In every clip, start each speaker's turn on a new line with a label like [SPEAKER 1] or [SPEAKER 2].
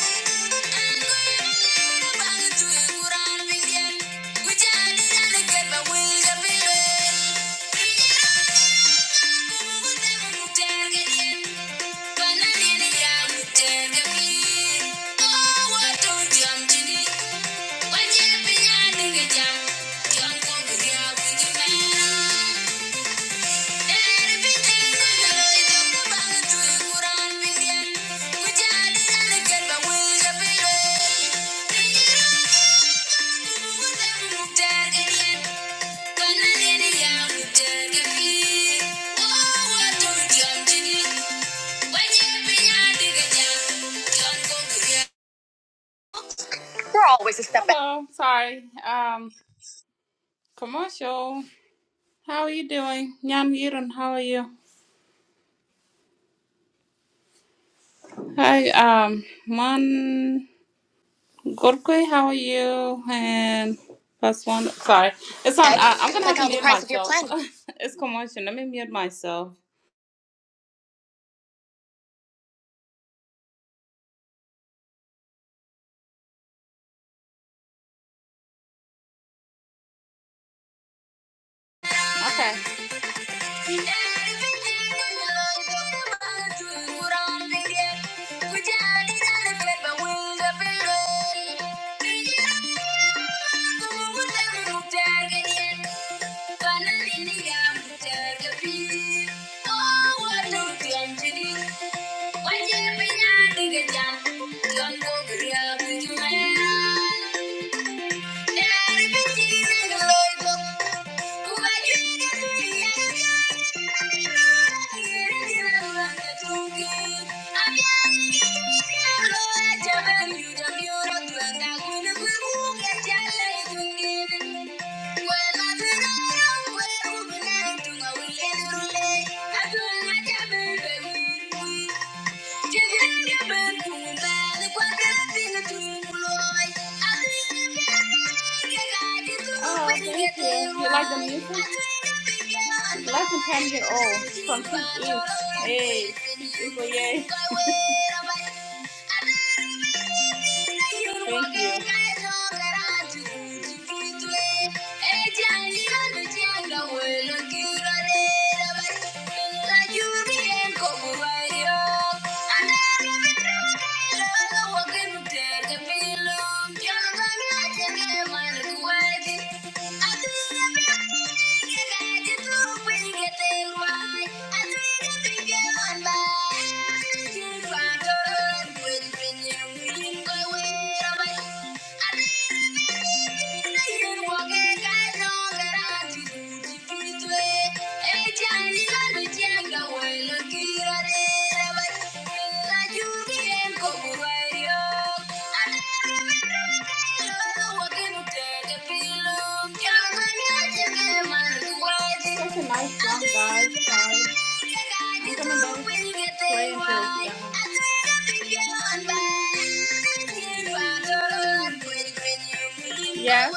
[SPEAKER 1] Thank you. We're always a step back. Hello, sorry. Um, commercial. How are you doing? Yan Yiran, how are you? Hi, um, Man. Gorky, how are you? And plus one. Sorry, it's on. I, I'm gonna have to mute myself. it's commotion. Let me mute myself. Okay. Thank you. Oh, thank you. You like the music? You like to pan it from Pink Ink. Hey, Pink Ink, yay. Thank you. I that's a nice song, guys. Bye. Yo también Yeah.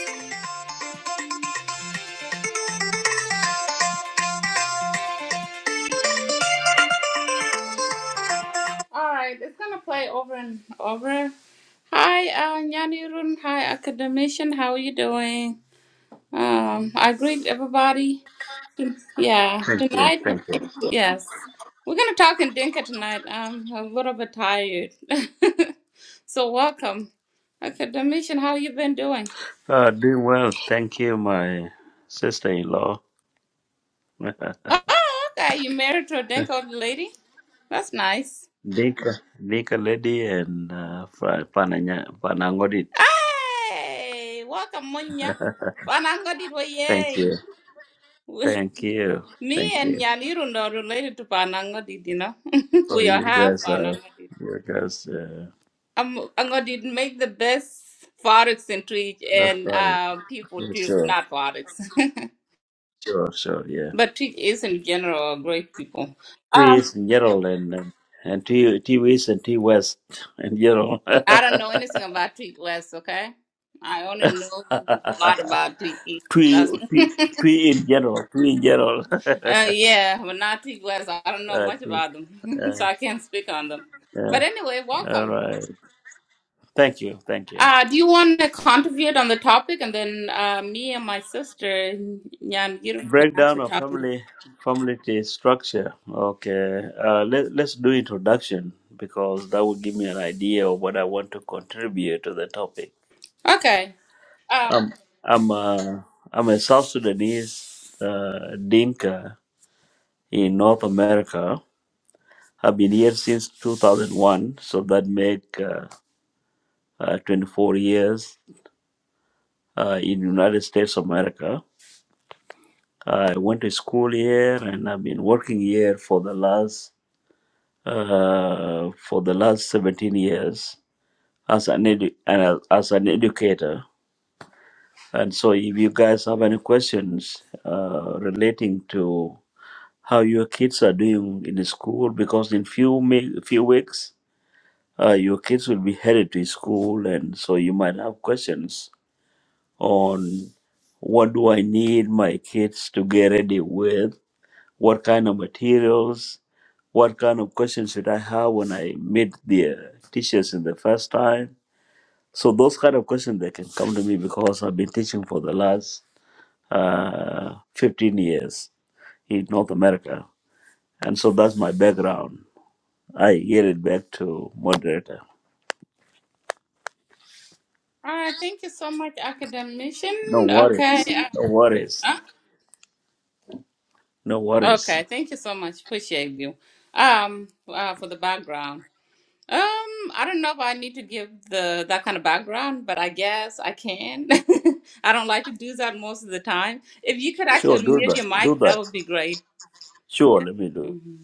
[SPEAKER 1] I All right, it's gonna play over and over. Hi, uh, Nyanirun. Hi, academician. How are you doing? Um, I greet everybody. Yeah,
[SPEAKER 2] Thank you.
[SPEAKER 1] tonight.
[SPEAKER 2] Thank you.
[SPEAKER 1] Yes, we're gonna talk in Dinka tonight. I'm a little bit tired, so welcome, academician. How you been doing?
[SPEAKER 2] Uh, doing well. Thank you, my sister in law, Dika,
[SPEAKER 1] Oh, okay. You married to a Dinka old lady? That's nice.
[SPEAKER 2] Dika Lady, and uh, Fra- Pananya, Panangodit.
[SPEAKER 1] Hey, welcome, Munya. Fanango did
[SPEAKER 2] Thank
[SPEAKER 1] yay.
[SPEAKER 2] you. Thank you.
[SPEAKER 1] Me
[SPEAKER 2] Thank
[SPEAKER 1] and
[SPEAKER 2] you.
[SPEAKER 1] Yanirun are related to Panangodid, you know.
[SPEAKER 2] So
[SPEAKER 1] we are
[SPEAKER 2] you
[SPEAKER 1] half
[SPEAKER 2] guys are,
[SPEAKER 1] Panangodid.
[SPEAKER 2] you guys, uh,
[SPEAKER 1] Um, Angodid make the best forex in Twitch
[SPEAKER 2] that's
[SPEAKER 1] and
[SPEAKER 2] right.
[SPEAKER 1] uh, people
[SPEAKER 2] Yeah,
[SPEAKER 1] too,
[SPEAKER 2] sure.
[SPEAKER 1] not forex.
[SPEAKER 2] Sure, sure, yeah.
[SPEAKER 1] but Twitch is in general great people.
[SPEAKER 2] T East
[SPEAKER 1] Um,
[SPEAKER 2] and general and, and, and T, T East and T West and general.
[SPEAKER 1] I don't know anything about Twitch West, okay? I only know a lot about Twitch East.
[SPEAKER 2] Three,
[SPEAKER 1] That's
[SPEAKER 2] three,
[SPEAKER 1] uh,
[SPEAKER 2] three in general. three in general.
[SPEAKER 1] yeah, but not Twitch West. I don't know
[SPEAKER 2] uh,
[SPEAKER 1] much
[SPEAKER 2] T.
[SPEAKER 1] about them,
[SPEAKER 2] uh,
[SPEAKER 1] so I can't speak on them.
[SPEAKER 2] Yeah.
[SPEAKER 1] But anyway,
[SPEAKER 2] All
[SPEAKER 1] welcome.
[SPEAKER 2] right. Thank you. Thank you.
[SPEAKER 1] Uh, do you want to contribute on the topic, and then uh, me and my sister, Nyan Girum, can
[SPEAKER 2] Breakdown
[SPEAKER 1] actually
[SPEAKER 2] of
[SPEAKER 1] talk?
[SPEAKER 2] family family tree structure. Okay. Uh, let Let's do introduction because that will give me an idea of what I want to contribute to the topic.
[SPEAKER 1] Okay. Um.
[SPEAKER 2] Um, I'm uh, I'm a South Sudanese uh, Dinka in North America. I've been here since 2001, so that make uh, uh, 24 years uh, in United States of America. I went to school here and I've been working here for the last uh, for the last 17 years as an edu- and as an educator. And so, if you guys have any questions uh, relating to how your kids are doing in the school, because in few mi- few weeks uh, your kids will be headed to school, and so you might have questions on what do I need my kids to get ready with, what kind of materials What kind of questions should I have when I meet the uh, teachers in the first time? So those kind of questions they can come to me because I've been teaching for the last uh, 15 years in North America, and so that's my background. I yield it back to moderator.
[SPEAKER 1] All right. Thank you so much, academician.
[SPEAKER 2] No worries.
[SPEAKER 1] Okay.
[SPEAKER 2] No worries.
[SPEAKER 1] uh,
[SPEAKER 2] No
[SPEAKER 1] uh,
[SPEAKER 2] worries.
[SPEAKER 1] okay. Thank you so much. Appreciate you. Um. Uh, for the background. Um. I don't know if I need to give the that kind of background, but I guess I can. I don't like to do that most of the time. If you could
[SPEAKER 2] Sure,
[SPEAKER 1] actually
[SPEAKER 2] do
[SPEAKER 1] mute your
[SPEAKER 2] that. Do
[SPEAKER 1] mic, that
[SPEAKER 2] that.
[SPEAKER 1] would be great.
[SPEAKER 2] Sure, let me do. it.
[SPEAKER 1] Mhm.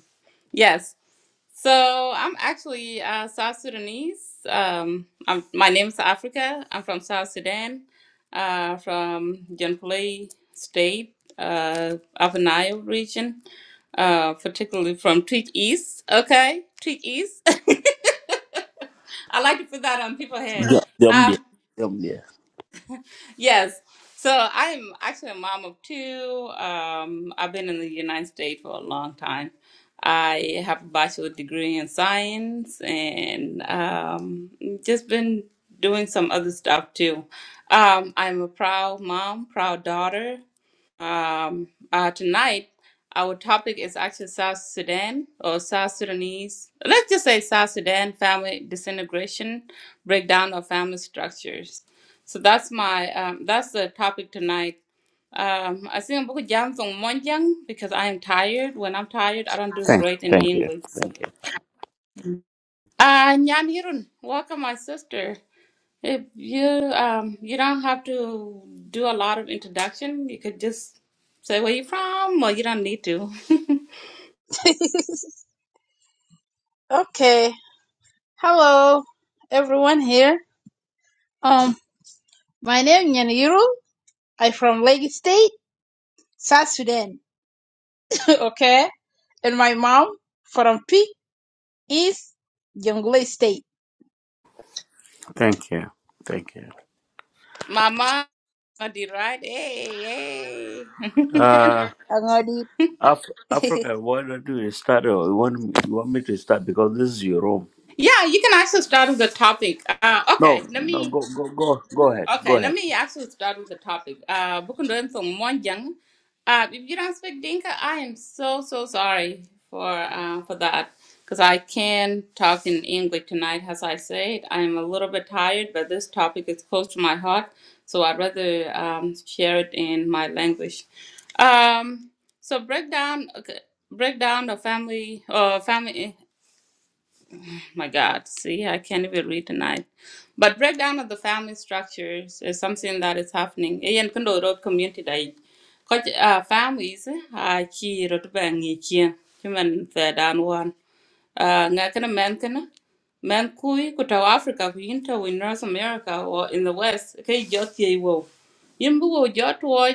[SPEAKER 1] Yes. So I'm actually uh, South Sudanese. Um, I'm, my name is Africa. I'm from South Sudan, uh, from Jonglei State, uh, Upper Nile region, uh, particularly from Tweed East. Okay, Tweed East. I like to put that on people's head.
[SPEAKER 2] Yeah, them there.
[SPEAKER 1] Um,
[SPEAKER 2] Them there.
[SPEAKER 1] Yes. So I'm actually a mom of two. Um, I've been in the United States for a long time. I have a bachelor's degree in science and um, just been doing some other stuff too. Um, I'm a proud mom, proud daughter. Um, uh, tonight, our topic is actually South Sudan or South Sudanese. Let's just say South Sudan family disintegration, breakdown of family structures. So that's my um, that's the topic tonight. Um, I think I'm going to jump from Monjang because I am tired. When I'm tired, I don't do
[SPEAKER 2] Thank,
[SPEAKER 1] great in
[SPEAKER 2] thank you.
[SPEAKER 1] English.
[SPEAKER 2] Thank you.
[SPEAKER 1] So. Uh, Nyanhirun, welcome, my sister. If you um, you don't have to do a lot of introduction. You could just say where you from, or you don't need to.
[SPEAKER 3] okay. Hello, everyone here. Um, my name is Nyaniru. I'm from Lagos State, South Sudan. okay. And my mom from Peak is Jonglei State.
[SPEAKER 2] Thank you. Thank you.
[SPEAKER 1] Mama, I did right? Hey, hey.
[SPEAKER 2] Uh,
[SPEAKER 3] Angodi.
[SPEAKER 2] Af- Africa, why don't you start? Or you want me, you want me to start because this is your room.
[SPEAKER 1] yeah, you can actually start with the topic. Uh,
[SPEAKER 2] No,
[SPEAKER 1] okay, let
[SPEAKER 2] no,
[SPEAKER 1] me.
[SPEAKER 2] go, go, go, go ahead, go
[SPEAKER 1] Okay, let
[SPEAKER 2] ahead.
[SPEAKER 1] me actually start with the topic. Uh, Bukundoem from Monjang. Uh, if you don't speak Dinka, I am so so sorry for uh, for that because I can talk in English tonight. As I said, I am a little bit tired, but this topic is close to my heart, so I'd rather um, share it in my language. Um, so breakdown, okay, breakdown of family, uh, family my God, see, I can't even read tonight. But breakdown of the family structures is something that is happening. Ian Kundo Road community day. Coach uh, families, I key road bang each human third and one uh, ngakana mankana man kana man kui kuta wa Africa kuinta in North America or in the West kai joti wo yimbu wo jot wo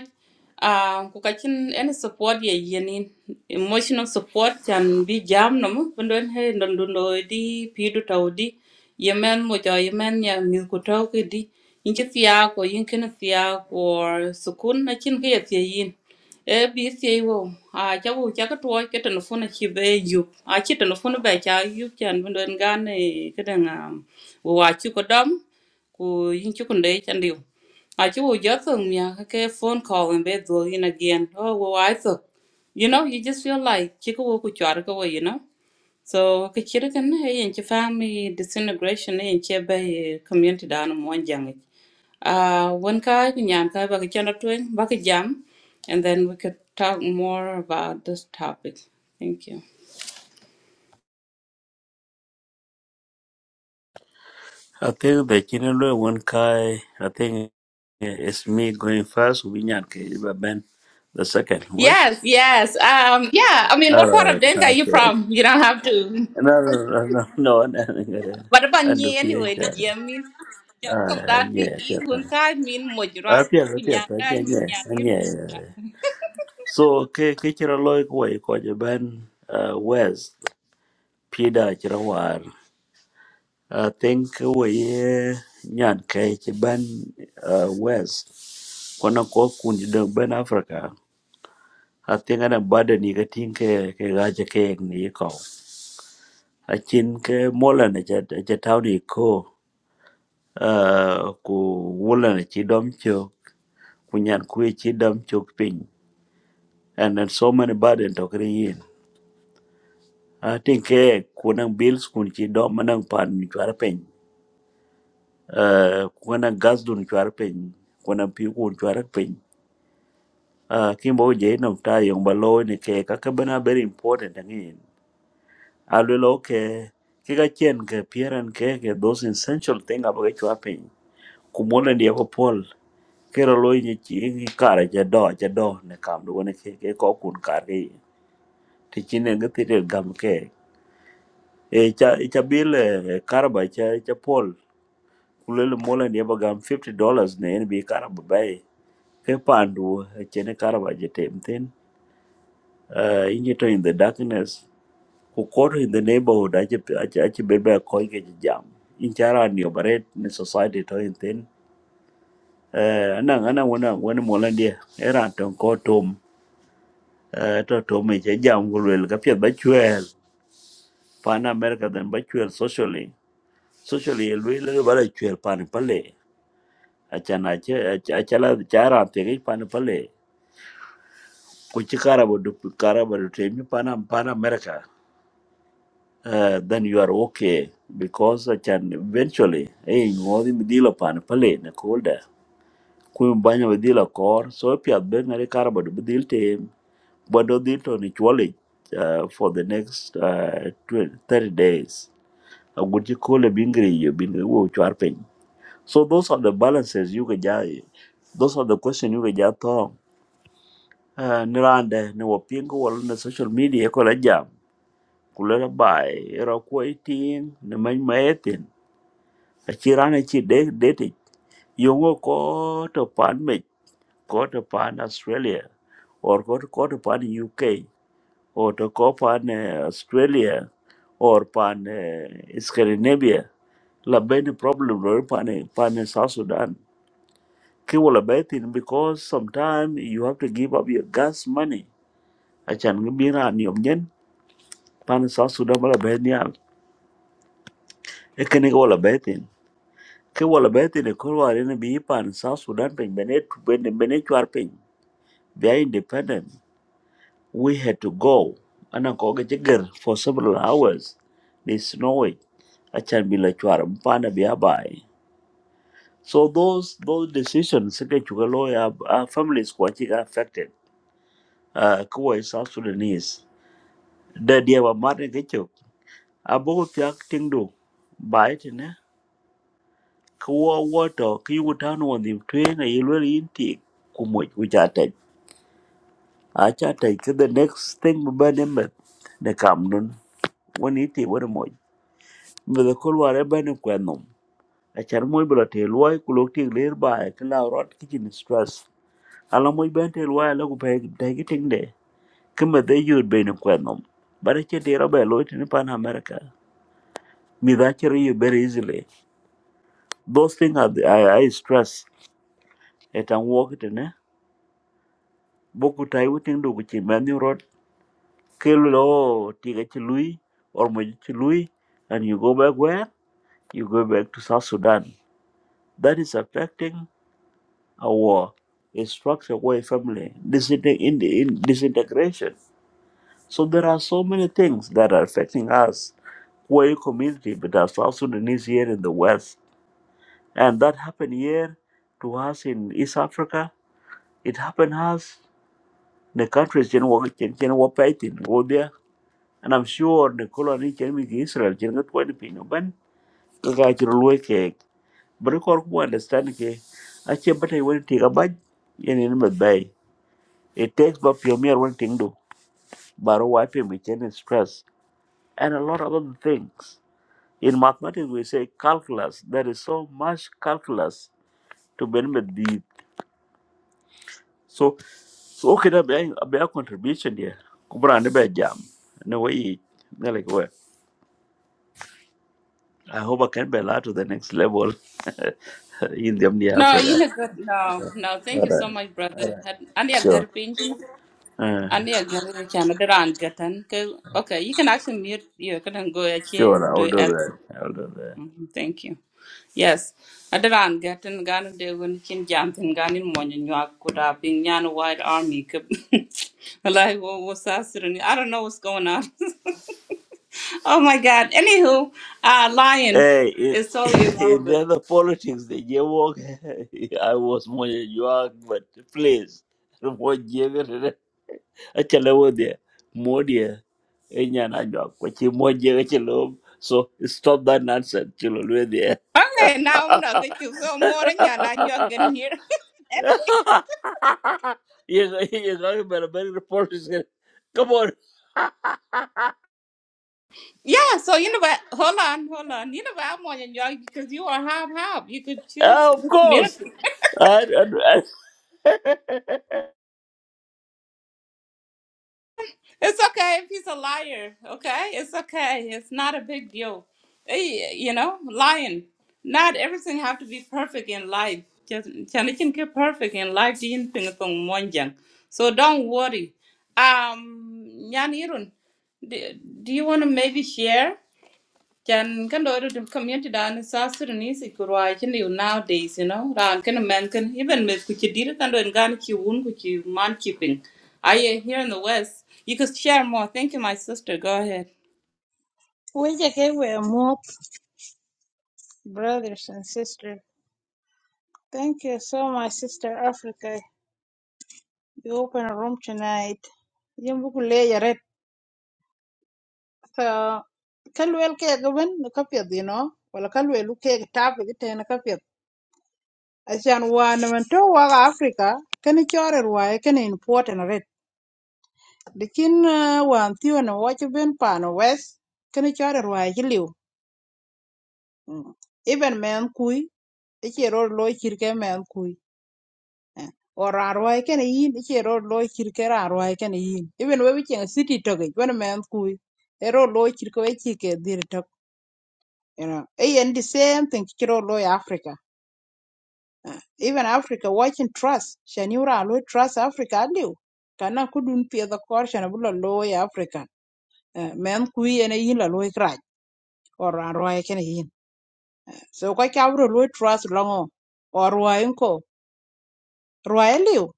[SPEAKER 1] um kukachin any support ye yenin emotional support can be jam no mu bundon he ndondo di pidu tawdi yemen mo jo yemen ya mi kutau ki di inchi tiya ko yinkin tiya ko sukun na chin ke ye yin e bca wo a cha wo cha ka tuwa ka telefon chi be yup a chi telefon be cha yup chan bin den gan e ka den a wo a chi ko dam ku yin chi kun de chan diu a chi wo ja thong mya ka ke phone call and be do in again oh wo ai thok you know you just feel like chi ko wo ku char ka wo you know so ka chiri kan na yin ki family disintegration yin ki bai community da anu mon jangi. Uh, when ka nyam ka ba ka chana tuen ba ka jam and then we could talk more about this topic. Thank you.
[SPEAKER 2] I think the Chinelo one guy. I think eh, it's me going first. We not Ben, the second. What?
[SPEAKER 1] Yes, yes. Um, yeah, I mean,
[SPEAKER 2] All
[SPEAKER 1] what part of
[SPEAKER 2] right,
[SPEAKER 1] Denka are you
[SPEAKER 2] okay.
[SPEAKER 1] from? You don't have to.
[SPEAKER 2] No, no, no, no, no. no. no, no, no, no.
[SPEAKER 1] What about
[SPEAKER 2] And the
[SPEAKER 1] you anyway? Did
[SPEAKER 2] PHR.
[SPEAKER 1] you mean? Yeah, come
[SPEAKER 2] Ah,
[SPEAKER 1] down to
[SPEAKER 2] yeah, yeah.
[SPEAKER 1] ease when ka mean moj, right?
[SPEAKER 2] Ah, yeah, yeah,
[SPEAKER 1] Kunyang
[SPEAKER 2] yeah,
[SPEAKER 1] mean
[SPEAKER 2] yeah, yeah. yeah.
[SPEAKER 1] nyang
[SPEAKER 2] So, ke ke Chinelo ko ko je Ben uh, West. Pida cïdhö war athïn k'ëwëye nyan kai chi ban cïbën wes kwan ökö kun jïdhö bënë Africa I think na badë ni k'ëtïn kï kï kï ni ï köö acïn k'emolö ëcë thaü nï ïko aa ku wülën ëcï döm cök ku nyan kwö ëcï döm cök pïny and then so many burden to kï nï in. An thïn kë kun ënë bïls kun cï döm ënë pan cwarë pïny uh, kwana gas dun chwar piny kwana pi kun chwar piny uh, kimbo je nam ta yong ba lo ni ke ka ka bana very important ngin alwe lo ke ke ka chen ke pieran ke ke those essential thing about chwar piny kumola ndi ko pol ke ro lo ni chi ni kara je do je do ne kam do ne ke ke ko kun kar ke ti chin ne ngi ti del gam ke e cha e cha bil karba cha e cha pol kulele mola ndi ba gam 50 dollars ne en bi karba bay ke pandu chene karaba temten uh, injito in the darkness kukoto in the neighborhood ache ache ache bebe koi ke jam inchara ni operate ni society to in ten uh, anang anang wana wana mola dia era ton ko tom uh, to tom che jam gulwel ka pia ba chwel pan america then ba chwel socially socially lwel le ba chwel pan pale achana che achala chara te pan pale kuchikara bodu karaba temi pan pan america uh, then you are okay because I can eventually hey you want him deal pan pale na kolda ku banya we deal kor so pia ben na karbo de deal team but do deal to ni chwali uh, for the next uh, 20, 30 days a good you call a bingri you been wo chwar so those are the balances you can ja those are the questions you can ja to uh, ni rande ni wo pingo wala na social media ko la jam kulela bai era ko itin ni man maetin Achirana chi de date yongo ko to pan me ko to pan Australia or ko to ko to pan UK or to ko pan eh, Australia or pan eh, Scandinavia la ben problem lor pan eh, pan eh, South Sudan ki wala betin because sometimes you have to give up your gas money achan ngi bira ni omnyen pan South Sudan wala ben yal ekene wala betin ke wala be te ne ko wala ne bi pan south sudan Ping, bene tu bene bene chwar pin they are independent we had to go ana ko ga jigar for several hours they snowing a chan bi la chwar pana bi abai so those those decisions ke chuga ya our families ko chi ga affected uh ko is south sudanese da dia ba mar ne ke chuk abo ko pyak ting do bai te ne ko wo wo to ki wutan won di twe na yelwe inti ku acha take the next thing bane me ne kamnun woni ti wori moy me the kol ware bane kwenom achar moy bla te loy kulok ti ler ba e kla rot kitchen stress ala moy ben te loy la ku pe dagi ting de kema de yur bene kwenom bare che de robe loy tin pan america me that you very easily those things are the, I, I stress et an walk it ne boku tai wuting do ku chi kill law tiga lui or mo lui and you go back where you go back to south sudan that is affecting our structure our family disinte- in, in disintegration so there are so many things that are affecting us our community but as south sudanese here in the west and that happened here to us in east africa it happened us in the countries in what in And I'm sure the colony came to Israel, Jenga twenty pin, Ben, Kakachi Rulway cake. But according to understand, it. I check but I went to take a bite in a bay. It takes but your mere one thing do, but wiping with any stress, and a lot of other things. In mathematics, we say calculus. There is so much calculus to benefit the. So, so okay, that be a contribution there. Kubra and the jam. No way, like where. I hope I can be allowed to the next level in the Omni
[SPEAKER 1] No,
[SPEAKER 2] Africa.
[SPEAKER 1] you know good. No, no. Thank
[SPEAKER 2] All
[SPEAKER 1] you so
[SPEAKER 2] right.
[SPEAKER 1] much, brother. I need a
[SPEAKER 2] Sure.
[SPEAKER 1] good pin to
[SPEAKER 2] Uh,
[SPEAKER 1] I need a good Canada and get an- 'cause- Okay, you can actually mute. You can go ahead
[SPEAKER 2] sure,
[SPEAKER 1] and do
[SPEAKER 2] I'll do
[SPEAKER 1] it.
[SPEAKER 2] that. I'll do that.
[SPEAKER 1] Mhm, Thank you. Yes, Adaran Gatan Ghana de Winkin Jantin Gani Monin Yakuda being Yan White Army. Like, what was I don't know what's going on. oh my God. Anywho, uh, Lion
[SPEAKER 2] Hey, in,
[SPEAKER 1] is so
[SPEAKER 2] in the
[SPEAKER 1] irrelevant.
[SPEAKER 2] other politics, the jaywalk, I was more jaywalk, but please, more jaywalk. Actually, I was there. More dear. Enya na jaywalk, but you more jaywalk, chalo. So stop that nonsense, chalo. We're there.
[SPEAKER 1] Okay, now I'm not get you so more than you're not you're getting here. anyway.
[SPEAKER 2] you're, go- you're talking about a medical reporters. gonna- Come on.
[SPEAKER 1] Yeah, so you know what? Hold on, hold on. You know what? I'm on your all because you are half half. You could choose
[SPEAKER 2] Ah, of
[SPEAKER 1] the
[SPEAKER 2] course.
[SPEAKER 1] community.
[SPEAKER 2] I, I, I,
[SPEAKER 1] It's okay if he's a liar, okay? It's okay. It's not a big deal. Eh, You know, lying. Not everything have to be perfect in life. Just can it can get perfect in life. di yin ping tong mon jang. So don't worry. Um, Nyanirun, do, do you want to maybe share? Chan kan do the community down in South Sudanese it could watch you nowadays, you know. Ran can a man can even miss could you did can do and gun you wound could you man keeping. I here in the West. You could share more. Thank you, my sister. Go ahead.
[SPEAKER 3] we just gave a more brothers and sisters. Thank you so much, Sister Africa. You open a room tonight. Yan buku le yaret. So, kalwel ke gaban na kapiyad, you know. Wala kalwelu ke tabi Acan man nemetö wökö Africa kënë cörë rwai kënë important rët lakin ah, wan thïö n'ëwöcö ben panö wëth kënë cörë rwai cï lïu Even mënë kuc ëcï ërö loyo cir kë mënë kuc or raan rwai kënë in ëcï ërö loyo cir kë raan rwai kënë in Even wek ceng citi tökï wen mënë kuc ërö loyo cir kë wek cï ke dhiri tök you know e And the same thing cï ërö loyo Africa even Africa watching trust shaniura lo trust Africa aliu kana kudun pia the kor shana bula lo Africa Eh, men ku yene yin la lo kraj or an roi kene yin so ko ka bro lo trust longo or roi ko roi aliu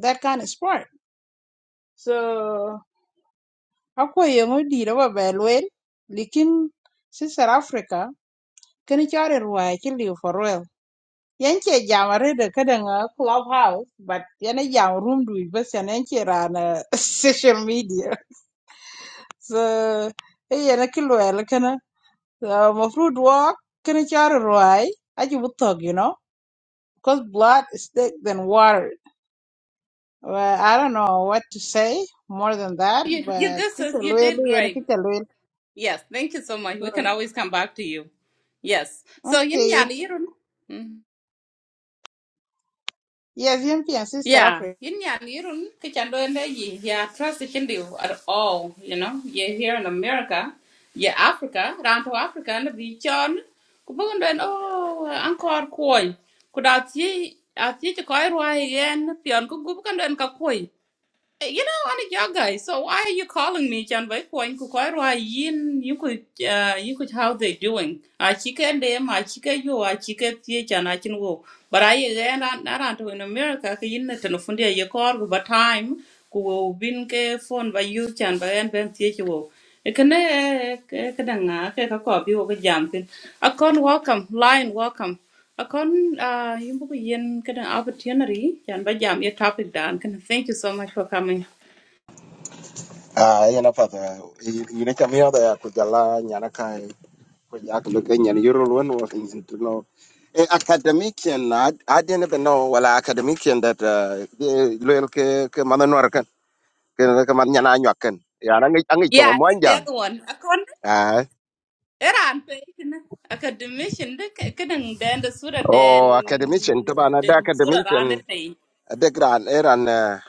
[SPEAKER 3] that kind of sport so akwa yengo di da ba belwen likin sister Africa kene chare roi kiliu for real yan ke jamare da kada nga clubhouse but yana jam room du bas yana yan ke rana social media so eh yana kilo yana kana so mafruit walk kana char roy aji butog you know because blood is thick than water well, I don't know what to say more than that
[SPEAKER 1] You you
[SPEAKER 3] but
[SPEAKER 1] good sis,
[SPEAKER 3] kita
[SPEAKER 1] you
[SPEAKER 3] loyal
[SPEAKER 1] did
[SPEAKER 3] yana
[SPEAKER 1] great.
[SPEAKER 3] kita loyal
[SPEAKER 1] Yes, thank you so much.
[SPEAKER 3] so
[SPEAKER 1] We can always come back to you. Yes. So yin
[SPEAKER 3] okay
[SPEAKER 1] yan irun.
[SPEAKER 3] yes yan pian sister
[SPEAKER 1] Yeah,
[SPEAKER 3] Africa
[SPEAKER 1] yin yan yirun kichan do ende yi ya trust the Hindu at all, you know. You're here in America, you're Africa, round to Africa and the chon kubugun do en oh ankor koi kudat yi at yi ko ai roi yen pion ku gubugun do en ka koi want to your guy. So why are you calling me? Chan by point kukwai yin you could uh you could how they doing. I chicken them, I chicken you, I chicken theatre and I can go. But I again not unto in America ka yin na telefundia ye call go but time ku wo bin ke phone by you chan by and ben theatre wo. Ekane kadanga ke ka ko bi wo ka jam tin. Akon welcome, lion welcome. Akon uh yimbu yen kadang opportunity chan by jam your topic dan. Thank you so much for coming.
[SPEAKER 4] Ah, yana pata yine cham yoda ya kujala nyana kai kujak luke nyan yuro lwen was easy to know. Eh, academician I, I didn't even know wala academician that uh, the loyal ke ke madanwar kan ke ke man nyana nyak kan. Ya na ngi angi to
[SPEAKER 1] Yeah, I think the
[SPEAKER 4] mwanjang.
[SPEAKER 1] other one. I can't.
[SPEAKER 4] Ah,
[SPEAKER 1] Iran pay. I could dimension the kidding then the surah then
[SPEAKER 4] oh academician to bana da
[SPEAKER 1] then surah around the
[SPEAKER 4] academician
[SPEAKER 1] thing.
[SPEAKER 4] de gran eran uh,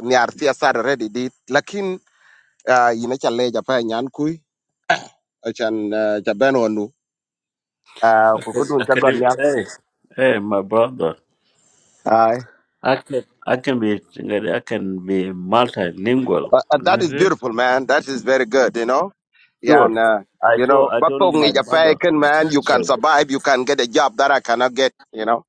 [SPEAKER 4] nyar fiasar ready dit lakin uh, yine chale japa nyan kui achan uh, jabeno nu. Ah,
[SPEAKER 2] I can,
[SPEAKER 4] kukudun
[SPEAKER 2] I can
[SPEAKER 4] chagon
[SPEAKER 2] do,
[SPEAKER 4] nyal.
[SPEAKER 2] hey, hey, my brother. I can, I can be, I can be multilingual,
[SPEAKER 4] But uh, that
[SPEAKER 2] isn't
[SPEAKER 4] is
[SPEAKER 2] it?
[SPEAKER 4] beautiful, man. That is very good, you know. Yeah,
[SPEAKER 2] Sure.
[SPEAKER 4] and uh,
[SPEAKER 2] I
[SPEAKER 4] you
[SPEAKER 2] told,
[SPEAKER 4] know,
[SPEAKER 2] I
[SPEAKER 4] but
[SPEAKER 2] told you
[SPEAKER 4] talking
[SPEAKER 2] my
[SPEAKER 4] is a
[SPEAKER 2] brother.
[SPEAKER 4] pagan man, you can
[SPEAKER 2] Sure.
[SPEAKER 4] survive, you can get a job that I cannot get, you know.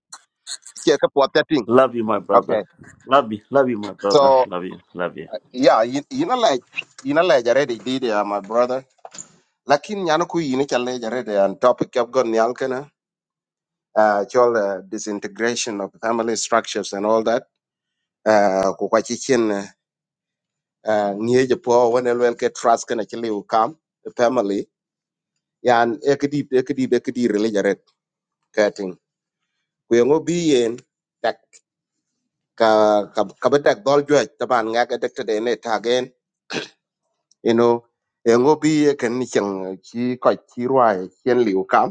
[SPEAKER 4] Check up what that thing.
[SPEAKER 2] Love you, my brother.
[SPEAKER 4] Okay,
[SPEAKER 2] Love you, love you, my brother.
[SPEAKER 4] so
[SPEAKER 2] Love you, love you.
[SPEAKER 4] yeah, you, you know, like you know, like already did, uh, my brother. Lakin yano you yini challenge already and topic I've got nyal kana. Uh, chol uh, disintegration of family structures and all that. Uh, ku kwa chichin uh, niye jepo when elwel ke trust kana chile ukam family. Yeah, and ekadi ekadi ekadi kating kuyong obi yen tak ka ka ka ba tak dol jwe taban nga ka tek tede ne tagen you know yong obi ye ken ni chang chi ko chi rwai chen liu kam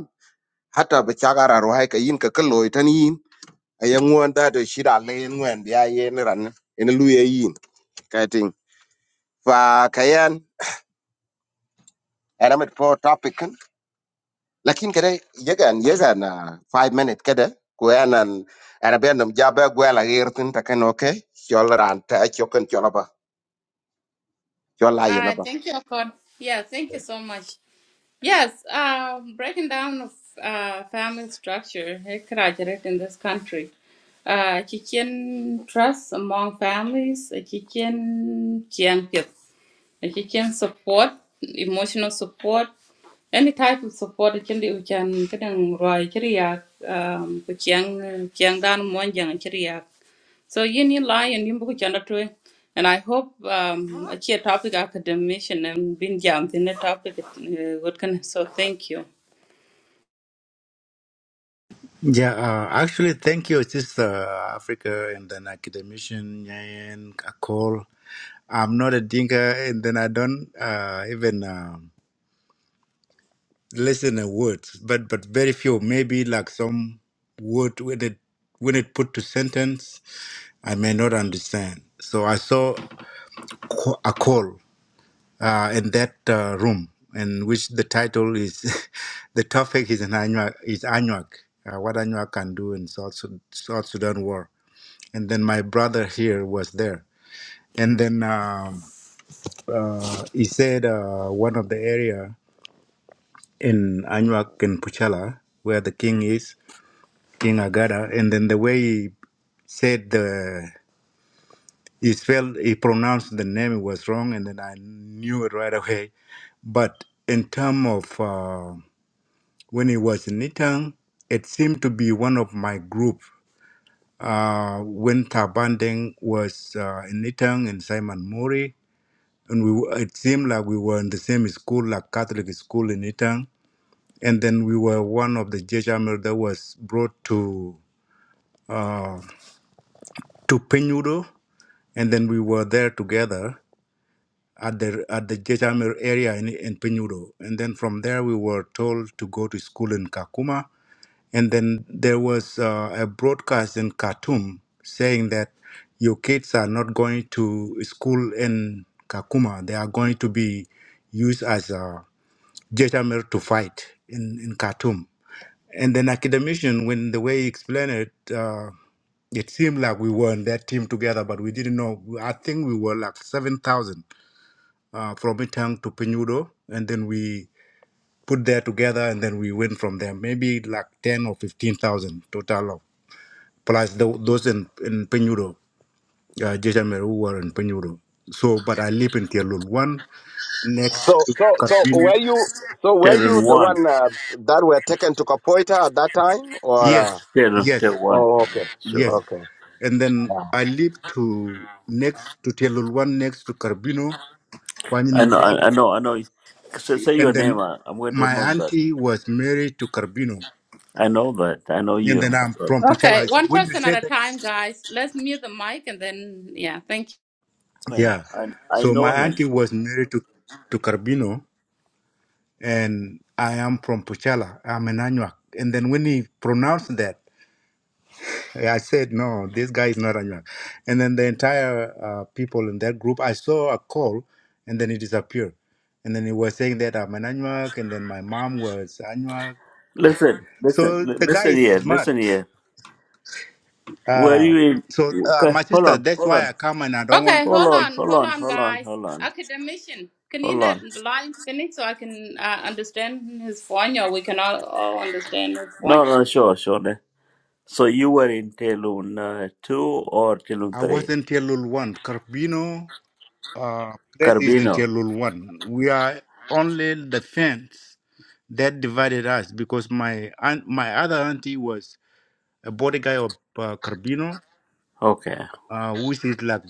[SPEAKER 4] hata ba cha gara rwai ka yin ka kloi tan yin ayang ngwan da de shira le ngwan bia yen ran en lu ye yin kating fa kayan era met po topic kan lakin kada yegan yegan five minute kada ko yanan ana ben nam jabe gwela yertin ta kan okay chol ran ta chokan chol Your lie,
[SPEAKER 1] All
[SPEAKER 4] your
[SPEAKER 1] right,
[SPEAKER 4] number.
[SPEAKER 1] thank you, Akon. Yeah, thank you so much. Yes, uh, breaking down of uh, family structure exaggerated in this country. Uh, chicken trust among families, a chicken champion, a chicken support, emotional support, any type of support that can do can can roi chiriak um kuchang kyang dan mon jang so yin yin lai and yin buku chanda tue. And I hope um a chia topic academician and been jammed in the topic uh, good can so thank you.
[SPEAKER 5] Yeah, uh, actually, thank you, Sister Africa, and then academician Nyan Akol. I'm not a thinker, and then I don't uh, even um listen to words, but but very few, maybe like some word when it when it put to sentence, I may not understand. So I saw co- a call uh, in that uh, room, in which the title is, the topic is an Anuak, is Anuak, uh, what Anuak can do in South, Sud- South Sudan war. and then my brother here was there and then um, uh, he said uh, one of the area in Anuak and Puchala where the king is King Agada and then the way he said the he spelled he pronounced the name was wrong and then I knew it right away but in term of uh, when he was in Nitang it seemed to be one of my group uh, when Tabandeng was uh, in Nitang and Simon Mori and we were- it seemed like we were in the same school, like Catholic school in Itang. And then we were one of the Jejamel that was brought to to Penudo, and then we were there together at the at the Jejamel area in, in Penudo. And then from there we were told to go to school in Kakuma. And then there was uh, a broadcast in Khartoum saying that your kids are not going to school in Kakuma; they are going to be used as a Jetamel to fight in, in Khartoum. And then academician, when the way he explained it, uh, it seemed like we were in that team together, but we didn't know. I think we were like 7,000 uh, from Itang to Penudo, and then we put there together, and then we went from there. Maybe like 10 or 15,000 total, of, plus tho- those in, in Penudo, uh, Jetamel who were in Penudo. So, but I live in Tialul 1, next
[SPEAKER 4] So,
[SPEAKER 5] to
[SPEAKER 4] so, so
[SPEAKER 5] Carbino.
[SPEAKER 4] were you, so
[SPEAKER 2] Ten
[SPEAKER 4] were you
[SPEAKER 2] and
[SPEAKER 4] the
[SPEAKER 2] one.
[SPEAKER 4] one uh, that were taken to Kapoita at that time, or? Uh,
[SPEAKER 5] Yes,
[SPEAKER 2] Ten,
[SPEAKER 5] yes.
[SPEAKER 2] ten one.
[SPEAKER 4] oh, okay,
[SPEAKER 2] Sure.
[SPEAKER 5] Yes.
[SPEAKER 4] okay.
[SPEAKER 5] And then
[SPEAKER 4] Ah.
[SPEAKER 5] I live to next to Telul one next to Carbino, one
[SPEAKER 2] I
[SPEAKER 5] in
[SPEAKER 2] know,
[SPEAKER 5] Bol,
[SPEAKER 2] I, I know, I know. Say, say your
[SPEAKER 5] And
[SPEAKER 2] name.
[SPEAKER 5] then
[SPEAKER 2] I, I'm going to
[SPEAKER 5] my
[SPEAKER 2] remember that.
[SPEAKER 5] auntie was married to Carbino.
[SPEAKER 2] I know that. I know
[SPEAKER 5] And
[SPEAKER 2] you.
[SPEAKER 5] then
[SPEAKER 2] I
[SPEAKER 5] I'm
[SPEAKER 2] know
[SPEAKER 5] from
[SPEAKER 1] Okay,
[SPEAKER 5] Puchala. So
[SPEAKER 1] one
[SPEAKER 5] when you
[SPEAKER 1] person at
[SPEAKER 5] say
[SPEAKER 1] a
[SPEAKER 5] that,
[SPEAKER 1] time guys. Let's mute the mic and then yeah, thank you.
[SPEAKER 2] him.
[SPEAKER 5] yeah.
[SPEAKER 2] I, I
[SPEAKER 5] So
[SPEAKER 2] know
[SPEAKER 5] my
[SPEAKER 2] him.
[SPEAKER 5] auntie was married to, to Carbino, and I am from Puchala. I'm an Anuak. And then when he pronounced that, I said, no, this guy is not Anyuak. And then the entire uh, people in that group, I saw a call and then it disappeared. And then he was saying that I'm an Anyuak and then my mom was Anyuak.
[SPEAKER 2] Listen, listen,
[SPEAKER 5] So
[SPEAKER 2] li-
[SPEAKER 5] the guy
[SPEAKER 2] listen
[SPEAKER 5] is
[SPEAKER 2] here,
[SPEAKER 5] smart.
[SPEAKER 2] listen here. Were
[SPEAKER 5] Uh,
[SPEAKER 2] you in?
[SPEAKER 5] so uh,
[SPEAKER 2] Okay,
[SPEAKER 5] my
[SPEAKER 2] hold
[SPEAKER 5] sister,
[SPEAKER 2] on,
[SPEAKER 5] that's
[SPEAKER 2] hold
[SPEAKER 5] why
[SPEAKER 2] on,
[SPEAKER 5] I come and I don't want
[SPEAKER 1] Okay,
[SPEAKER 2] hold
[SPEAKER 5] to
[SPEAKER 1] hold
[SPEAKER 2] on,
[SPEAKER 5] take,
[SPEAKER 1] on,
[SPEAKER 2] hold
[SPEAKER 1] hold
[SPEAKER 2] on,
[SPEAKER 1] on
[SPEAKER 2] hold on,
[SPEAKER 1] guys.
[SPEAKER 2] hold on,
[SPEAKER 1] Academician. Can you
[SPEAKER 2] hold
[SPEAKER 1] that
[SPEAKER 2] on.
[SPEAKER 1] line finish so I can uh, understand his point or we can all, all understand his
[SPEAKER 2] No,
[SPEAKER 1] point?
[SPEAKER 2] no, sure, sure. ne. So you were in Telun uh, two or Telun
[SPEAKER 5] I was
[SPEAKER 2] three?
[SPEAKER 5] in Lul 1. Carbino uh, place is in
[SPEAKER 2] Carbino.
[SPEAKER 5] Lul 1. We are only the fence that divided us because my aunt, my other auntie was a body guy of uh, Carbino,
[SPEAKER 2] Okay.
[SPEAKER 5] uh, which is like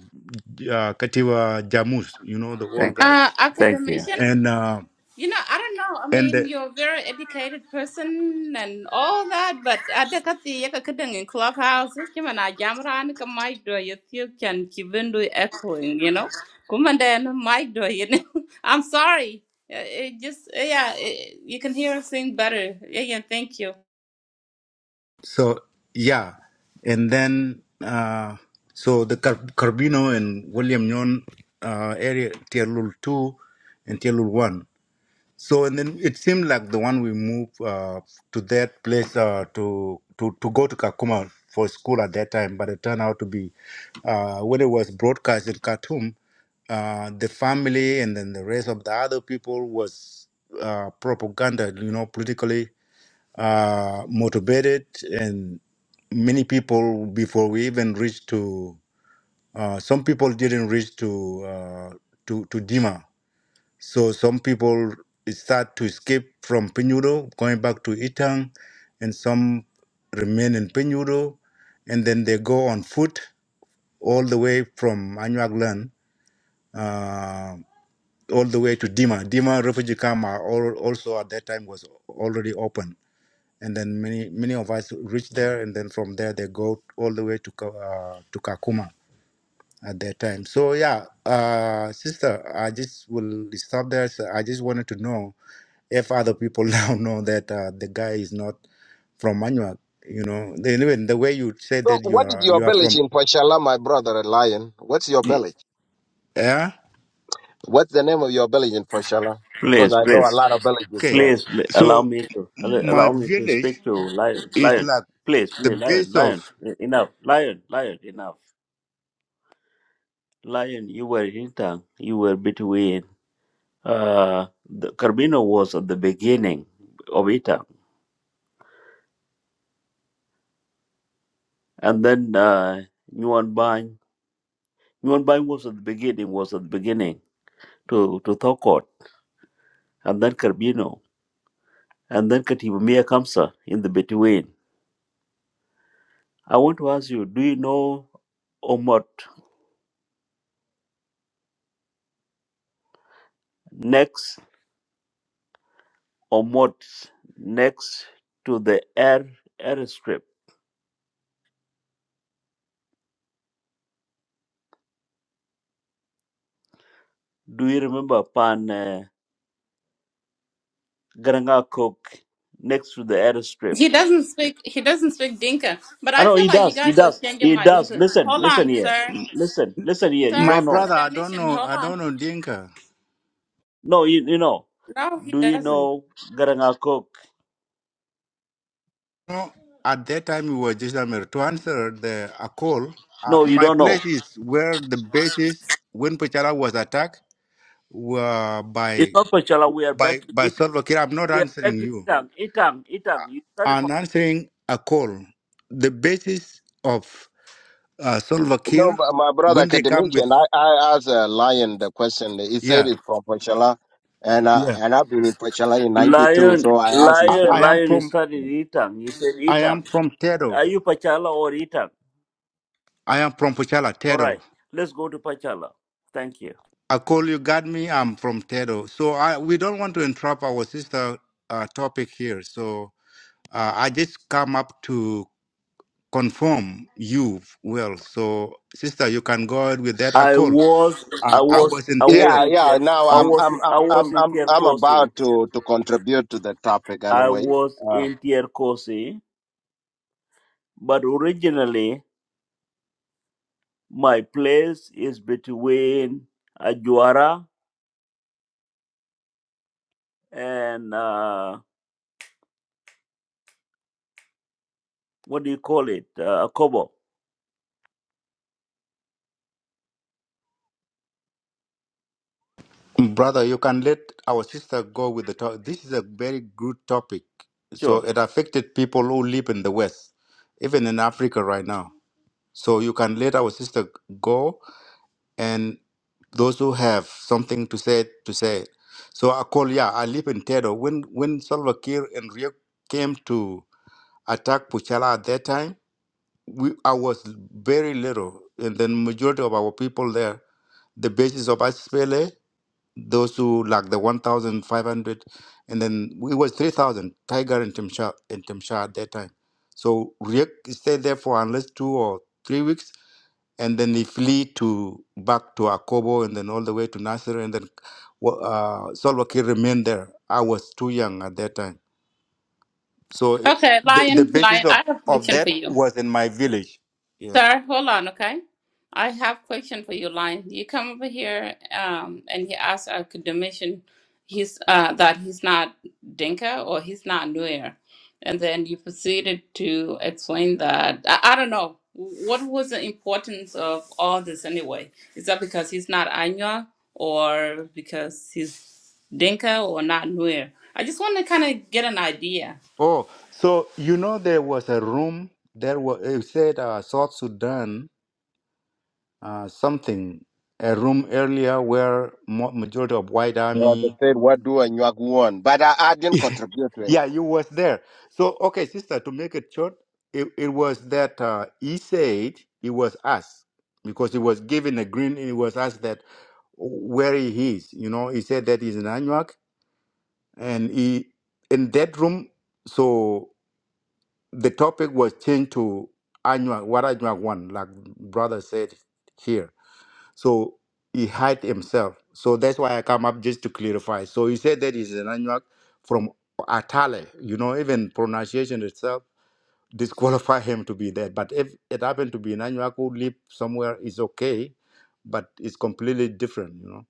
[SPEAKER 5] uh, Kativa Jamus, you know, the old
[SPEAKER 2] Thank,
[SPEAKER 1] Uh
[SPEAKER 5] guys.
[SPEAKER 2] thank you.
[SPEAKER 1] academician?
[SPEAKER 5] And uh,
[SPEAKER 1] You know, I don't know. I
[SPEAKER 5] and
[SPEAKER 1] mean,
[SPEAKER 5] the,
[SPEAKER 1] you're a very educated person and all that, but I think at the yaka kidding in clubhouse, him and I jam around a mic door, you feel can even do echoing, you know? Come and then mic door, you know? I'm sorry. Uh, It just, uh, yeah, it, you can hear us sing better. Yeah, yeah, thank you.
[SPEAKER 5] so yeah, and then uh, so the Car- Carbino and William Nyon uh, area tier rule two and tier rule one. So and then it seemed like the one we moved uh, to that place uh, to to to go to Kakuma for school at that time, but it turned out to be uh, when it was broadcast in Khartoum, uh, the family and then the rest of the other people was uh, propaganda, you know, politically uh, motivated, and many people before we even reached to uh, some people didn't reach to uh, to to Dima so some people start to escape from Pinyuro, going back to Itang, and some remain in Pinyuro, and then they go on foot all the way from Anuaglan, uh, all the way to Dima. Dima refugee camp are al- also at that time was already open, and then many many of us reached there, and then from there they go all the way to Ka- uh, to Kakuma at that time. So yeah, uh, sister, I just will stop there. So I just wanted to know if other people now know that uh, the guy is not from Manuak, you know, then even the way you said
[SPEAKER 4] So,
[SPEAKER 5] that you
[SPEAKER 4] what is
[SPEAKER 5] are
[SPEAKER 4] your
[SPEAKER 5] you are
[SPEAKER 4] village
[SPEAKER 5] from,
[SPEAKER 4] in Pochala, my brother Lion? What's your village?
[SPEAKER 5] yeah,
[SPEAKER 4] What's the name of your village in Pochala? Because
[SPEAKER 2] Please,
[SPEAKER 4] I know a
[SPEAKER 2] please,
[SPEAKER 4] lot of villages
[SPEAKER 5] okay.
[SPEAKER 4] there.
[SPEAKER 2] please l- allow
[SPEAKER 5] So
[SPEAKER 2] me to al-
[SPEAKER 5] my
[SPEAKER 2] allow me to
[SPEAKER 5] village
[SPEAKER 2] speak to lion,
[SPEAKER 5] is
[SPEAKER 2] lion.
[SPEAKER 5] like
[SPEAKER 2] Please,
[SPEAKER 5] the
[SPEAKER 2] please, lion,
[SPEAKER 5] base
[SPEAKER 2] lion.
[SPEAKER 5] of
[SPEAKER 2] E- Enough, lion, lion. Enough, lion. You were in town. You were between. Uh, the Carbino was at the beginning of Itang, and then uh, Nguyen Bang. Nguyen Bang was at the beginning. Was at the beginning to to Thokot, and then Carbino, and then Katiba Mia Kamsa in the between. I want to ask you, do you know Omot next Omot, next to the air airstrip. Do you remember Pan uh, Garanga Cook next to the airstrip?
[SPEAKER 1] He doesn't speak, he doesn't speak Dinka, but
[SPEAKER 2] I
[SPEAKER 1] I
[SPEAKER 2] know he
[SPEAKER 1] feel like you
[SPEAKER 2] does, he
[SPEAKER 1] guys were
[SPEAKER 2] does,
[SPEAKER 1] changing
[SPEAKER 2] he
[SPEAKER 1] my room.
[SPEAKER 2] does.
[SPEAKER 1] to-
[SPEAKER 2] Listen,
[SPEAKER 1] Hold
[SPEAKER 2] listen
[SPEAKER 1] on,
[SPEAKER 2] here,
[SPEAKER 1] sir.
[SPEAKER 2] listen, listen here. You
[SPEAKER 1] Sir,
[SPEAKER 5] my
[SPEAKER 2] don't know.
[SPEAKER 5] brother. I don't
[SPEAKER 1] academician,
[SPEAKER 5] know.
[SPEAKER 1] hold
[SPEAKER 5] I
[SPEAKER 1] on.
[SPEAKER 5] don't know Dinka.
[SPEAKER 2] No, you you know.
[SPEAKER 1] No, he
[SPEAKER 2] Do you
[SPEAKER 1] doesn't.
[SPEAKER 2] know Garanga Cook?
[SPEAKER 5] No. at that time we were just Amer. To answer the a call, uh,
[SPEAKER 2] No, you
[SPEAKER 5] my
[SPEAKER 2] don't know.
[SPEAKER 5] place is where the base is when Pachara was attacked were by
[SPEAKER 2] It's not Pachala. We are
[SPEAKER 5] by
[SPEAKER 2] back to
[SPEAKER 5] by
[SPEAKER 2] Itang.
[SPEAKER 5] Salva Kiir. I'm not
[SPEAKER 2] We are back
[SPEAKER 5] answering
[SPEAKER 2] to
[SPEAKER 5] you.
[SPEAKER 2] Itang. Itang, Itang. You started from
[SPEAKER 5] and answering a call. The basis of uh, Salva
[SPEAKER 4] No,
[SPEAKER 5] Kiir,
[SPEAKER 4] but my brother
[SPEAKER 5] when they come with,
[SPEAKER 4] academician, I, I asked uh, Lion the question. He said
[SPEAKER 5] yeah,
[SPEAKER 4] it's from Pochala, and uh,
[SPEAKER 5] yeah.
[SPEAKER 4] and I've been in Pochala in '92,
[SPEAKER 2] Lion,
[SPEAKER 4] so I asked his
[SPEAKER 5] I,
[SPEAKER 2] Lion,
[SPEAKER 5] I
[SPEAKER 4] village.
[SPEAKER 5] am
[SPEAKER 2] Lion. You
[SPEAKER 5] from,
[SPEAKER 2] started
[SPEAKER 4] Mhm.
[SPEAKER 2] Itang. You said
[SPEAKER 5] I
[SPEAKER 2] Itang.
[SPEAKER 5] am from Tedo.
[SPEAKER 2] Are you Pachala or Itan?
[SPEAKER 5] I am from Puchala,
[SPEAKER 2] All right,
[SPEAKER 5] Tedo.
[SPEAKER 2] let's go to Pachala. Thank you.
[SPEAKER 5] I call you, got me. I'm from Tedo. So I, we don't want to interrupt our sister uh, topic here. So uh, I just come up to confirm you well. So sister, you can go ahead with that. I
[SPEAKER 2] I
[SPEAKER 5] call.
[SPEAKER 2] was,
[SPEAKER 5] Uh,
[SPEAKER 2] I
[SPEAKER 5] I
[SPEAKER 2] was,
[SPEAKER 5] was in
[SPEAKER 2] I was
[SPEAKER 5] Tedo.
[SPEAKER 4] Yeah,
[SPEAKER 2] in
[SPEAKER 4] yeah.
[SPEAKER 2] Tier,
[SPEAKER 4] Now
[SPEAKER 2] I
[SPEAKER 4] I'm
[SPEAKER 2] was,
[SPEAKER 4] I'm
[SPEAKER 2] I
[SPEAKER 4] I'm I'm
[SPEAKER 2] was in
[SPEAKER 4] I'm I'm
[SPEAKER 2] Tiercosi.
[SPEAKER 4] about to to contribute to the topic
[SPEAKER 2] I
[SPEAKER 4] anyway.
[SPEAKER 2] was
[SPEAKER 4] Uh,
[SPEAKER 2] in Tiercosi, but originally my place is between Ajuara and uh, what do you call it, uh, Akobo.
[SPEAKER 5] Brother, you can let our sister go with the talk. This is a very good topic. So it affected people who live in the West, even in Africa right now. So you can let our sister go and those who have something to say to say it. So I call yeah, I live in Tedo. When when Salva Kiir and Riek came to attack Puchala at that time, we I was very little and then majority of our people there, the basis of SPLA those who like the 1,500, and then it was 3,000, Tiger and Timsha, and Timsha at that time. So Riek stayed there for unless two or three weeks, and then he flee to back to Akobo and then all the way to Nasser, and then wa- uh, Salva Kiir remained there. I was too young at that time. So it-
[SPEAKER 1] Okay,
[SPEAKER 5] the, the
[SPEAKER 1] Lion,
[SPEAKER 5] basis
[SPEAKER 1] Lion,
[SPEAKER 5] of,
[SPEAKER 1] I have a
[SPEAKER 5] of
[SPEAKER 1] question for
[SPEAKER 5] that
[SPEAKER 1] you.
[SPEAKER 5] was in my village. Yeah.
[SPEAKER 1] Sir, hold on, okay? I have question for you, Lion. You come over here um, and he asked a Domitian he's uh, that he's not Dinka or he's not Nuer. And then you proceeded to explain that. I, I don't know. What was the importance of all this anyway? Is that because he's not Anya or because he's Dinka or not Nuer? I just want to kind of get an idea.
[SPEAKER 5] Oh, so you know there was a room, there was, it said uh, South Sudan uh, something, a room earlier where mo- majority of white
[SPEAKER 4] yeah, they
[SPEAKER 5] army,
[SPEAKER 4] said what do and you won, but I, I didn't contribute to it.
[SPEAKER 5] yeah, you was there. So, okay, sister, to make it short, it, it was that uh, he said it was us because he was given a green, it was us that where he is. You know, he said that he's in Anuak and he in that room. So the topic was changed to Anuak, what Anuak won, like brother said here. So he hide himself. So that's why I come up just to clarify. So he said that he's an Anuak from Atale. You know, even pronunciation itself disqualify him to be there. But if it happened to be an Anuak who live somewhere, is okay, but it's completely different. You know.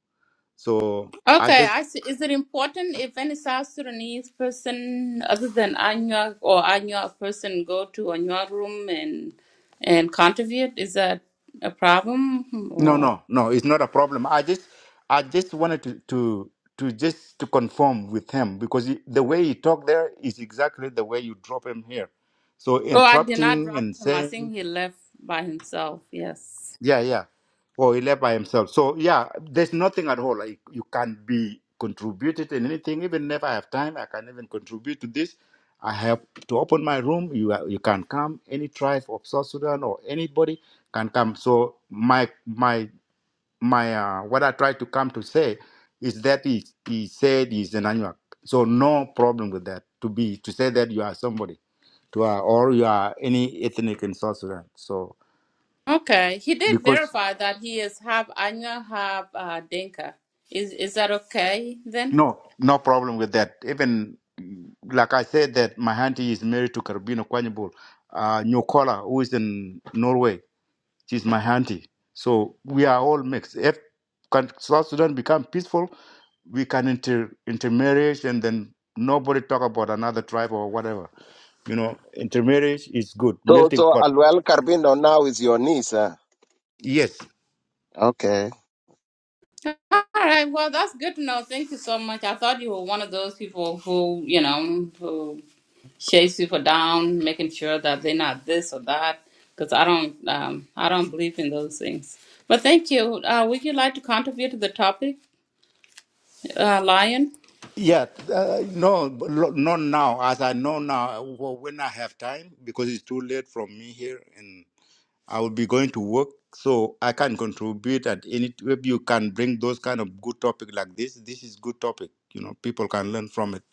[SPEAKER 5] So I
[SPEAKER 1] Okay,
[SPEAKER 5] just
[SPEAKER 1] I see. Is it important if any South Sudanese person other than Anya or Anya person go to Anya room and and contribute? Is that a problem
[SPEAKER 5] no,
[SPEAKER 1] or?
[SPEAKER 5] no, no. It's not a problem. I just, I just wanted to to to just to confirm with him because he, the way he talked there is exactly the way you drop him here. So
[SPEAKER 1] Oh, I did not
[SPEAKER 5] interrupting
[SPEAKER 1] drop
[SPEAKER 5] and
[SPEAKER 1] him. I
[SPEAKER 5] saying
[SPEAKER 1] think he left by himself. Yes.
[SPEAKER 5] Yeah, yeah. Or he left by himself. So yeah, there's nothing at all. Like you can't be contributed in anything. Even if I have time, I can even contribute to this. I have to open my room. You are- you can come. Any tribe of South Sudan or anybody can come. So my my my uh, what I try to come to say is that he he said he's an Anuak. So no problem with that. To be to say that you are somebody to uh, or you are any ethnic in South Sudan. So
[SPEAKER 1] Okay, he did
[SPEAKER 5] because
[SPEAKER 1] verify that he is half Anya, half uh, Dinka. Is is that okay then?
[SPEAKER 5] No, no problem with that. Even mm, like I said, that my auntie is married to Karabino Kwanyabul, uh, Nyokola, who is in Norway. She's my auntie. So we are all mixed. If can South Sudan become peaceful, we can inter intermarriage and then nobody talk about another tribe or whatever. You know, intermarriage is good.
[SPEAKER 4] So
[SPEAKER 5] Melting
[SPEAKER 4] so
[SPEAKER 5] pot.
[SPEAKER 4] Aluel Carbino now is your niece. Uh,
[SPEAKER 5] Yes.
[SPEAKER 4] okay.
[SPEAKER 1] All right. Well, that's good to know. Thank you so much. I thought you were one of those people who you know who. chase people down, making sure that they're not this or that. Because I don't, um, I don't believe in those things. But thank you. Uh, would you like to contribute to the topic, uh, Lion?
[SPEAKER 5] Yeah. Uh, no, but lo- not now. As I know now, w- when I have time, because it's too late from me here I will be going to work, so I can contribute at any. If you can bring those kind of good topic like this, this is good topic. You know, people can learn from it.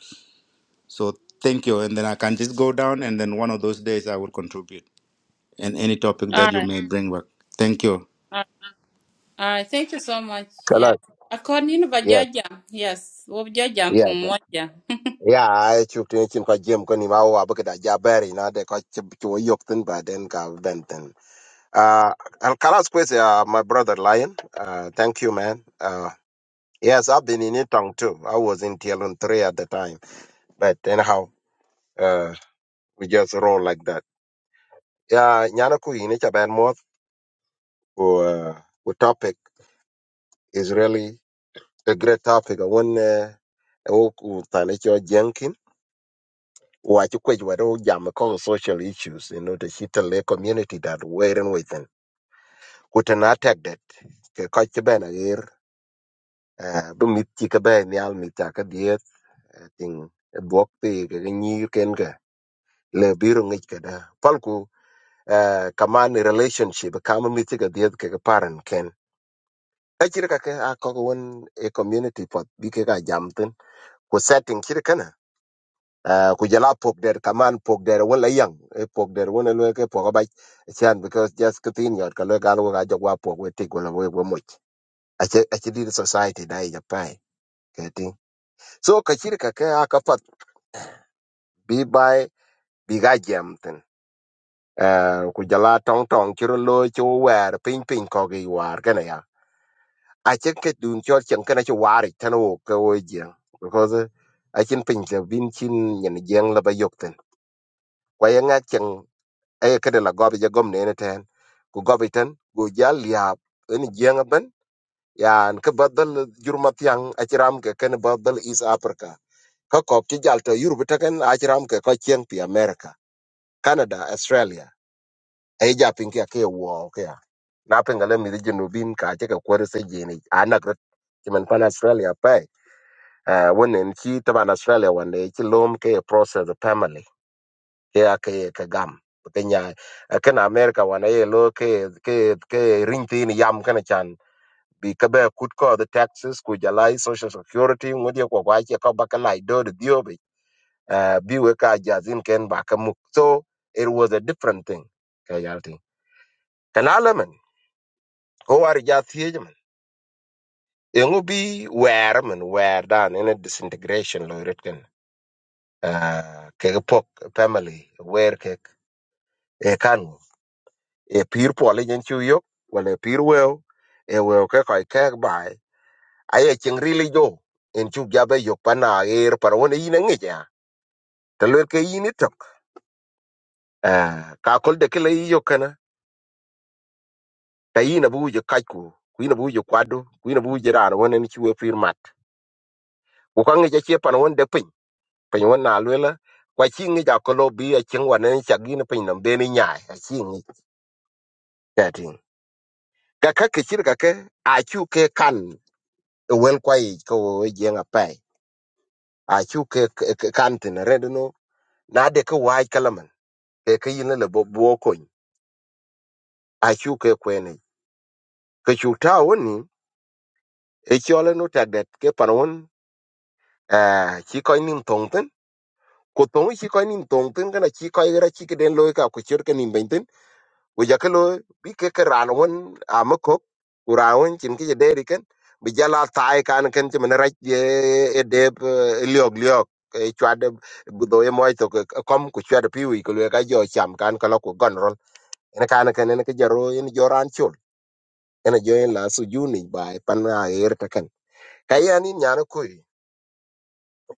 [SPEAKER 5] So thank you, and then I can just go down, and then one of those days I will contribute in any topic
[SPEAKER 1] All
[SPEAKER 5] that you
[SPEAKER 1] right,
[SPEAKER 5] may bring back. Thank you.
[SPEAKER 1] all right, all right. Thank you so much.
[SPEAKER 4] Hello.
[SPEAKER 1] Yeah. According to
[SPEAKER 4] Yes.
[SPEAKER 1] Bajaja, yes, Wajaja
[SPEAKER 4] Yes.
[SPEAKER 1] from Moja.
[SPEAKER 4] Yeah, I took to him because Jim couldn't even walk because I jabber, you know, they got to to a yoke thing, but then got bent. Uh, Alcaraz Quest, uh, my brother Lion. Uh, thank you, man. Uh, yes, I've been in Itong too. I was in TLN 3 at the time. But anyhow, uh, we just roll like that. Yeah, Nyanaku in each band Uh, the topic is really a great topic. I want uh, oku Tanicho Jenkin. Watch which were all jam kong social issues, you know, the Shitale community that we're in with them. Who attack that? Catch a banner here. Uh, but meet Chickabe and the I think buộc thì cái như cái nhir ken cái le biro ngi cái đó palku kaman relationship kaman mi cái dia cái cái parent ken ta chỉ cái cái a có cái one a community pot bi cái cái jam tin ko setting chỉ cái na ku jala pok der kaman pok der wala yang e pok der wala le cái pok ba chan because just cái tin yot ka le gan wa jog wa pok we tik wala we we much a chỉ a chỉ đi society dai japai cái tin so ka chỉ cái cái a ka pat bi bai bi ga jam tin Eh, ku jala tong tong chiro lo chu wer ping ping ko gi war gana ya a chen ke dun chol chen kana chu war it tan wo ko wo je because a chen ping ke bin chin nyen jeng la ba yok ten kwa ya nga chen ay ke de la go bi ja gom ne ne ten ku go bi ten go jal ya en jeng ban ya an ke badal jur mat yang a chiram ke ken badal is africa ka ko ki jal to yur bi ta ken a chiram ke ko chen pi america canada australia ay ja ping ke ke wo ke na pengale mi junubin ka che ka kwere se jeni anak rot chiman pan australia pe uh, wonen chi taban australia wane chi lom ke ye process the family ke a ke ye ka gam kenya kana america wane ye lo ke ke ke ring tin yam kana chan bi ka be kut ko the taxes ku jalai social security ngodi ko kwa che ko bakalai do the diobe uh, bi we ka jazin ken ba ka muk so it was a different thing ka yalti kana lemen ko war ja thiye Yung bi wear man wear down in a disintegration lo ritken. Uh, kege pok family wear kek e kanu. E pir poli jen chu yok wala e pir weo e weo ke koi kek bai. Aye cheng rili jo en chu jabe yok pana air par wone yine ngi ja. Talwer ke yini tok. Uh, ka kol de kele yi yok kana. Ta yina bu uje kajku. Kuina bu uje kwadu. Kuina bu uje rana wone ni chu e pir mat. Ukangi ja chie pana wone de pin piny wan na lwela kwa chi ngi ja ko lo bi a chen wan ne cha gi ne piny nam de ni nya a chi ngi ka tin ka ka ke chir ka ke a chu ke kan e wel kwa i ko e je nga pai a chu ke ke- ke kan tin re no na de ke wai kalaman ke ke yin le bo bo ko a chu ke kwe ne ke chu ta woni e chole no ta det ke pan won a chi ko nim tong tin ko tong chi ko nim tong tin kana chi ko ra chi ke den lo ka ku chir ke nim ben we ja kelo bi ke ke ran won a ma ko ura won chin ki je deri ken bi jala tai kan ken ti mena raj ye e de liog liog e chwa de bu do ye moy to ke kom ku chwa de pi wi ko le ka jo cham kan ka lo ku gon rol en kan ken en ke jaro en jo ran chul en jo en la su juni bai pan a er ta ken ka ya ni nyana ku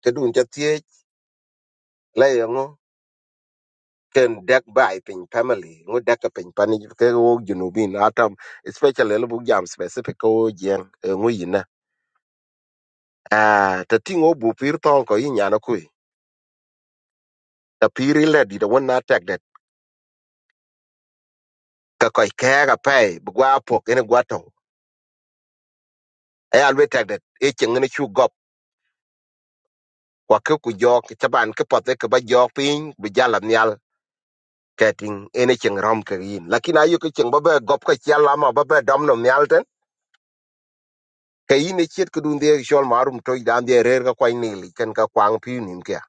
[SPEAKER 4] te dun te tie la ken dek bai pin family ngo dek pin pani ke wo junubin atam especially lu bu jam specific ko jen ngo yina ah ta tingo bu pir ton ko yinya na ku ta pir le di da wona tag det ka ko ke ga pai bu gwa po ken gwa to e alwe tag det e chen ne chu gop kwa ke ku jok ta ban ke pot ke ba jok pin bu jala nyal keting ene chen rom ke yin lakini ayu ke chen ba ba gop ka chala ma ba ba dom no nyal ka yin e chiet kedun dhier shol marum to dan dhier rer ka kwany nili ken ka kwang piu nim kya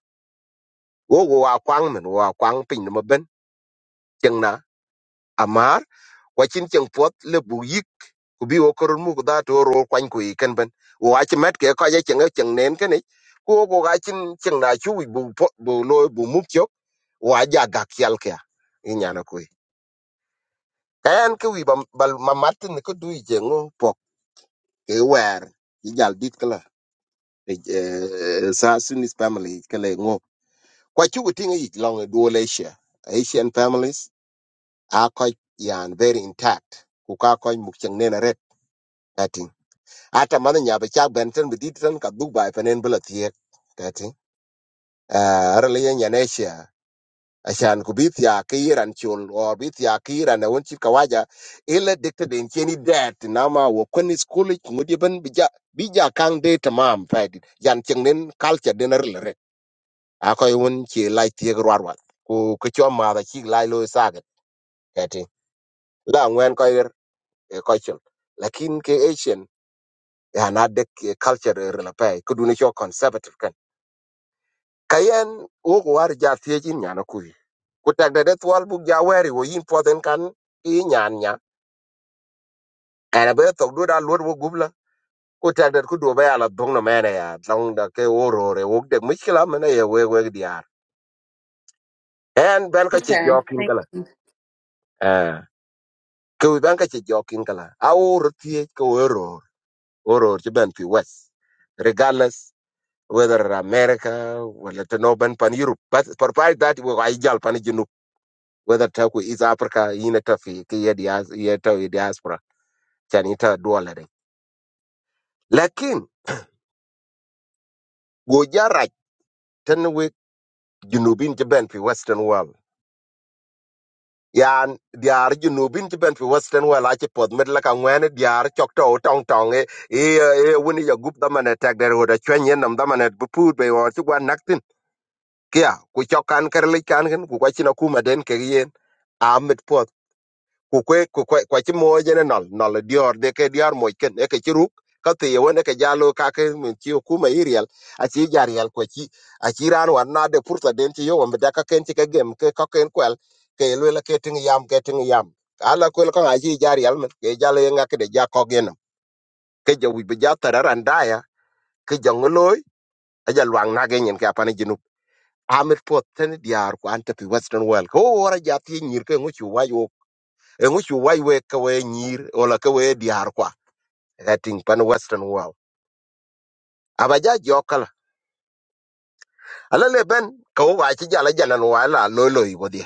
[SPEAKER 4] wo wo a kwang men wo a kwang pin na maben cheng na amar wachin cheng puoth le bu yik ku bi wo korol mu kudha to ro kwany ku yi ken ben wo a chi met ke ka ye cheng e cheng nen ken ich ku wo ko ga chin cheng na chu wi bu po bu lo bu mu chok wo a ja ga kyal kya i nyana ku kayan ke wi bam- bal mamatin ko du i jengo pok ke wer i jal dit kala sa sunis family kala ngo Kwa chugu tinga yik long dual Asia. Asian families are quite yan very intact. Kuka koi mukchang nena red. Kati. Ata mada nyabe chak benten biditan ka Dubai panen bela thiek. Kati. Uh, Araliya nyan Asia. Ashan kubith ya kiran chul or bith ya kiran na wunchi kawaja ila dikta den cheni dat nama wakoni skuli mudiban bija bija kang de tamam fadi yan chengnen culture denar lere akoy won chi lai thiek ku kecho ma da chi lai kati la ngwen ko er ko chul lakin ke asian ya na de ke culture er la pay ko duni cho conservative kan kayen wo ko war ja tiejin nyana kuyi ku tag de twal bu ja weri wo yin poden kan i nyan nya ana be to do da lor wo gubla ku tag de ku do be ala dong no mena ya dong da ke wo ro re wo de mishkila mena ye we we diar en ben ka che
[SPEAKER 1] Okay.
[SPEAKER 4] jokin kala eh ku ben ka che jokin kala a wo ro tie ko wo ro wo ro ti ben pi west regardless whether America, whether to no ban pan Europe. But provide that we are jal pan junub, whether ta ku East Africa, ina ta fi ki ya dias ya ta ya diaspora, chan ita dollar. din. Lakin go jara tan we junubin ti ben fi Western world. Yan diar junubin ti ben fi Western world achi pod med la ka ngwene diar chok o tong tong e e e woni ya gup da man tak der hoda chwen yen nam da man bu be wa ti gwan naktin. Kia ku chok kan kan ku kwa china kuma den ke yen amit ku kwe ku kwe kwa chi mo je ne nol nol dior de ke dior mo ken e ke chi ruk ka ti yo ne ke jalo ka ke min chi ku ma iriel a chi jariel ko chi a chi ran wan na de purta den chi yo wa da ka ken chi ke gem ke ka ken kwel ke lu la ke tin yam ke tin yam ala ko ko a chi jariel men ke jalo nga ke de ja ko gen ke je wi be ja tararan da ya ke je ngoloi a ja lwang na ge nyen ka pa ne jinu amit pot ten diar ko ante pi western world ko ora ja ti nyir ke nguchu wa yo e ŋucu wai we ka we nyir ola ka we diar kwa ka ting pan western world Abaja, ja jokala ala le ben ka wo wa chi jala jalan wa la lo lo i wodi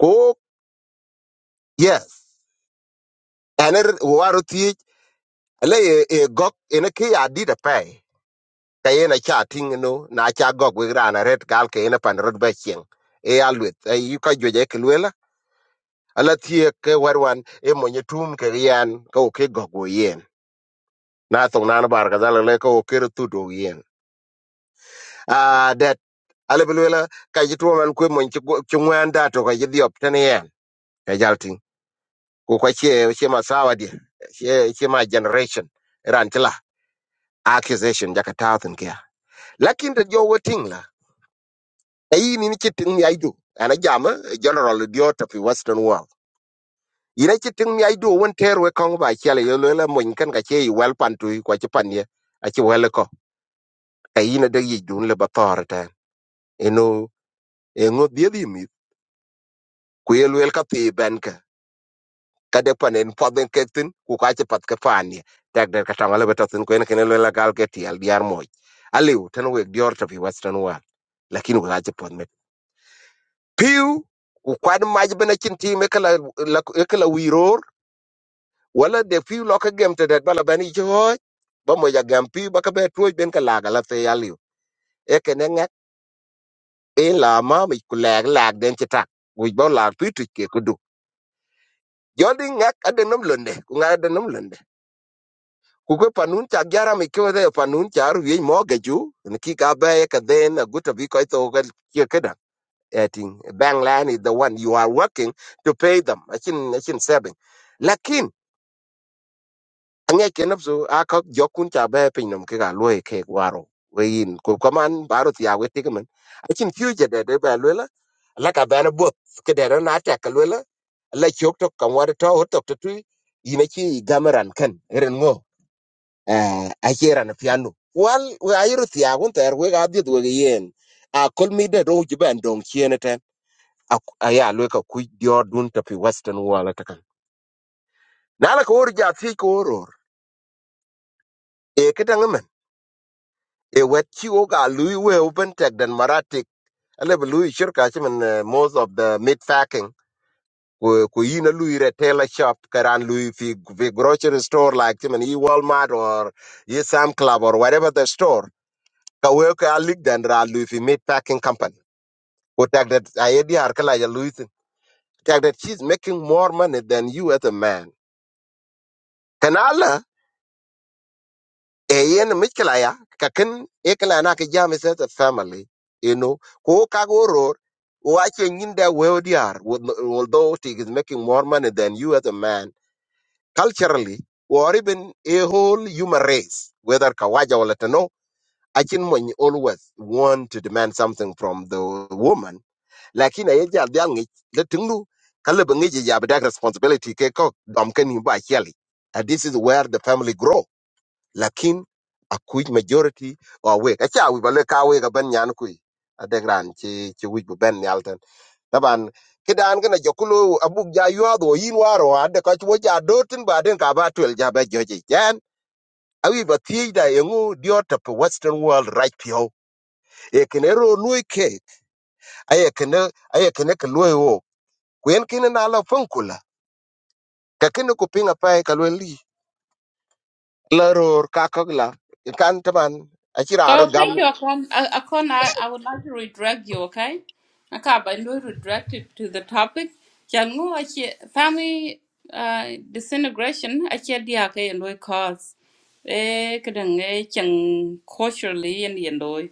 [SPEAKER 4] ko yes ene waro ti ala e e gok ene ki ya di da pe ka ene cha ting no na cha gok we rana red gal ke ene pan rod ba chieng e alwet e yu ka joje ke lwela ala tie ke warwan e monye tum ke yan ka o ke gok wo yen na tong nan bar ka dala le ka o ke tu do yen ale bi luela ka ji tuwo man kwe mon ci ngwan da to ka ji diop tan yen ka jaltin ko ka ce ce ma sawa di ce ce ma generation ran tila accusation jaka tawthin kia lakin da jo wetin la ayi ni ni kitin mi aido ana jama general diot of western world ina kitin mi aido won terwe kan ba kele yo luela mon kan ka ce wel pantu ko ci panye a ci wel ko kayi na da yi dun le ba tor tan eno engo diedi mi ku yelwel ka thi kade panen podden ketin ku kache pat ke fani tag der katang ale betatin ko en ken lela gal ke tiel diar moy aliu tan we dior to fi western wall lakin we kache pod met piu ku kwad maj bena chin ti me kala kala wiror wala de piu lo ke gem te det bala bani jo ba mo ja gam piu ba ka be tuoj ben kala gala te aliu e ken ngak e la ma mi ku lag lag den chitak wi ba lag tu tu ke kudu jodi ngak adenom londe ku ngak adenom kukwe panun chak jara mi kiwe de panun char wi mo ge ju ni ki ka ba ka den a guta bi ko to ga ki ka da eting bank land is the one you are working to pay them achin achin seven lakin ange ke nabso a ka jokun cha ba pin nam ke ga lo e ke waro we in ko kaman baro ti awe ti kaman achin future de de ba lo la la ka ba na bo ke de na ta ka lo la la chok to kan war to to to tu ina chi gamaran kan ren uh, acheran piano wal we ayiro thiagun ter we gadhiet we yen a kol mi de ro jibe ndong chiene ten aya lwe ka ku dio dun to pi western wala takan nala ko or ja thi ko oror e kita ngamen e wet chi o ga lui we open tech den maratik ale bu lui shirka chimen eh, most of the meat packing ku ku yin a lui retailer shop karan lui fi fi grocery store like chimen e Walmart or e Sam Club or whatever the store ka we ka alik dan ra lu fi meat packing company ko tak that i di har kala ya lu tak that she's making more money than you as a man kan ala e yen mitkala ya ka kin e kala na ka jam is a family you know ko ka go ro wa ke nyin da we di although she is making more money than you as a man culturally or even a whole human race whether kawaja wala tano I can when you always want to demand something from the woman lakini ye jal dial ngi le tinglu kala ba ngi ya ba responsibility ke ko dom ken ba chali and this is where the family grow lakin a quick majority or we ka cha we ba le ka we ga ben nyan ku a de gran ci ci wi bu ben yalten taban kidan gana jokulu abuk ja yuado yin waro ande ka chwo ja dotin ba den ka ba twel ja ba joji jan awi ba thiej da yengu diot to western world right pio e kenero lui ke aye kene aye kene ke lui kwen kine na la funkula ka kine ku pinga pai ka lwe taban a aro
[SPEAKER 1] Oh,
[SPEAKER 4] gam
[SPEAKER 1] thank you, Akon. A- Akon, I, I would like to redirect you, okay? Okay, but you redirect it to the topic. Jangu, achi family uh, disintegration, achi diake and cause. Eh, kadang eh, chang culturally and yendoi.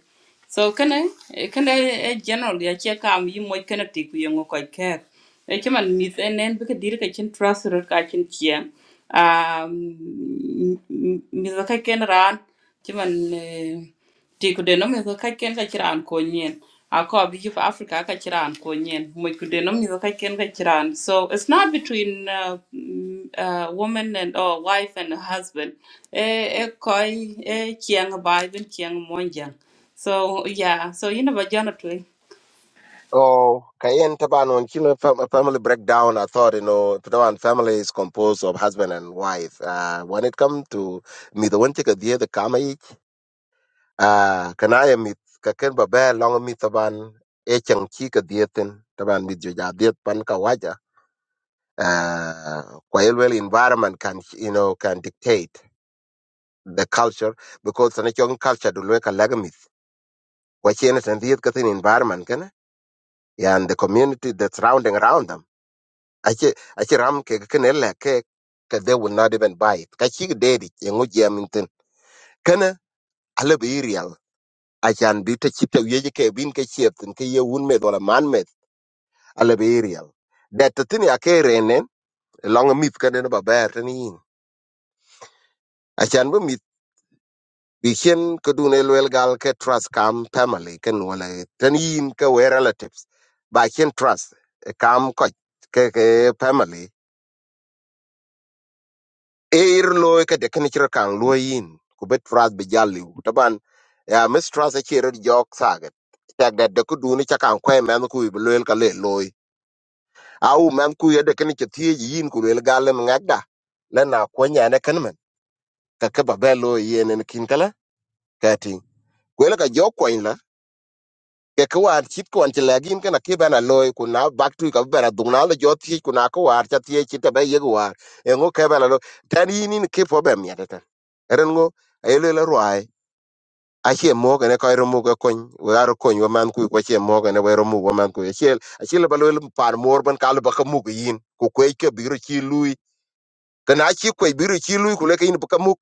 [SPEAKER 1] So, can I, can I generally achi kam you mo kana tiku yangu koi care. Achi man mit and then because diri kachin trust ro kachin chia. Um, mit wakai ken ran, chiman ti ku denom mitho ka ken ka chiran ko nyen ako bi for africa ka chiran ko nyen mo ku denom mitho ka ken ka chiran so it's not between uh, mm, uh, woman and or wife and husband e e koi e chiang bai ben chiang monjang so yeah so you know ba jana twin
[SPEAKER 4] o ka taban on kine fam- family breakdown i thought you know taban family is composed of husband and wife uh, when it come to me, the one take a dear the kama ich uh, kana ya mi ka ken ba ba long mi taban e chang chi ka dietin taban mi jo ja diet pan ka waja uh, kwa environment can you know can dictate the culture because sana chong culture do lwe kalagamith wachene tan diet kathin environment kana yeah, and the community that's surrounding around them ache ache ram ke ken ele ke ke they will not even buy it ka chig dedi yengu jamintin kana ale be real achan bi te chite yeje ke bin ke chieftin ke ye un med wala man med ale be real that tin ya ke renen long myth kana ba ber tin yin bikin ke dun el gal ke trust kam family ken wala ten yin ke we relatives ba trust eh, kam ko ke ke family e ir lo ke de ken chir kan lo yin ku bet trust be jali taban ya mistrust trust e chir jok saget tak da de ku dun cha kan ko men ku be lo ka le lo au men ku ye de ken chi ti yin ku le gal men ngada le na ko nya ne ken men ka ke ba be lo yin en kin kala ka ti ku le ka jok ko ke ko war chit ko an ti lagin kana ke bana loy ku na back to ka bana dung na le jot ti ku na ko war ta ti ti ta ba ye war e ngo ke bana lo tan yi ni ke po ba mi ta tan ren ngo e le le ruai a che mo ga ne ko ro mo ga kon we ar kon wa man ku ko che mo ga ne we ro mo wa man ku e che a che le ba lo par mor ban ka le ba ka mu ga yin ku ko ke bi ro chi lui kana chi ko bi ro chi lui ku le ke yin ba ka mu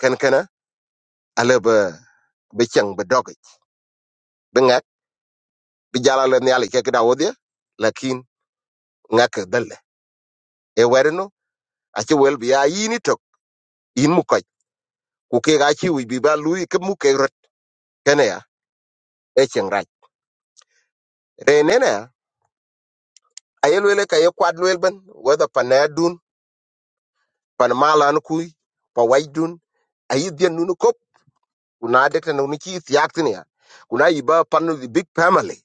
[SPEAKER 4] kan kana ale ba ba chang ba dog ba ngak bi jala le ne ale ke ga da wo dia lakin ngak dal e werino aci wel bi a yin itok yin mu koc ku kek aci wic bi ba lui ke mu kek rot kene ya e ciŋ rac renene ya aye luele ka ye kuat luel ben whether pan na dun pan malan kui pa wac dun ayi dhien nunu kop ku na dekten nu ci thiak tin ya ku na yiba pan the big family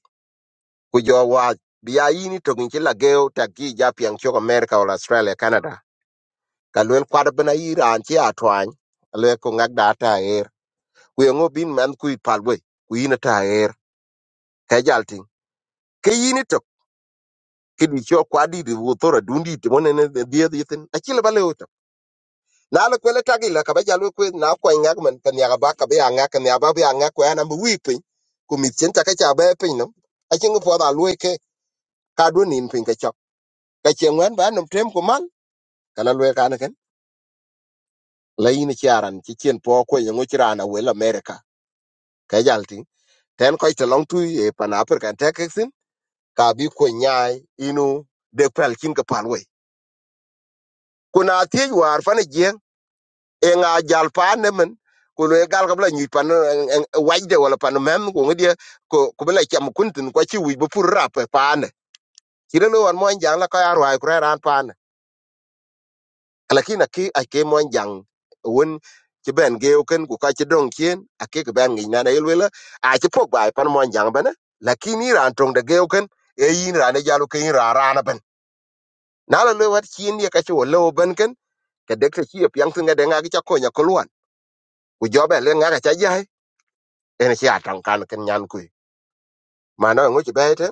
[SPEAKER 4] ku jo wa bi a yin itok nci lageu tak ki ja piaŋ cok america wala australia canada ka luel kuat ben ayi raan ci a twany luel ku ŋak da ta er ku yeŋo bin man kui pal we ku yin ta ka jal tin ke yini to kidi cho kwa di di wutora dundi ti mone ne die di tin a chile bale uto na le kwele tagi la ka ba jal kwe na kwa ngak man kan ya ba ka ba ngak kan ya ba ba ngak kwa na mbi pin ku mi chen ta ka cha ba pin no a chen po da lue ke ka do nin pin ka chok ka chen wan ba no tem ku man kala lue ka na ken la yini charan ti chen po ko ye ngo chirana we la america ka jal tin ten ko ite long tu e pan african texin ka bi ko nyai inu de pel kin ka pan we ku na thiec waar fani jieŋ e ŋa jal paa nemen ku lo gal ka bila nyuc pan wajde wala pan mem ku ŋidia ku bila cham kuntin kwa chi wic rap rape paane cire lo wan mony jaŋ la ka ya rwaai ku reran paane alakin aki ake mony jaŋ wen ci ben geu ken ku ka ci dong chien ake ki ben ŋic nan ayel wela aci pok baai pan mony jaŋ bene lakin i raan toŋde geu ken e yin raan e jalu ke yin raan raana ben na lo lo wat chien ye ka ci wo lewo ben ken kedekte ci ye piyaŋ thiŋ edeŋa ki ca konya ku jobe le ngaka cha jai en si atang kan ken nyan kui mana ngo chi bete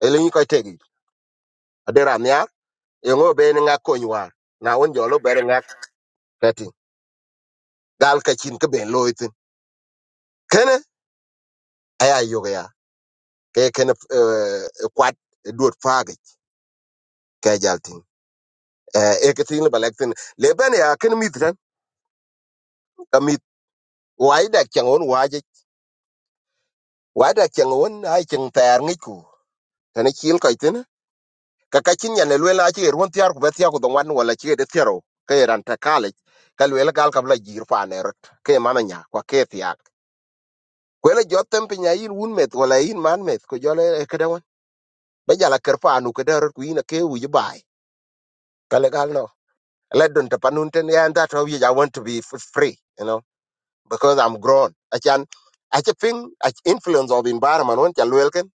[SPEAKER 4] e le ni ko tegi adera nya e ngo be ni ngako nywa na on jolo bere ngak kati gal ka chin ke ben loitin kene aya yoga ya ke kene kwat duot faage ke jaltin e ke tin balektin le ben ya ken mitran ka mit wai da changon waje wai da changon ai chang ter ngiku tane chil ko ka ka chin nyane lwe la chi erwon tiar ku betia ku dongwan wala chi e de tiaro ke e ran ta kale ka lwe la gal kabla jir fa ne rot ke mama nya kwa ke tiak ku le jotem pinya yin un met wala yin man met ku jole ke de won be jala ker fa anu ke de rot ku yin ke u ji bai ka le gal no le don ta panun ten ya and that how you I want to be f- free you know because i'm grown i can i can ping I influence of environment won cha lwe ken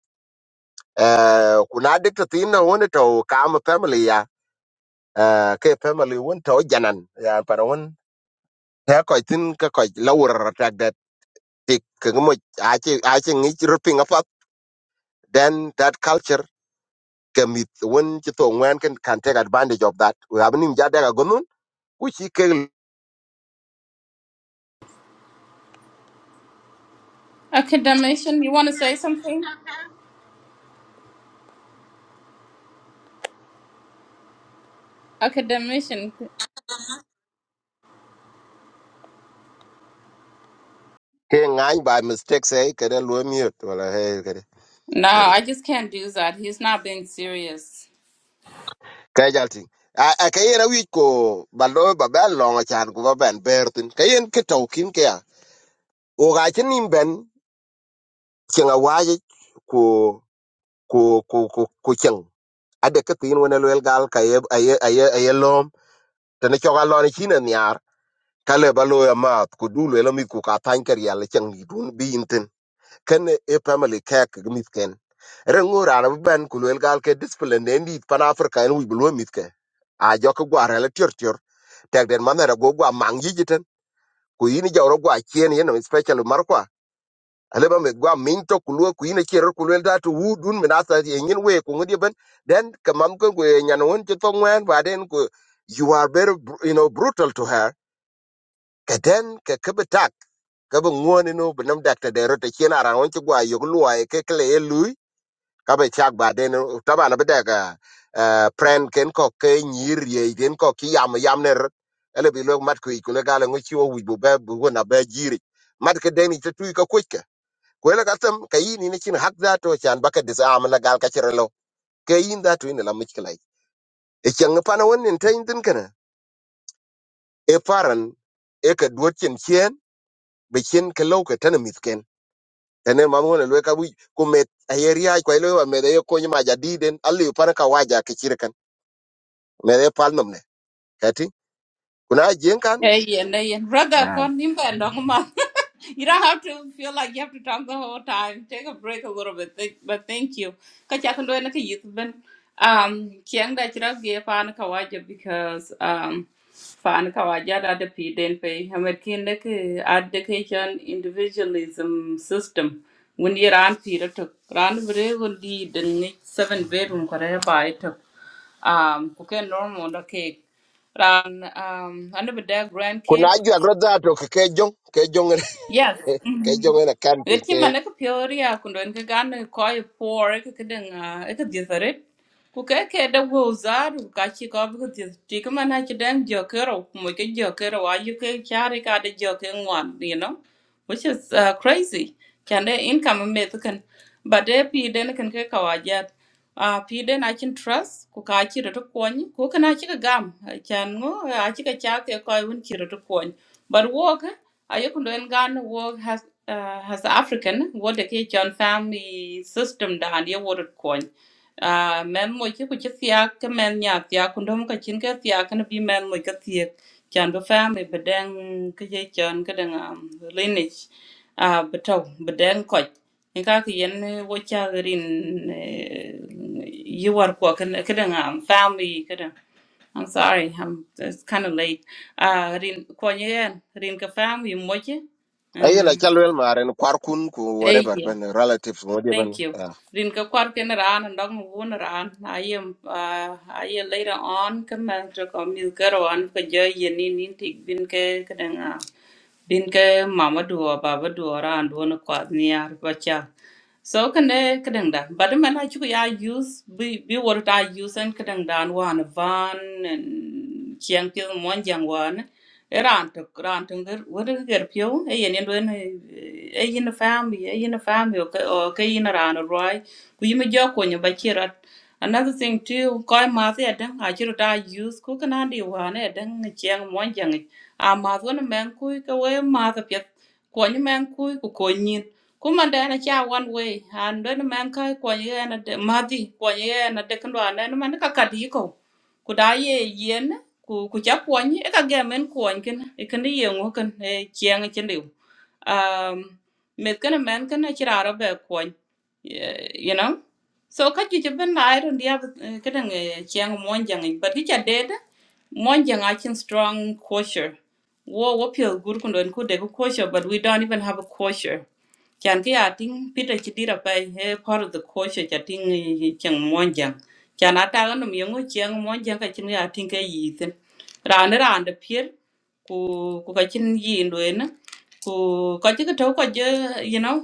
[SPEAKER 4] eh kuna dikta tin no won e to kam family ya uh, ke family won to janan ya para won ta ko tin ka ko lawr tak that tik ke mo a che a che ngi ripping apart then that culture ke mit won che to wen can can take advantage of that we have nim jada ga gonun which he ke
[SPEAKER 1] academician you want to say something academician
[SPEAKER 4] ke ngai by mistake say ke den lo miet wala he ke de
[SPEAKER 1] no i just can't do that he's not being serious
[SPEAKER 4] ke jalting a a ke yena wi ko balo ba ba lo nga chan ko ba ben bertin ke yen ke to kin ke ya o ga che nim ben chenga waje ko ko ko ko ko ade ke tin wona lel gal ka ye aye aye aye lom te ne choga lo ne chine nyar kale ba lo ya mat ku du le mi ku ka tan ker yal chen dun bi inten ken e family ke ke mit ken rengo rana ben ku lel gal ke discipline ne ni pan africa en wi lo mit ke a jo ko gwa rele tior tior tek den manera go gwa mang yi jiten ku yini jawro gwa chien yen special mar kwa aleba me gwa min to kulwe ku ina chero kulwe da to wudun min asa ye nyin we ku ngudi ben then kamam ko ku nyan won to ngwen ba den ku you are very br- you know brutal to her ka den ka kabatak ka bu ngone no benam dakta de rota chena ran won ti gwa yog luwa e ke kle e lui ka be chak ba den taba na beda ka e, pren ken ko ke nyir ye den ko ki yam yam ne rot ele bi lok mat ku ku le gala ngo chiwo wi bu be bu na be jiri mat ke den ti tu ka kuike kwela katam kayini ni chin hak zato chan baka disarm la gal kachira lo kayin zato ina la mishkilai e chang pana wonin tayin din kana e paran e ka duot chen chen be chen ka lo ka tan mitken tane mam wona lo ka bu ku met ayeri ay kwelo wa me de ko nyima jadi den alli pana ka waja ka chirkan me de pal nomne kati kuna jen kan
[SPEAKER 1] hey yeah yeah. brother kon nimba you don't have to feel like you have to talk the whole time. Take a break a little bit, th- but thank you. Kacha kan doyan ka youth ben. Um, kiang da chira ge pan kawaja because um pan kawaja da de piden pe. Hamer kin de ke education individualism system. When you ran Peter took ran very good lead the seven bedroom kare by took um cooking normal the cake. Ran um under the grandkids
[SPEAKER 4] kuna ju agro zato ke ke jong ke jong
[SPEAKER 1] Yes.
[SPEAKER 4] ke jong ina kan pe
[SPEAKER 1] Eti
[SPEAKER 4] ke
[SPEAKER 1] mane ko piori a kundo nke gane ko e por e ke den e ke dietare. Ku ke ke de wo zar ku ka chi ko bu ti ti ko mana chi den jo ke ro ku mo ke jo a ju ke chari ka de jo ke ngwan you know which is uh, crazy. Kan de income me to kan but de pi den kan ke ka wa ja a pi den a chin trust ku ka chi ro ko ni ku kana chi ka gam kan ngo a chi ka cha ke ko un chi ro ko ni. But wo ayokundo en gan wo has uh, has african wo de ke family system da han ye wo rot kon uh, men mo ke ku ke tia ke men nya tia kundo mo ka chin ka tia kan bi men mo ka tia chan bo family bedeng ka ye chon ka dang um, lineage uh, betaw bedeng ko en ka ke yen eh, wo cha rin eh, yi ko kan ka dang um, family ka dang. I'm sorry, I'm it's kind of late. Uh, Rin Kwanyen, Rin Kafam, you moche?
[SPEAKER 4] ayela
[SPEAKER 1] Uh,
[SPEAKER 4] chalwel maren kwar kun ku
[SPEAKER 1] eh,
[SPEAKER 4] whatever
[SPEAKER 1] yeah,
[SPEAKER 4] ben relatives ngodi
[SPEAKER 1] thank you.
[SPEAKER 4] ben
[SPEAKER 1] Rin Kakwar Kenaran and Dong Wunaran. I am, uh, I am later on, come and to come you? Commander Comil Karan, Kaja Yanin Intik Binke Kadanga. Binke Mama Dua, Baba Dua, and Wuna Kwad Niar Bacha so kene kedeng da but man I chuku ya use bi bi what I use en kedeng dan wan van and chiang pi mon jang one. eran to ran to ger wor ger pio e yen yen e yin family e yin family o ke o ke yin ran a roi ku yim jo ko nyo ba chirat Another thing too, koi mathi adang achiru ta use ku kana di wane adang chiang mon jang. A math wana man kui ka we math apyat. Kwanyi man kui ku konyin. Kuma dana cha one way. And then man kai kwanyi ana de mathi kwanyi ana de kandwa ana man ka kati yiko. Ku da ye yen ku ku cha kwanyi e ka gamen kwanyi kina. E kandi ye ngu kan e chiang chindiu. Um, mit kana man kana chirara be kwanyi. You know? so ka cuci bin la iron dia kadang chiang mon jang ik but kicha dead mon jang akin strong kosher wo wo pio gur kun don ku de kosher but we don't even have a kosher chan ki ating pita chidira pai he part of the kosher chating chiang mon jang chan ata no miongo chiang mon jang ka chin ya ting ka yi tin ran ran de pier ku ku ka chin yi ndoen ku ko ci to ko je you know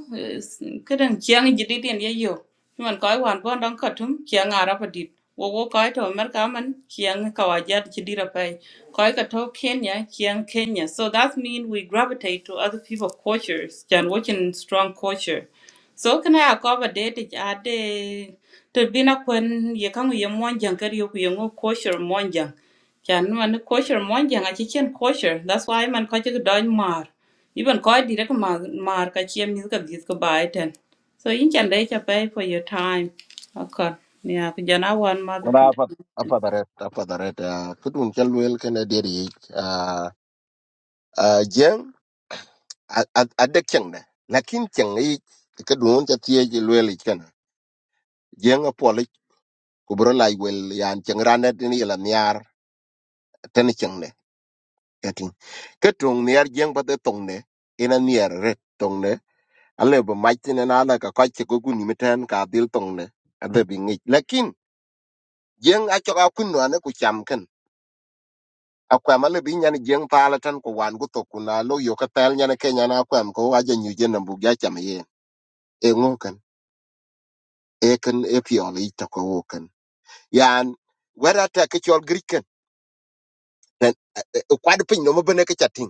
[SPEAKER 1] kidan kyang jidi den ye yo man ko wan go dan ka tum kyang ara pa dit wo wo ko to mer ka man kyang ka wa ja ci dira pai ko ka to kenya kyang kenya so that mean we gravitate to other people cultures than watching strong culture so can i cover date ja de to bina kun ye kan ye mon jang kar yo ku ye ngo culture mon jang kan man culture mon jang a ci chen culture that's why man ko ci don mar even koi direct mar mar ka chiem mi ka dis ka bai ten. So in chan dai cha pay for your time. Okay. Yeah, ku jana wan mother ka.
[SPEAKER 4] wala afat afadaret afadaret kutum chalwel kana deri jeng adde chengna lakin cheng yi kadun ta tie ji kana jeng apoli kubro lai wel yan cheng rana din ila nyar tan chengne katin katung niar jeng bade tongne ina niar ret tongne alle bo maitin na ala ka kwache go guni meten ka dil tongne adde bingi lakin jeng achoka kunwa ne ku chamken akwɛm alebe nyen jieŋ paal tɛn ku wan ku thok ku na lo yo ke thɛɛl nyen ke nyen akwɛm ko aje nyu je nambuk ja cam yen e ŋo ken e ken e piɔl yic tɔke wo yan wɛt atɛ ke cɔl giric ken tɛn- ɛ- no mebene ke ca tiŋ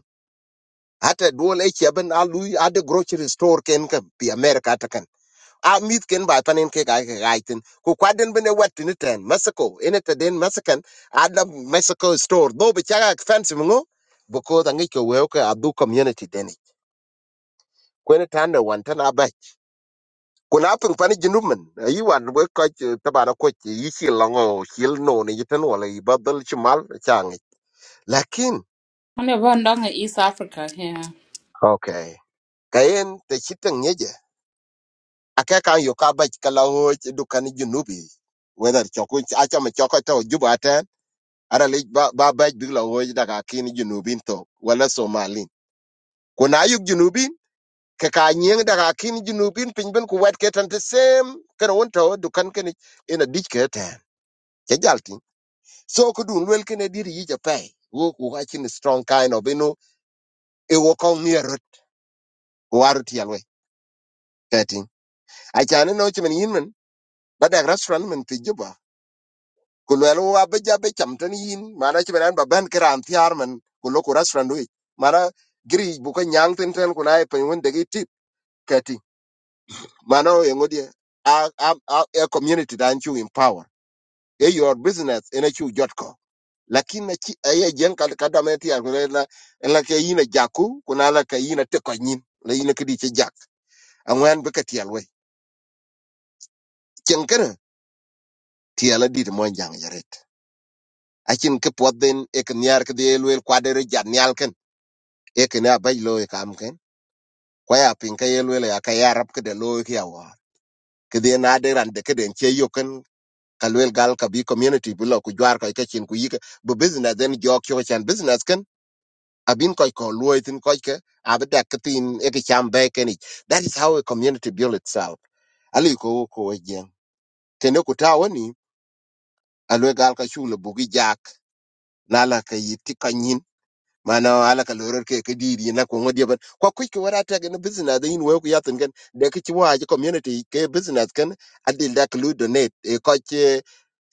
[SPEAKER 4] ate duol e ciɛbin a ade grocery store ken ke pi amerika teken a mith ken ba panin ke kai ke gai ku kuadin bene wɛt tini tɛn mexico ene teden mexican ada mexico store dho bi cak ak fɛnsi miŋo because aŋic ke weu ke adhu community deni kwen tanda wan tan abac kun a piŋ pani jinub min yi wan we kɔc tabana kɔc yi shil lɔŋɔ shil no ni yitan wala yi ba dhil shimal cha ŋic lakin
[SPEAKER 1] Only one down in East Africa here.
[SPEAKER 4] ok kayen te shitang nyeje ake kan yo ka bac ka laŋo du kan jinubi wedher choku achama choko to juba ara le ba ba bac big laŋo daga kin jinubin to wala somalin kun a yuk jinubin ke ka nyieng daga kin jinubin piny bin ku wet ketan the same, kana wun to du kan keni ina dich ke jal so ko dun wel kene dir yi ja pay wo ko ga chin strong kind of ino e wo ko mi erot waru ti alwe ketin a chane no chimen yin men ba da restaurant men ti juba ku lel wa ba ja be cham tan yin mana chimen an ba ban kran ti ar men ku lo ku restaurant wi mana giri bu ko nyang tin ten ku na e pen won de gi tip ketin mana o ngodi a a a a community dan chu empower e your business ina chu jotko lakin na ci aye jen kad kada me ti agre la la ke yina jaku kuna la ke yina te ko nyin la yina kidi ci jak angwan be ka tiel we ken kana tiel di mo jang yaret akin ke podden e ken yar ke de lwel kwadere jan nyal ken e ken a bay lo e kam ken kwa ya pin ka ye lwel e ya ka yarab ke de lo ke ya war ke de na de ran de ke den che yo ken ka lwel gal ka bi community bi lo ku jwar ka e ke chin ku yike bu business den jok yo chan business ken abin koy ko luoy tin koy ke abedak tin e ke cham be ke ni that is how a community build itself ali ko ko jen tene ku tawo ni alwe gal ka shule bugi jak Nala la ka yiti kanyin mana ala ka loror ke ke dir yina ko ngodi ban ko ku ko wara ta gan business da yin wo ku yatin gan de ki wa ji community ke business kan adil da ku donate e ko ke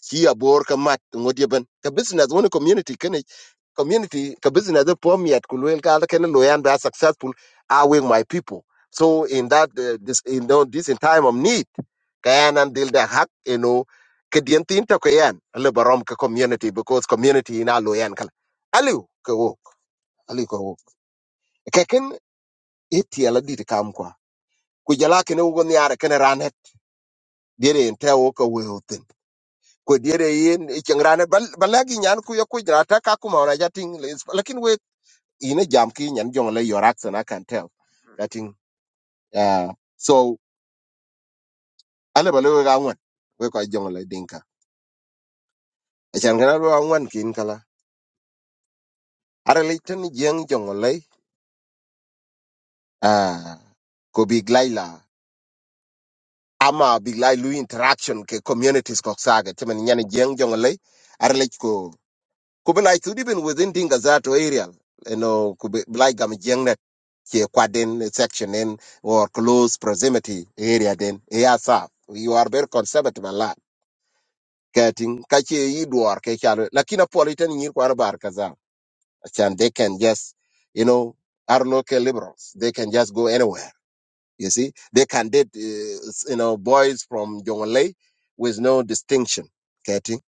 [SPEAKER 4] ki abor ka mat ngodi ban ka business woni community kan community ka business da pom yat ku wel ka kan lo yan da successful are with my people so in that uh, this in tho- this in time of need kayan an dil da hak you know ke din tin ta ko le barom ka community because community ina lo yan kala aliu ko aliko keken itiela dit kam kwa ku jala kene ugo niare kene ranet diere ente o ko weoten ku diere yen icheng ranet bal balagi nyan ku yoku jrata ka kuma ona jating les- lakin we ine jam ki nyan jong le yorak sana kan tell jating ah so ale bale we gangwan we ko jong le dinka achan kana we gangwan kin kala are le tan jeng jong le ah ko bi ama big lai lu interaction ke communities ko saga temen nyane jeng jongle ar ko ko belai to even within dinga zato area you know ko be- belai gam jeng net ke kwaden section in or close proximity area den yeah sa you are very conservative a lot getting kache idwar ke chalo lakini politan nyir kwar bar kaza and they can just you know are local liberals they can just go anywhere you see, they can date, uh, you know, boys from Jonglei with no distinction. Getting.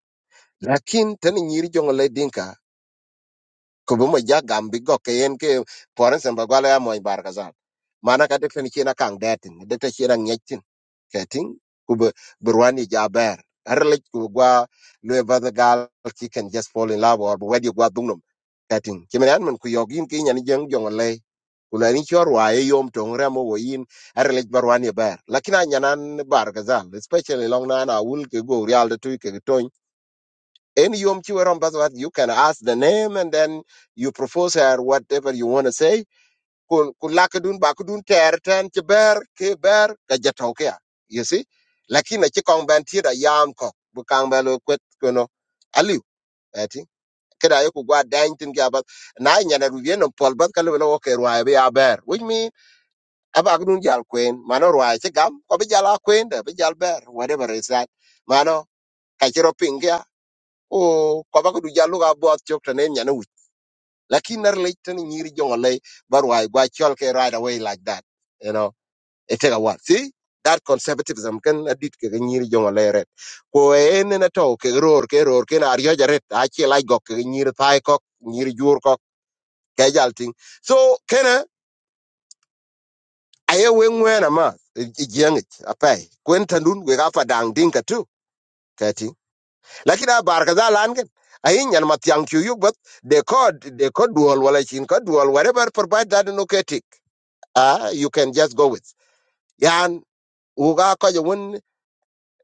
[SPEAKER 4] Lakin, tani nyiri Jonglei dinka ko bo mo ja gambi go ke en ke poran sem ba gwala ya mo bar kazal mana ka dekta ni kina kang datin dekta kina ngetin ketin ku be burwani ja ber arle ku gwa le ba the gal she can just fall in love or wedi gwa dungnum ketin kimen an man ku yogin ki nyani jeng jong le ku la ni chor wa e yom tong remo wo yin arle burwani ber lakina nyanan bar kazal especially long na na wul ke go real de tu ke in Yom Kippur, um, that's what you can ask the name and then you propose her whatever you want to say. Kul- kulakadun bakudun terten kiber kiber kajatokea. You see? Lakini chi kong ben tira yam ko bukang belo kwet kono aliu eti kada yoku gwa dain tin ga bat na nyana rubien no pol bat kalu lo ke ruwa be aber which mean abagdun jal queen mano ruwa chi gam ko be jala queen de be jal ber whatever is that mano kachiro o ko ba du jalu ga bo chok ta ne nyane wi lakin nar le tan nyiri jongo le barwai gwa chol ke right away like that you know it take a while see that conservatism can adit ke ga nyiri jongo le red ko e en na to ke ror ke ror ke na ryo jaret a che lai gok ke nyiri thai kok nyiri jur kok ke jal ting so kena aye we ngwena ma jeng apai kwen tandun we ga fa dang ding ka tu lakin a bar ka zalan gen ayin yan mat yang chu yuk but they code they code dual wala chin code dual whatever provide that no ketik ah you can just go with yan uga ko je won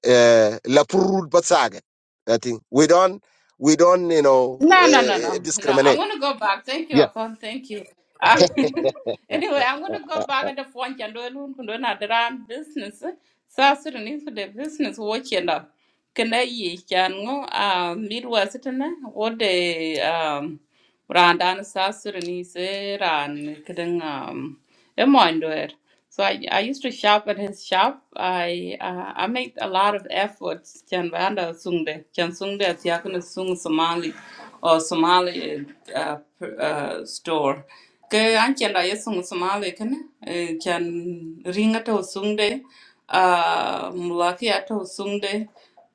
[SPEAKER 4] eh, la purud but saga that thing we don't we don't you know
[SPEAKER 1] No, no, no, no,
[SPEAKER 4] uh,
[SPEAKER 1] no. I'm
[SPEAKER 4] discriminate
[SPEAKER 1] gonna go back. Thank you,
[SPEAKER 4] yeah
[SPEAKER 1] Akon. Thank you. Uh, anyway, I'm gonna go back at the phone and do another round business. So Sudanese for the business watching up. Can I ye can go uh midwest and what the um Rand and South Sudanese eh, and kidding um a mindware. So I, I used to shop at his shop. I uh, I made a lot of efforts. Chan Vanda Sungde, Chan Sungde at Yakuna Sung Somali or Somali uh, pr- uh, store. Ke an chan da yesung Somali kan chan ringa to Sungde, uh, mulaki ato Sungde.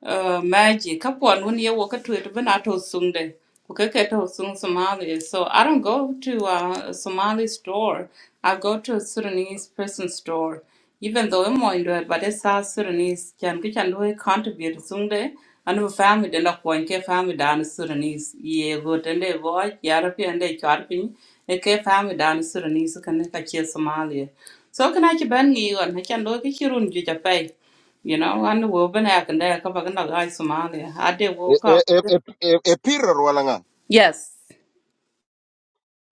[SPEAKER 1] Uh, magic. Couple on when you walk to it, but not to Sunday. Kukeke to Sun Somali. So I don't go to uh, a Somali store. I go to a Sudanese person store. Even though I'm on it, but it's South Sudanese. Can get and we contribute Sunday. And the family did not one care family down Sudanese. Ye good and they watch Yarapi and they charping. A care family down Sudanese So, can make a cheer Somalia. So can I ban you and I can look at your own you know, I knew we've been acting there. Come back and look, hi, Somalia. I did
[SPEAKER 4] e
[SPEAKER 1] woke
[SPEAKER 4] e
[SPEAKER 1] up.
[SPEAKER 4] e e e piror wala nga
[SPEAKER 1] Yes.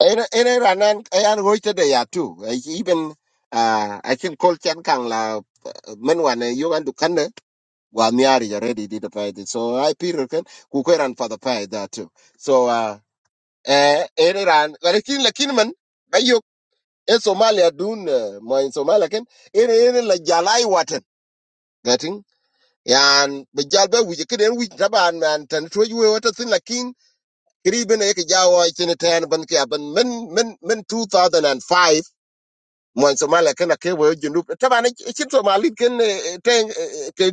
[SPEAKER 4] ene ene ranan ayan goite de ya too Eh, even uh, I can call Chan Kang la uh, men wane yogan du Well, Nyari already did the fight. So I Peter can kukeran for the fight that too. So uh eh Iran lakin lakin man bayo in Somalia dun eh, mo in Somalia ken ere ere la jalai watan getting yan be jalbe wi ke den wi taban man tan to yu wata sin lakin kriben e ke jawo tin tan ban ke ban men men men 2005 mon somalia ken ke wo junub taban chin somali ken eh, ten eh, eh, ke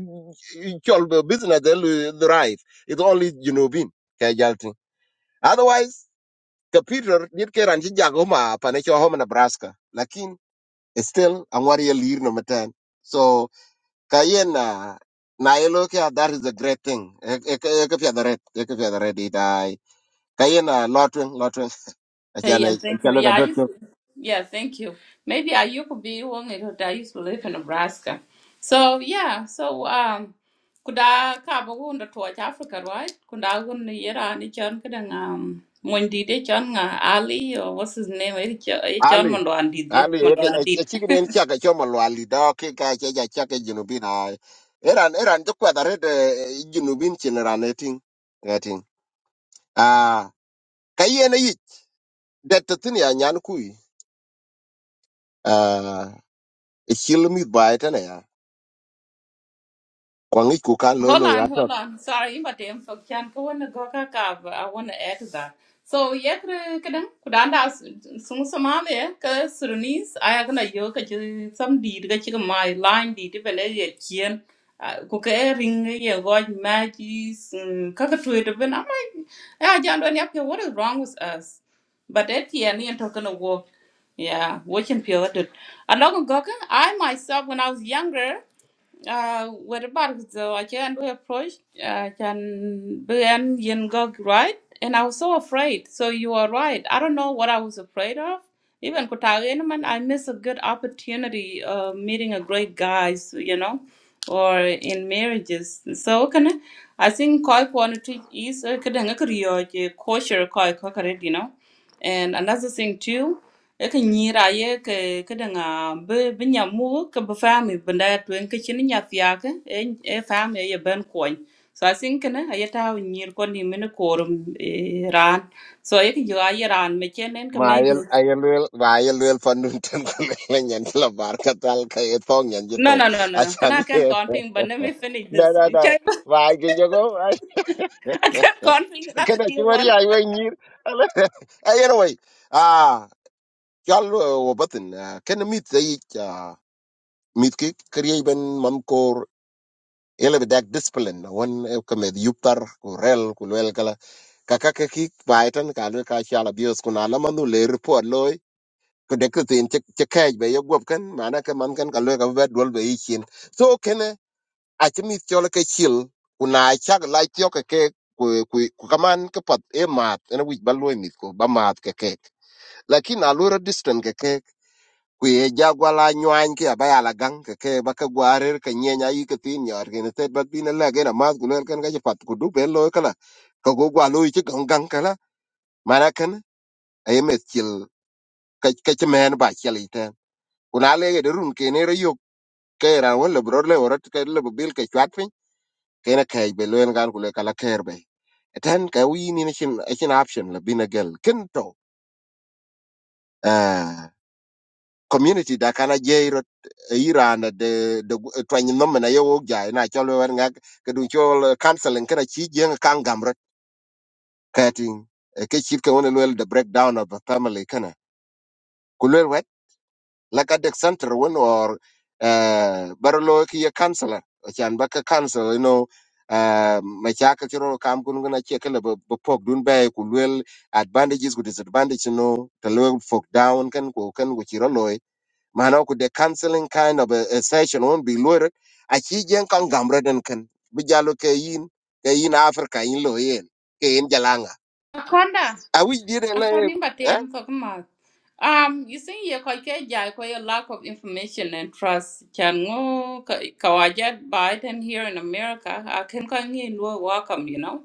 [SPEAKER 4] chol be business del drive it only junubin ke jaltin otherwise ke peter dit ke ran jago ma pane cho home nebraska lakin it's still angwar lir no matan so kayen na na elo ke that is a great thing e e e ke pya da red e ke pya da red dai kayen na lotwing lotwing
[SPEAKER 1] Hey, and
[SPEAKER 4] achane
[SPEAKER 1] thank you.
[SPEAKER 4] achalo
[SPEAKER 1] Yeah, I used
[SPEAKER 4] ka
[SPEAKER 1] to, yeah, thank you. Maybe I you could be one because I used to live in Nebraska. So yeah, so um, kuda kabo kuda towards Africa, right? Kuda kuda yera ni chon kada um when did they chon nga Ali or what's his name? Eh, chon
[SPEAKER 4] Ali,
[SPEAKER 1] mondo and
[SPEAKER 4] Ali, a
[SPEAKER 1] did.
[SPEAKER 4] chicken and chaka chomalwali, dog, kika, chaja, chaka, junubin, I. Eran, eran, the quadret, junubin, generating, getting. Ah, Cayenne, that the thing, yan kui. Ah, a chill me by it, and I. Kwangi kuka
[SPEAKER 1] Hold
[SPEAKER 4] lolo
[SPEAKER 1] on,
[SPEAKER 4] ya
[SPEAKER 1] hold
[SPEAKER 4] tok.
[SPEAKER 1] on. Sorry, imba tem fo kyan ko wona go ka ka ba- I want to add to that. So yek kadan kudanda sung samale ka surunis aya kana yo ka chi Some di ga chi my line di de bele ye kien ah, ku ka e ring e ye go magis ka ka tu de ben am ya jan don yap what is wrong with us but at the end you're talking to walk yeah watching pure I a lot of i myself when i was younger uh, where about the Achaean we approached, uh, can began Yingog, right? And I was so afraid. So you are right. I don't know what I was afraid of. Even Kutariaman, I miss a good opportunity of meeting a great guy, so, you know, or in marriages. So can I I think Koi quantity is a kadanga kariyo kosher Koi kakaret, you know. And another thing too e ke nyira ye ke ke denga be be nyamu ke be fami benda tuen ke chini nya fiake e e fami ye ben koin so i think ne nyir ko ni mene korum eh, ran so ye ke yo ye ran me chenen ke me bi
[SPEAKER 4] Mael ayelwel vayelwel pandun tan kulelen yan la bar katal ka etong yan
[SPEAKER 1] No,
[SPEAKER 4] jito.
[SPEAKER 1] no, no, no, no. Can
[SPEAKER 4] Achan
[SPEAKER 1] I can
[SPEAKER 4] ye.
[SPEAKER 1] but let me finish
[SPEAKER 4] Na
[SPEAKER 1] this.
[SPEAKER 4] na na. Vay ke jogo.
[SPEAKER 1] I can't That's a
[SPEAKER 4] Kada
[SPEAKER 1] new
[SPEAKER 4] chimari
[SPEAKER 1] one.
[SPEAKER 4] aywe nyir. Hey, anyway, ah, chal wabatin, ken mit zai ah, mit ki kriye ben mamkor ele bedak discipline na wan kamed yuptar ku rel ku lel kala kaka ke ki baitan ka le ka chala bios ku na la manu le report loy ku de kutin che che kaj be yogop kan mana ka man kan ka le ka be dol be yin so ken eh, a ti mit chola ke chil ku na chak la tyo ke ke ku ku ku kaman ke pat e mat ene wich ba loy mit ko ba mat ke ke lakin a lura distant ke ku ye jagwala nywany ki aba yala gang ke ke ba ka gwarer ka nyenya yi ka tin nyor ke ne tet ba bin la ge na mas gulen kan ga pat ku du ben lo kala ka go gwalo yi ka gang gang kala mana kan ay me til ka ka che men ba chel ite kuna le ge run ke ne yo ke ra won le bro le orat ke le bil ke chat pin ke ne ke be lo en gan kule kala ker be E ten ka wi ni ne chin a chin option la bin a gel kin to eh, community da kana je ro iran eh, de de twany no mena yo ja na cholo wer ngak ke dun chol eh, counseling kana chi jeng kan gamro kating ke chi ke wona lwel the breakdown of a family kana kulwer wet la ka de center won or eh barlo ki ye counselor chan ba ka counsel you know eh ma cha ka chiro kam kun na che ke le bo bo pok dun be kulwer advantages ku disadvantages no to lwel fok down kan ko kan ku chiro loy mana ku de counseling kind of a, a session won be lure a chi jen kan gamre den ken bi jalo ke yin ke yin africa yin lo yen ke yin jalanga
[SPEAKER 1] Akonda.
[SPEAKER 4] a wi dire la e,
[SPEAKER 1] According to
[SPEAKER 4] eh
[SPEAKER 1] him, talking about, um, you see, you quite jai quite a lack of information and trust. Changu kawajet Biden here in America, I can kind of welcome, you know.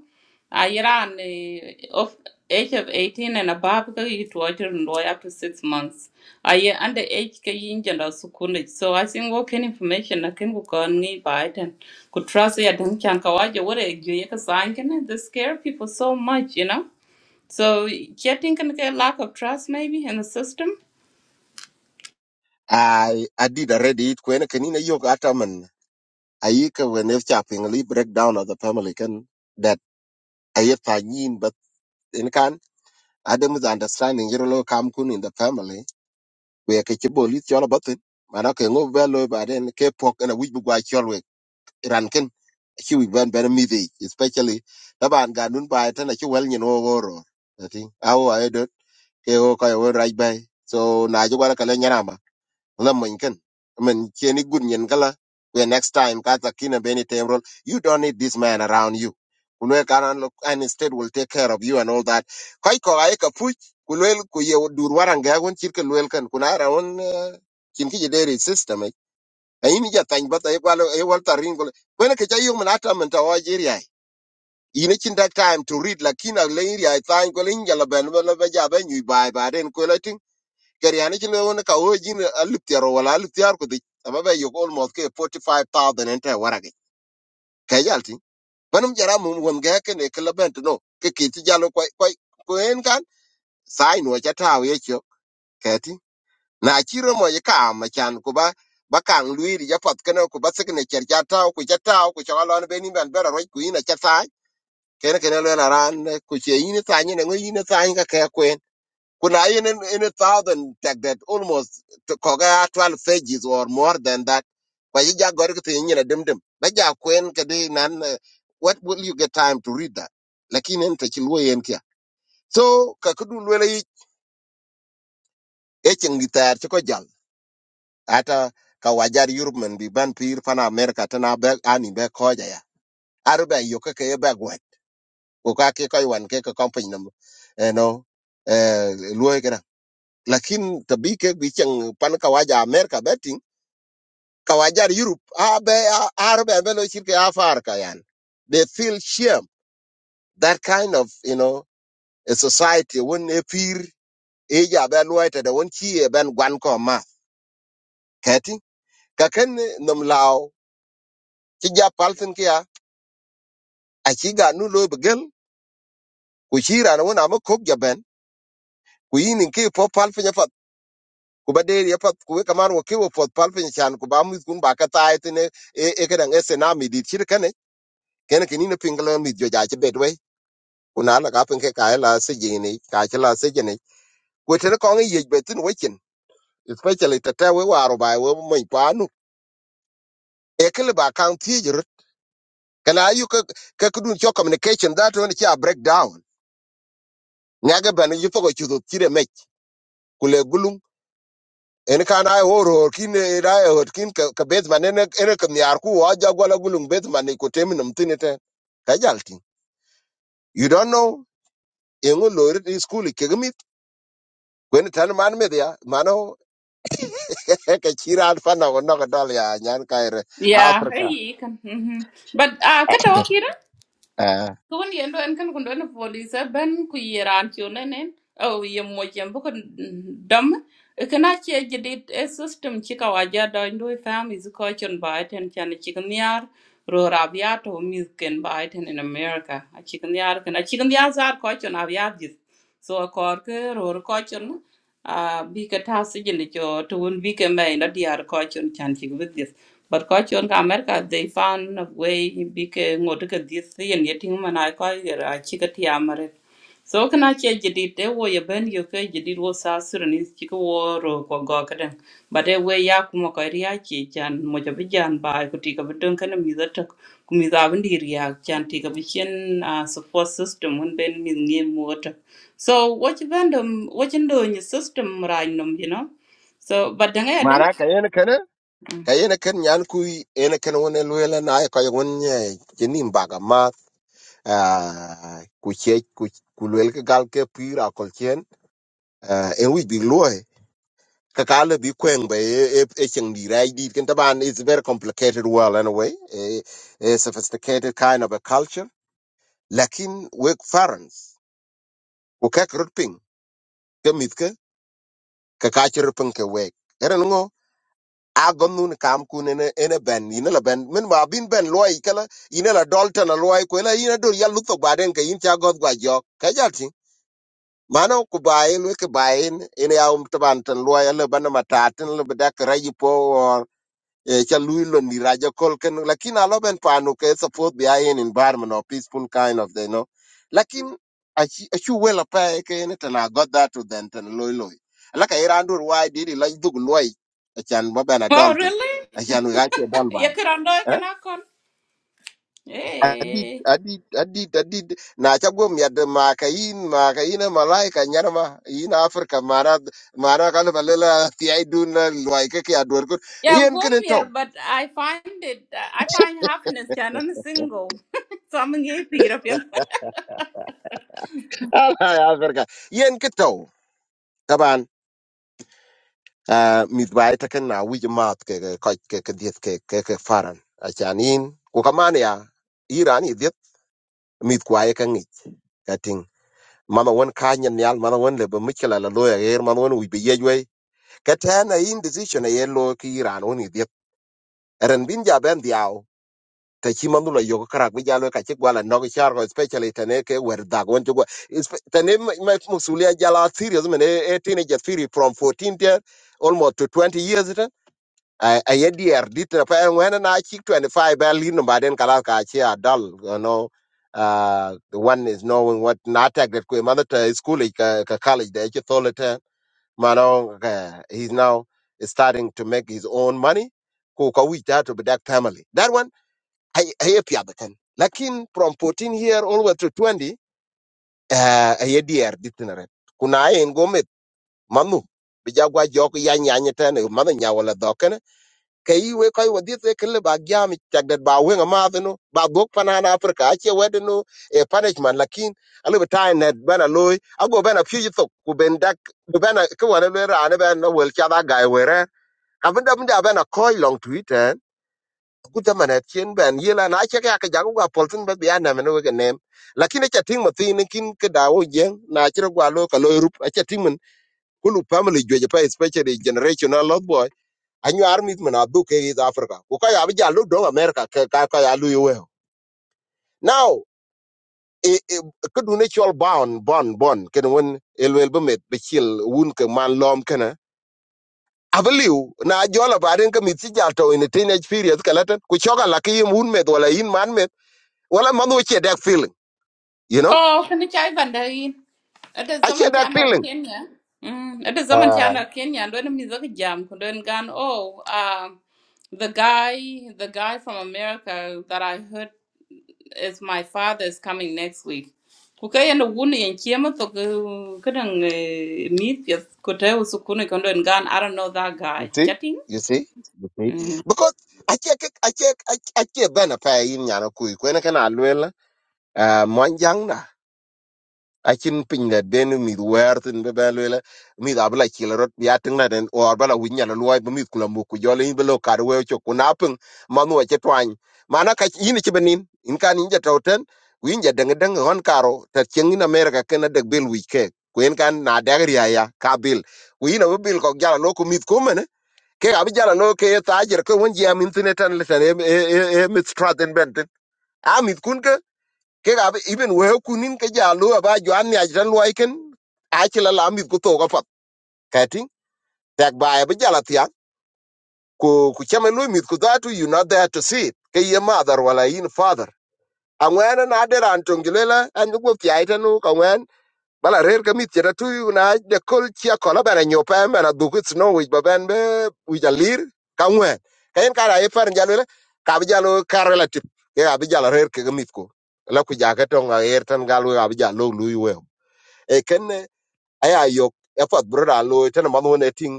[SPEAKER 1] I ran uh, of age of 18 and above, because you to watch and lawyer up to six months. I uh, under age ka yin janda sukuni. So I think what can information I can go on me Biden could trust ya dun chan kawaja what a you can sign can they scare people so much, you know. So yeah, thinking a lack of trust maybe in the system.
[SPEAKER 4] i i did already it kwen ken ina yok ataman ayi ke when if chapping li breakdown of the family can that ayi pa yin but in kan adam is understanding you lo kam kun in the family we ke chi bolit yo lo batin mana ke ngo belo ba den ke pok na wi bu gwa ran ken ci wi ban ban mi dey especially da ban ga nun ba ta na ci wel nyen wo goro ati awo ay do ke wo ka wo raj bay so na ji wala kala nyana ma la mun ken men ci ni gud nyen kala we next time ka ta kina beni temrol you don't need this man around you kunwe kanan look and instead will take care of you and all that kai ko ay ka puch kulwel ku ye dur waran ga gon cirkel wel kan kunara on kin ki je dairy system ayini ja tany bata ikwalo iwal tarin kole kwene ke chayo mna ata menta wajiri ai ini chinda time to read lakina leiri ai tany kole inja la ben la ba ja ben yu bai ba den kole tin keriani chinda wona ka ojin alip tiaro wala alip tiar ko dik ama ba yok almost ke 45000 enta warage ke jalti banum jara mum won ga ke ne kala bent no ke kiti jalo kwai kwai ko en kan sign wa chata we cho na chiro mo ye kam chan ku ba ba kang lui ri japat kana ku ba sikne cher cha taw ku cha taw ku cha lon be ni ban bera roi ku ina cha sa kene kene le na ran eh, ku che ina sa ni ngo ina sa ka ka kwen ku na in in a thousand tag that almost to ko ga 12 pages or more than that ba ye ja gor ku tin ina dim dim ba ja kwen ka de nan eh, what will you get time to read that lakini en te chi lu yen kia so ka ku du le e cheng di tar ko jal ata ka wajar Europe man bi ban pir pana America tana be ani be koja ya aru be yo ke ke be gwe ko ka ke ko wan ke ko company nam eh no eh luo ke na lakin tabi ke bi chang pan ka waja America betting ka wajar Europe a be a- aru be be lo shirke afar ka yan they feel shame that kind of you know a society when a peer eja be luo te de won chi e ben gwan ko ma kati ka ken eh, nam lao ti ja palten aci ga nu loy begel ku ci rana won ama kok jaben ku yinin ki po pal finya pat ku ba deri ya pat ku we kaman wo ki wo pot pal finya chan ku ba mu kun ba ka taay tene e e ka dang ese na mi dit ci kane kene ki ni ne pingala mi jo ja ci bedwe ku na la ka pin ke ka e la se jini ka ci la se jini ku tere ko ngi yej betin wekin especially tete we waro ba we mo pa nu e kele ba kan ti jir kana yu ka ka kudun cho communication that one ci a breakdown nyaga ban yu pogo chu do tire mek ku le gulum en kan ai woro kin ira hot kin ka ka bet man en en ka nyar ku wa ja gola gulung bet man e ko tem num tinite ka jalti you don't know en lo ri school ke gmit kwen e tan man me dia mano ka chira alfa na no ka dal ya nyan ka ire
[SPEAKER 1] Yeah, hey,
[SPEAKER 4] africa
[SPEAKER 1] you can. Mm-hmm. But uh, kata wakira,
[SPEAKER 4] eh
[SPEAKER 1] kuwan yendo en kan kundo na police ben ku yiran chune nen. Oh, ye mo jembo ko dam. Kana che jidit a system chika waja do ndo families ko chon ba ten chan chikanyar ro rabia to misken ba ten in America. A chikanyar kana chikanyar zar ko chon abia jis. So a korke ro ko chon. a bi ka ta su jin cho to un bi ka mai na diar ko chon chan chi with this but ko chon ka america they found a way bi ka ngot ka this yen ye ting mana ko ra chi ka ti amare so kana che jidit e wo ye ben yo ke jidit wo sa suran chi ko wo ro ko go ka den but e we ya kuma ko riya chi chan mo ja bi jan ba ko ti ka bi don kana mi za ta ku mi za bi ri chan ti ka bi chen a support system un ben mi ngi mo so what you random what you do in your system random, you know? So but then I don't
[SPEAKER 4] mara ka en kan ka en kan nyan ku en kan wona lo la na ai ka won ye jinim baga ma ah ku che ku ku lo el ka gal ke pira kol chen en wi bi kakala bi kweng ba e e e cheng di rai di ken taban it's a very complicated world anyway a, a sophisticated kind of a culture lakin wek farans o kak rutping ke mitke ka ka chir ping ke wek era ngo agon nun kam kun ene ene ben ine la ben min ba bin ben loy kala ina la dolta na loy ko la ina dol ya lutho baden ke in cha god gwa jo ka jati mano ku baen wek baen ene ya um taban tan loy la ban matatin la bedak rayi po e cha lui lo ni raja kol ken lakin alo ben panu ke support bi ayen environment or peaceful kind of they know lakin achi achu wela pa ke ne tana got that to then tan loy loy alaka iran dur why did he like dug loy achan ba ben
[SPEAKER 1] Oh
[SPEAKER 4] adult
[SPEAKER 1] really?
[SPEAKER 4] achan we gache don
[SPEAKER 1] You
[SPEAKER 4] bai
[SPEAKER 1] could undo
[SPEAKER 4] eh
[SPEAKER 1] can call?
[SPEAKER 4] adit
[SPEAKER 1] Hey.
[SPEAKER 4] adit adit adit na cha gom yad ma kayin ma kayin malaika nyarma yin afrika mara mara kan balela ti ai dun loy ke ke adur ko
[SPEAKER 1] Yeah,
[SPEAKER 4] yen
[SPEAKER 1] warm
[SPEAKER 4] ken to
[SPEAKER 1] here, but I find it I find happiness yeah, I'm single. so I'm gay European.
[SPEAKER 4] Alhamdulillah. Yang ketaw, kawan, midway takkan naui jemah ke kau ke dia ke ke faran. Janin, kokaman ya Iran ini dia midway kengit. Keting, mana awak kah nyanyal, mana awak lembut, macam la lalu air, mana awak ubi jedui. Kita hanya ini decision, hanya lalu ki Iran ini dia eren binja ben diau. ka chi man dula yoga karak bi jalo ka chi gwala no gi char ko especially tane ke wer da gon to go Ispe- tane ma ma musulia jala serious man e tine je theory from 14 year almost to 20 years it I I dear dit na pa when na chi 25 ba lin ba den kala ka chi adult you know uh the one is knowing what not tag that ko mother to school eh, ka ka college da chi tholete mano he's now starting to make his own money ko ka wi ta to be that family that one hay hay piadakan lakin from 14 here all way to 20 eh ay dier ditinare kuna en gomet manu bijagwa jok ya nyanye tane manu nya wala dokene kayi we koy wadit e kle ba gyami tagdat ba we ma adunu ba gok panana afrika ache wedunu e punishment lakin alu batai net bana loy ago bana fuji to ku ben dak ku bana ku wala le rane bana wel cha da gai were abinda benda bana koy long tweet eh. guta manet chen ben yela na che ka ka jago ga polten ba bian na meno ga nem lakini cha ting matin kin ke dawo yen na chiro gwa lo ka lo rup a cha ting men kulu family jwe pa especially generational lot boy anyu army men adu ke is africa ko ka ya bija lu do america ka ka ka ya lu yewe now e e ke du ne chol bon bon bon ken won elwel ba met be chil wun ke man lom kana avaliu na jola baden ka mitsi jalto in a teenage period kalatan ku choga lakiyim wun met wala in man Well, I'm not a that feeling, you know?
[SPEAKER 1] Oh, can you try Vandarin? It is
[SPEAKER 4] I share
[SPEAKER 1] someone
[SPEAKER 4] that
[SPEAKER 1] channel
[SPEAKER 4] feeling.
[SPEAKER 1] Kenya. Mm, it is someone
[SPEAKER 4] Uh,
[SPEAKER 1] channel Kenya and when music jam could gun oh um the guy the guy from America that I heard It's my father is coming next week. Ku ka yanda wuni yan kiyama to ku kadan meet ya ku ta wasu kuni kan don gan I don't know that
[SPEAKER 4] you
[SPEAKER 1] guy.
[SPEAKER 4] see?
[SPEAKER 1] Chatting.
[SPEAKER 4] You see? You see?
[SPEAKER 1] Mhm.
[SPEAKER 4] Because I check, I check, I check, I check, Ben, a pay in Yanakui, when I can alwell, uh, acin piny la den mith wer thin bi bɛn lueel mith abi la cil rot ya tiŋ la den or bala wic nyal luɔi bi mith kula muk ku jɔl iny bi lo kad weu cok ku na piŋ man nuɔ ci tuany mana ka yin ci bi in kan yin ja tau ten ku yin ja deŋi deŋi hɔn karo tar cieŋ in amerika ken adek bil wic kek ku kan na dɛk ria ya ka bil ku yin abi bil kɔk jala lo ku mith kumene kek abi jala lo ke ye thaajir ke wen jiam in thin etan litan e e e e mith strath en bɛn tin a kun ke ga even we kunin ke ja lo ba jo an ya jan lo iken a chi la la mit ku to ga pat ka tin tak ba ba ja la tia ku ku chama lo mit ku da tu you not there to see it ke ye mother wala in father angwen na de ran tong gilela an ku ku pya ita nu ka ngwan bala rer ka mit cheta tui una de kol chia kola bana nyo pa em bana dukut no wi ba ben be wi jalir ka ngwen ka en kara e par jalo le ka bi jalo karela tip ke abi jalo rer ke ga mit ko la ku ja ka tong a er tan galu abi jalo lu we e ken aya yo e pat bro da lo tan ma no ne ting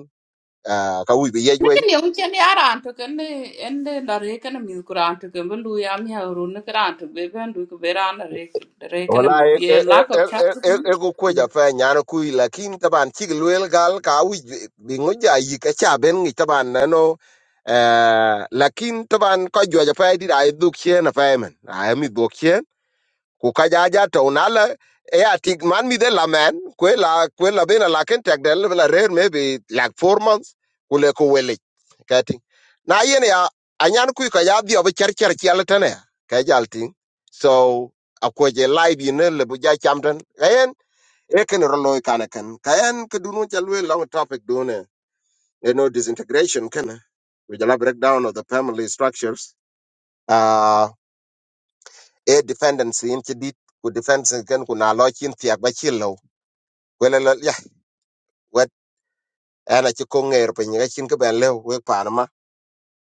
[SPEAKER 4] ah, ka wi be ye
[SPEAKER 1] Nakan yung kyan ni ara anto kan ne ende na re kan mi ku ra anto kan bu ya mi ha ru ne kan anto be ban du ku be ra na re re kan
[SPEAKER 4] wala e
[SPEAKER 1] mi
[SPEAKER 4] e
[SPEAKER 1] ye lack
[SPEAKER 4] e
[SPEAKER 1] of
[SPEAKER 4] e
[SPEAKER 1] trust.
[SPEAKER 4] e e ko ko ja fa nyar ku la kin taban chi luel gal ka wi bi ngo ja yi ka cha ben ngi taban na no eh lakin taban ko jo ja fa di dai duk che na fa men ai mi duk ku ka ja ja to na la e a tik man mi de la man ku la ku la be na la ken tek del la rare maybe like four months ku le ku wele ka na yen ya anyan ku ka ya bi ob cher cher chi ala tane ka jal so a ko je lai bi ne le bu ja cham tan ka yen e ken ro loy kana ken ka ke du no long topic du you know disintegration ken we jala breakdown of the family structures Ah, e dependency in ci dit ku dependency kan ku na lo chin tiak ba chi lo wele lo ya wet ana ci ko ngер pe ni chin ke ben le we pan ma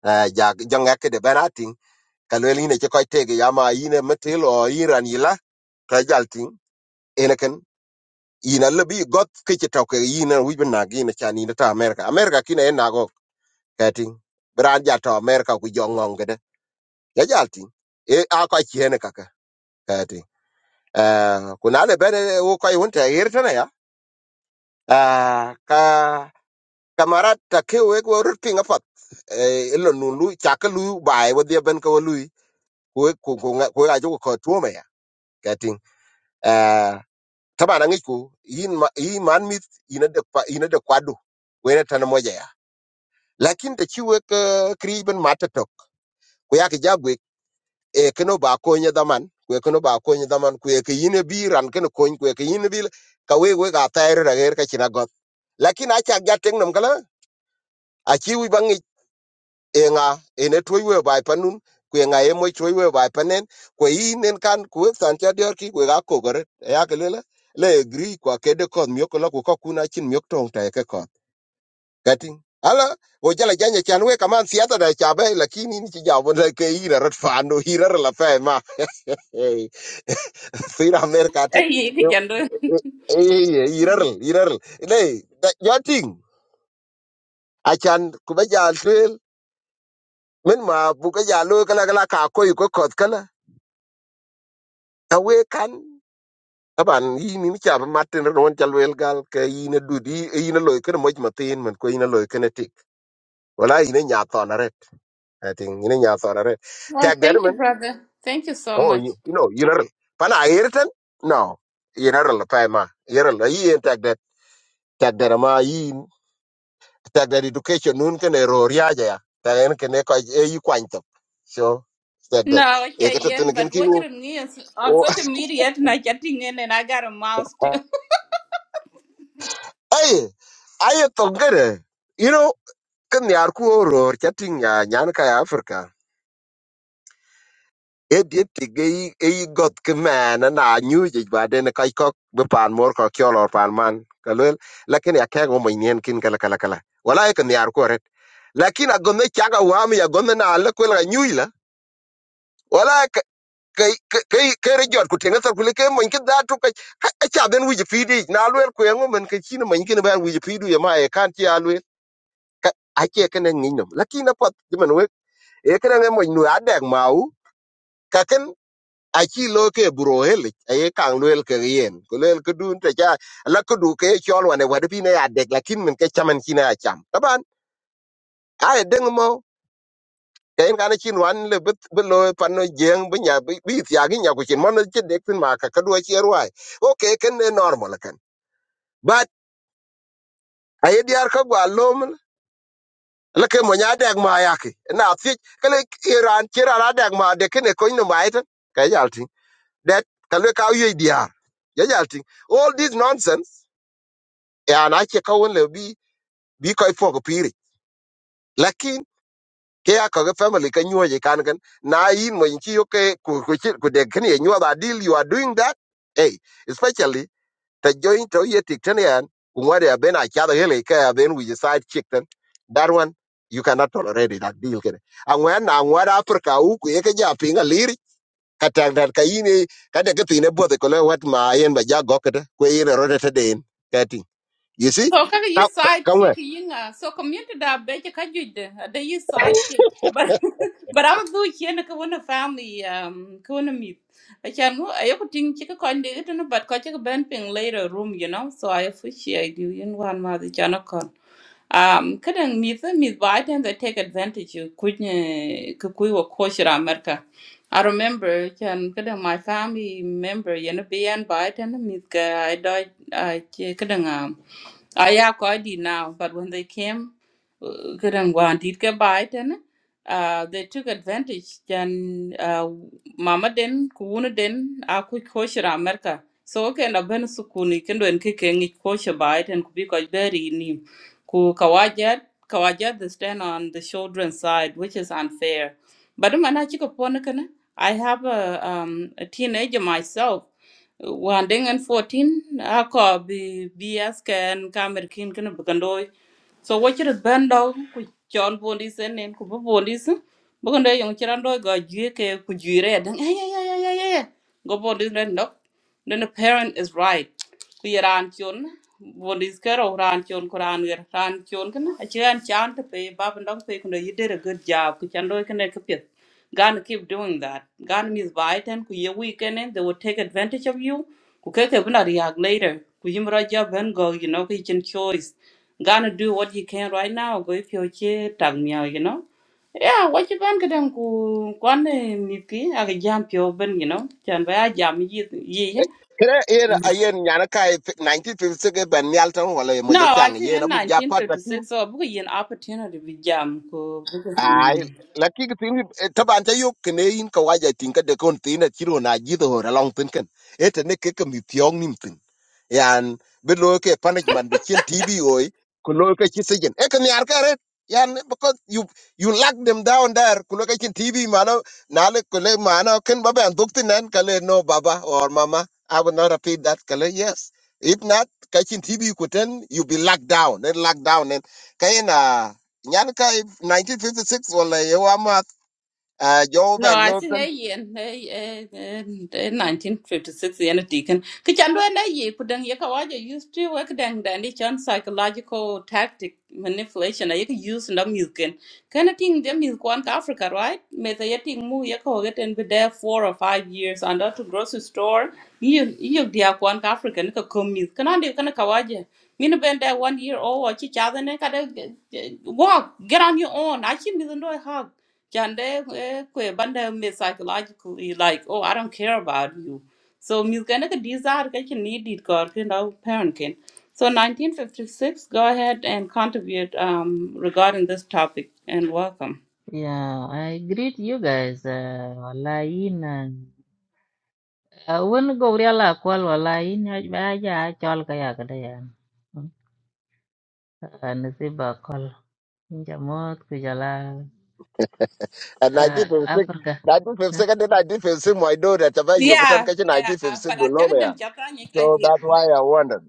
[SPEAKER 4] eh, ja jonga ke de ben ating ka le ni ne ci ko te ge ya ma ine metil o iran yila ka jal ting ene ken ina le bi got ke ci to ke ina wi ben na gi ne chan ina ta amerika amerika kine en na go ka ting bran ja to amerika ku jongong ge de ya jal ting e a ko ci ene ka ka ka ting eh ku na le ben eh, wo ko yun te hir tene ya Ah, ka kamarat ta ke we go rut pinga pat e lo nu lu cha ka lu bai wo dia ben ko lu ko ko ko nga- ko ga jo ko tuo me ya kating eh taba na ngiku yin ma yin man mit ina de kwa ina de kwadu we na tan moja ya lakin ta chi we ka kri ben mata tok ko ya ka jagwe e kano ba ko nya daman ko e kano ba ko nya daman ko e ka yin bi ran kano ko ko e ka yin bi la- ka we we ga ta er ra ga er ka china go lakin acha ga teng nam kala achi wi enga ene toiwe bai panun kwe nga emo toiwe bai panen kwe inen kan kwe sancha dior ki kwe ga kogore E ya kelela le agri kwa kede kod myoko la kwa kuna chin myok tong ta e ke kod kating ala o jala janya chan we kaman siata da chabe lakini ni chijabo na ke ira rat fano ira la fe ma eh sira amerika ten
[SPEAKER 1] Eh ye ke kan do.
[SPEAKER 4] eh ira ira le yating achan kubaja twel men ma buka jalo kala kala ka koy ko kod kala awekan aban yini ni chaba matin ron chalwel gal ke yine dudi yine loy kene moj matin men ko yine loy kene tik wala yine nya thonare i think yine nya thonare
[SPEAKER 1] Well,
[SPEAKER 4] tag der
[SPEAKER 1] thank you,
[SPEAKER 4] man.
[SPEAKER 1] brother. Thank you so
[SPEAKER 4] oh
[SPEAKER 1] much.
[SPEAKER 4] you, you know yine rel pana ayerten no yine rel pa ma You know. yi en tag der tag der ma yin tag der education nun kene ro ria ja ya ta en kene ko e yi kwanto so tag der
[SPEAKER 1] No,
[SPEAKER 4] e
[SPEAKER 1] okay, Ian,
[SPEAKER 4] ketetene kin
[SPEAKER 1] but
[SPEAKER 4] kinu
[SPEAKER 1] watching me on
[SPEAKER 4] o
[SPEAKER 1] social media and I chatting in and I got a mouse
[SPEAKER 4] ay ay to gere you know kin yar ku oror ca tiŋ nyan ka ya africa ediet tic eyi goth ki mɛn na nyujic baden kac kɔk bi paan mor kɔk cɔl ɔr paan man ka luel lakin ya kɛɛk omony nien kin kalakala wala ye kin yar ku oret lakin agome cak awam ya gome na le kuel ka nyuic la wala kere jɔt ku teŋe thor kule ke mony ki dhatu aca dhen wic apiidic na luel kueŋ omen ke cin mony kine bɛn wic apiidu ye ma ye kan ci a luel acie kene ŋic nom lakin apuɔth jemen e kene nge mo nu adek mau kaken achi lo ke buro heli e kan luel ke yen ko luel ke dun te ja la ko du ke chol wane wade bi ne adek lakin men ke chaman kina acham taban ai deng mo kain kana chin wan le bet belo pano jeng bi nya bi tiagi nya ko chin mon che dek tin ma ka kadwa che ruai okay ken ne normal kan but ai diar ka gwa lom la ke mo nya adek ma yaki na ti kele iran chira adek ma de kene ko ni ma iten ka yal that can kalwe ka UADR. Yeah, jal ting. All this nonsense, yeah, and I check out le be bi koi fog piri. Lakin ke ya family can you je kan kan na in mo inchi okay, could ku ku chi- ku de kan deal you are doing that. Hey, especially the joint to ye tik ten they have been ben a chada hele ke been with we side chick ten. That one you cannot tolerate it, that deal kene. Angwa na angwa Africa uku ye ke ja atang dan ka yini ka de kepi ne bodhe ko wat ma yen ba ja gokete ko yen rode te den kati you see
[SPEAKER 1] So kaga
[SPEAKER 4] ka
[SPEAKER 1] you side
[SPEAKER 4] ka we
[SPEAKER 1] chick yinga. So community da beche kajuide. Da yi side chick. But but I'm do chene ka wana family um ka wana meet. Achan mo ayo ting chika kon de ito no but ko chika ben ping later room you know. So I appreciate you in one ma the chana kon. Um kadang meet the meet by then they take advantage you kunye kukui wa koshira America. I remember chan kadang my family member you know be and by then meet ka I died I kadang um Ah, yeah, quite did now. But when they came, uh, couldn't want did get by then. Uh, they took advantage. Then, uh, mama den, kuuna den, a quick kosher America. So, okay, na ben sukuni kendo en kikeng ich kosher by it and kubi koj beri ni. Ku kawajat, kawajat they stand on the children's side, which is unfair. But man, I chick upon I have a, um, a teenager myself wan dengen 14 ako bi bias ken kamer kin kin bukandoi so what you chiri bendo ku chol police enen ku bu police bugun de yong chiran do ga jwe ke ku jire. dan ay ay ay ay ay ay. go police ren no then the parent is right ku yaran chon police ke ro ran chon ku ran ger ran chon kan a chan chan te pe ba bandong pe ku you did a good job ku chan do kan ke pit. Gonna keep doing that. going Ghana means Biden, ku ye weekend and they will take advantage of you. Ku keke buna react later. Ku yimra ja ben go, you know, ku choice. Gonna do what you can right now. Go if you che tag meow, you know. Yeah, what you ban kadang ku kwan eh, miki aga jam pio ben, you know. Chan ba jam yi yi. eh.
[SPEAKER 4] kre yen a yen nyana kai 1950 ke ban nyal tan wala mo
[SPEAKER 1] No,
[SPEAKER 4] ja
[SPEAKER 1] I
[SPEAKER 4] chang
[SPEAKER 1] think
[SPEAKER 4] yen
[SPEAKER 1] in
[SPEAKER 4] abu ja pat da tin
[SPEAKER 1] 1956, so buku an opportunity bi jam ku.
[SPEAKER 4] ai la ki ki tin taban ta yuk ne yin ka waja tin ka de kon tin na chiro na ji do ra long tin ken ete ne ke ke mi pyong nim tin yan bi lo ke punishment bi chin tv oi ku lo ke chi sejen e kan yar kare yan because you you lock them down there ku lo ke chin tv mano na le ku le mano ken baba an dukti nan kale no baba or mama i will not repeat that kale yes if not ka chin tv ku ten you be locked down then locked down then kayena nyan kai 1956 wala yewa mat uh, job
[SPEAKER 1] No,
[SPEAKER 4] and
[SPEAKER 1] I
[SPEAKER 4] lawton
[SPEAKER 1] think a yen eh, eh, eh, 1956 yen deacon. Kichan do na ye kudang ye kawaja used to work dang dandy chan psychological tactic manipulation a ye ka use ndam yuken. Kana ting them is kwan ka Africa, right? Me the ye ting mu ye ko get and be there four or five years under out to grocery store. You you dia kwan ka Africa ni ka kom mi. Kana ndi kana kawaja. Mina been there one year old or chi chadane kada walk get on your own. I chi mi ndo hug. Chande eh, kwe banda me psychologically like, oh, I don't care about you. So mis gonna ka desire ka kin need it God kin now parent kin. So 1956, go ahead and contribute um, regarding this topic and welcome.
[SPEAKER 6] Yeah, I greet you guys. Uh, wallahi in uh, when go real call wallahi in aja chol kaya kada yan. Nasiba call. Jamot kujala
[SPEAKER 4] And
[SPEAKER 6] uh,
[SPEAKER 4] 1956,
[SPEAKER 6] Africa. Huh?
[SPEAKER 4] 1956, and then 1956, my daughter, Tava Yokotan
[SPEAKER 1] Yeah,
[SPEAKER 4] Kachi
[SPEAKER 1] yeah,
[SPEAKER 4] 1956
[SPEAKER 1] but I
[SPEAKER 4] below
[SPEAKER 1] can't
[SPEAKER 4] me.
[SPEAKER 1] do anything.
[SPEAKER 4] So that's why I wondered.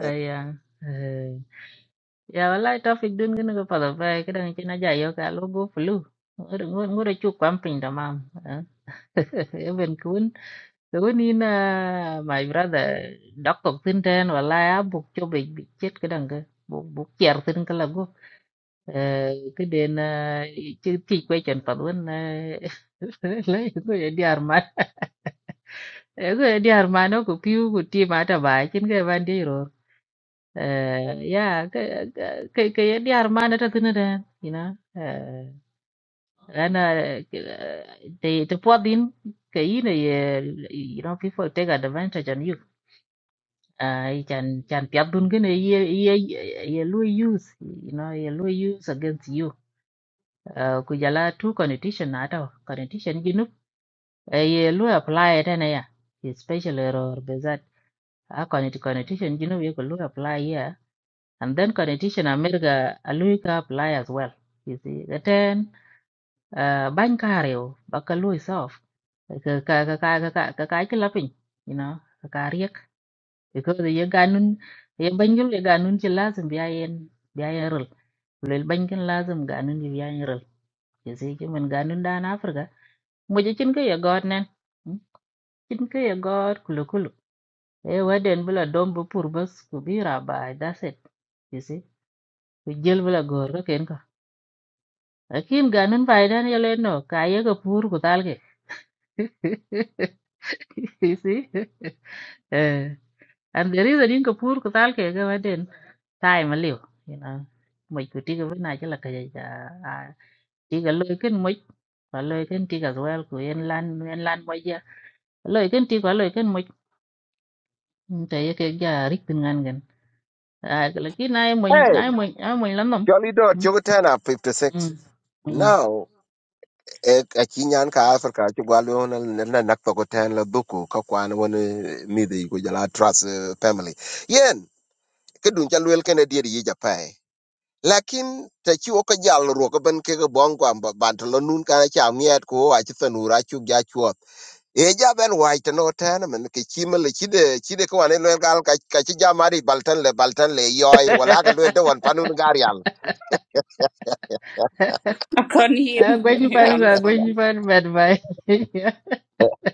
[SPEAKER 6] Ayan. Uh, ya wallahi topic dun gini ko pada pa kada ngin aja yo ka logo flu. Ngure ngure chuk kwamping tamam. Even kun Nina my brother đọc tục tin trên và la buộc cho bị bị chết cái đằng kia buộc buộc chèr tin cái là go cái đến chứ thì quay chân phật luôn à, lấy người đi ăn mà người đi ăn mà nó cũng kêu cũng tiêm mà ta bài trên cái van đi rồi ya cái cái cái đi ăn mà nó ta tin ra you know and they the poor thing cái này you know people take advantage on you ai chan chan piap dun gane ye ye ye lu use you know ye lu use against you uh, ku jala tu condition ata condition ginu uh, ye lu apply ata na ya special error bezat a condition condition ginu ye ko lu apply ya and then condition america a lu ka apply as well you see the ten uh, ban kareo bakalu solve ka ka ka ka ka ka ka ka ka ka ka ka ka ka ka ka ka ka ka because ye ganun ye banjul ye ganun ci lazim biya yen biya yen rel lel bankin lazim ganun ji biya yen rel ye sai ki man ganun da na afrika mo je cin ke ye god nen mm, cin ke ye god kulu kulu e waden bula dom bu pur bas ku bi ra ba that's it you see ku jël bula gor ko ken ko akin ganun bay dan ye le no ka ye ko pur ku tal ke you see eh and the reason in ko pur ku tal ke ga waden Sai maliw, ina moy ko tigo bena jala kaya ja cái tiga loy ken moy lời loy ken tiga wel ko en lan en lan moy ja loy ken tigo loy lời moy ta ye ke ja rik tin ngan gan a kala ki nay moy
[SPEAKER 4] Hey,
[SPEAKER 6] nay moy a moy lan nom
[SPEAKER 4] Jolly Dot,
[SPEAKER 6] Mm,
[SPEAKER 4] Yokotan are
[SPEAKER 6] mm,
[SPEAKER 4] 56.
[SPEAKER 6] mm.
[SPEAKER 4] Now, eh, a Chinyan ka Africa, Chugalu, and Nakpakotan, Labuku, Kakwan, one midi, Gujala Trust eh, family. Yen, Kedun Jalwell Kennedy, Yijapai. Lakin ta ci oka jal ruoka ban kega bongo amba bantalonun kana cha miat ko achi tanura chu e ja ben white no ten men ke chima le chide chide ko ane lel gal ka ka chi ja mari baltan le baltan le yoy wala ga lel de wan panun garial
[SPEAKER 1] I can't
[SPEAKER 6] Ah,
[SPEAKER 1] hear.
[SPEAKER 6] gwen ni pan ga gwen
[SPEAKER 1] you
[SPEAKER 6] ni pan bad vậy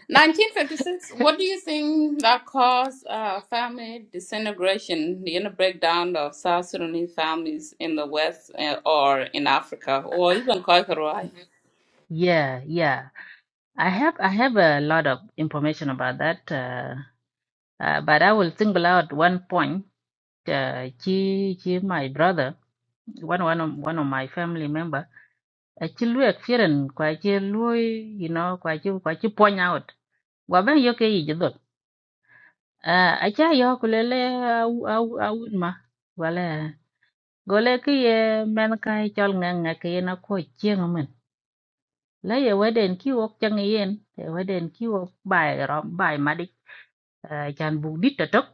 [SPEAKER 1] 1956, what do you think that caused uh, family disintegration, the inner breakdown of South Sudanese families in the West uh, or in Africa or even Kakaroy?
[SPEAKER 6] yeah yeah i have i have a lot of information about that uh, uh, but i will single out one point uh, chi chi my brother one one of, one of my family member a chi lu experience kwa chi lu you know kwa chi kwa chi point out wa ben yo ke yi dot a cha yo kulele au au au ma wala gole ki ye men kai chol ngang nga ke na ko chieng men la ye weden ki wok chang yen ye weden ki wok bai ro bai madik a chan bu dit to tok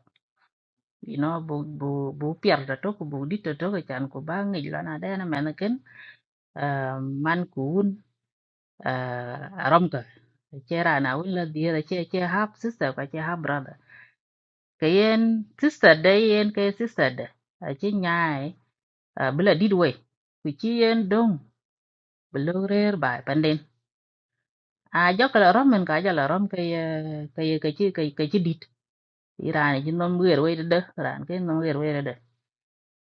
[SPEAKER 6] you know bu bu bu pier to tok bu dit to tok chan ko ba ngi la na da na men ken. uh, man kun uh, romka che rana willa diera che che half sister ka che half brother kayen sister da yen kay sister da a che nyaay uh, bila didway ku chi yen dong bilo rer bay panden a jokala rom men ka jala rom kay kay kay chi kay kay chi dit irani chi nom wer way da ran kay nom wer way da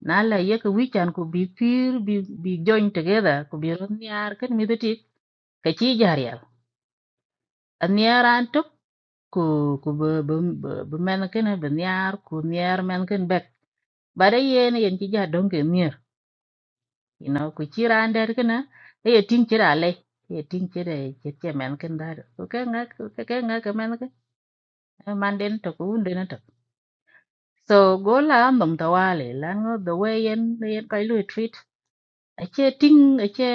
[SPEAKER 6] na la ye ka wichan ku bi pir bi bi join together ku bi ron nyar ken mi deti ka chi jarial an yaran ku ku bə bə bə bə mɛn kini bɛ niar ku niar men ken bɛk bada yen yen ci ja donge mier you know ku ci raan dɛd kini e ye tiŋ cira lei e ye tiŋ cira ci ce mɛn kini dari ku ke ŋa ku ke ŋa ke mɛn kini man den to ku wun den to so go la nom ta wale lan ngo the way yen yen kai lu treat a ce tiŋ a ce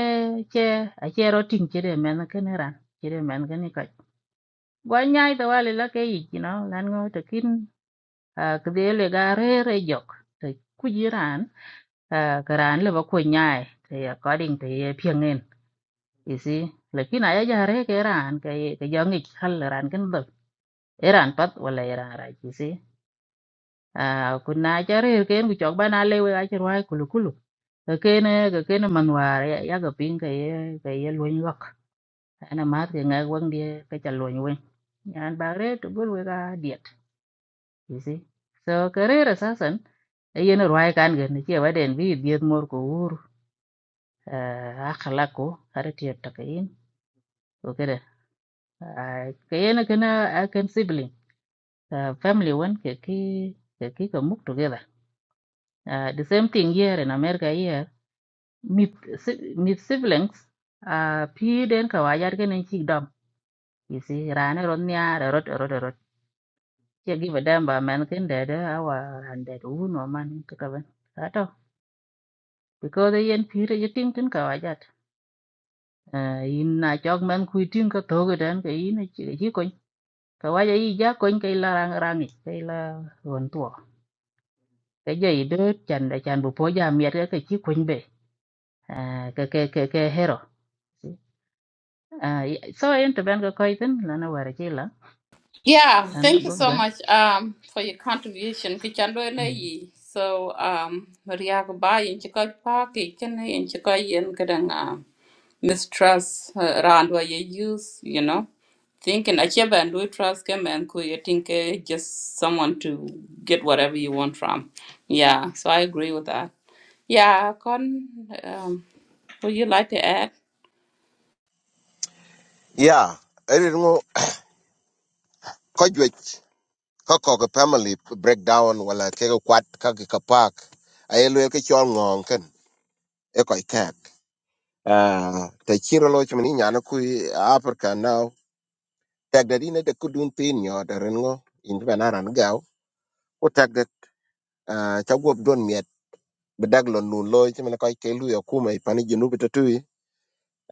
[SPEAKER 6] ce a ce ro tiŋ cira mɛn kini ran cira mɛn kini ka gwa nyai ta wale la ke yi you know lan ngo to kin kdele ga re re jok te kujiran karan le ba ko nyaai te according te ye piangen isi lekin aya ja re ke ran ke ke jangi khal ran ken dol eran pat wala eran ra isi kunna ja re ken ku chok bana le we ga chirwai kulu kulu ken ke ken manwar ya ga ping ke ye ke ye luin lok ana mat ke ngai wang die ke cha luin wen yan ba re tu bul we ga diet isi so ke re ra sasan yen ruwai kan gen ni che waden bi biet mor ko ur ah, akhlaq ko har tiet takayin ko kede Ah, ka yen kana akan sibling ah, family one ke ki ke ki ka muk together Ah, the same thing here in america here mit si- mit siblings ah, pi den ka wayar gen chi dom you see rane ron nya rot rot rot che gi badam ba man ken de de awa and de uno man ka ban ato because yen pi re ting tin ka wajat à, in na chok man khui tin ka to cái dan cái in chi chi ko ka wa ja i ja ko in kai la rang rang cái là hoàn to cái gì i de chan da chan bu po ja miet ka ka chi ko à, cái cái cái cái hero à, i- so in bạn ban ka ko tin la na wa cái là
[SPEAKER 1] Yeah,
[SPEAKER 6] anh là la
[SPEAKER 1] thank you
[SPEAKER 6] go
[SPEAKER 1] so
[SPEAKER 6] cái
[SPEAKER 1] much um, for your contribution. Kichando ene yi. So, um, Maria Kubai, in Chikoi Park, in Chikoi Yen Kadanga. mistrust uh, around what you use, you know, thinking achieve and do trust him and could you think uh, just someone to get whatever you want from. Yeah, so I agree with that. Yeah, Con, um, would you like to add?
[SPEAKER 4] ya eri ngo ko jwe ko ko ko family breakdown wala ke ko kwat ka ke ka pak ai lel ke chon ngong ken e ko ikak ah te chiro lo chmani nyana ku africa now tag da dine de kudun tin yo de rengo in ben aran gaw ko tag da ah, cha guop don bedag lo nun loy ci men koy ke lu ya kuma i pani jinu bito tui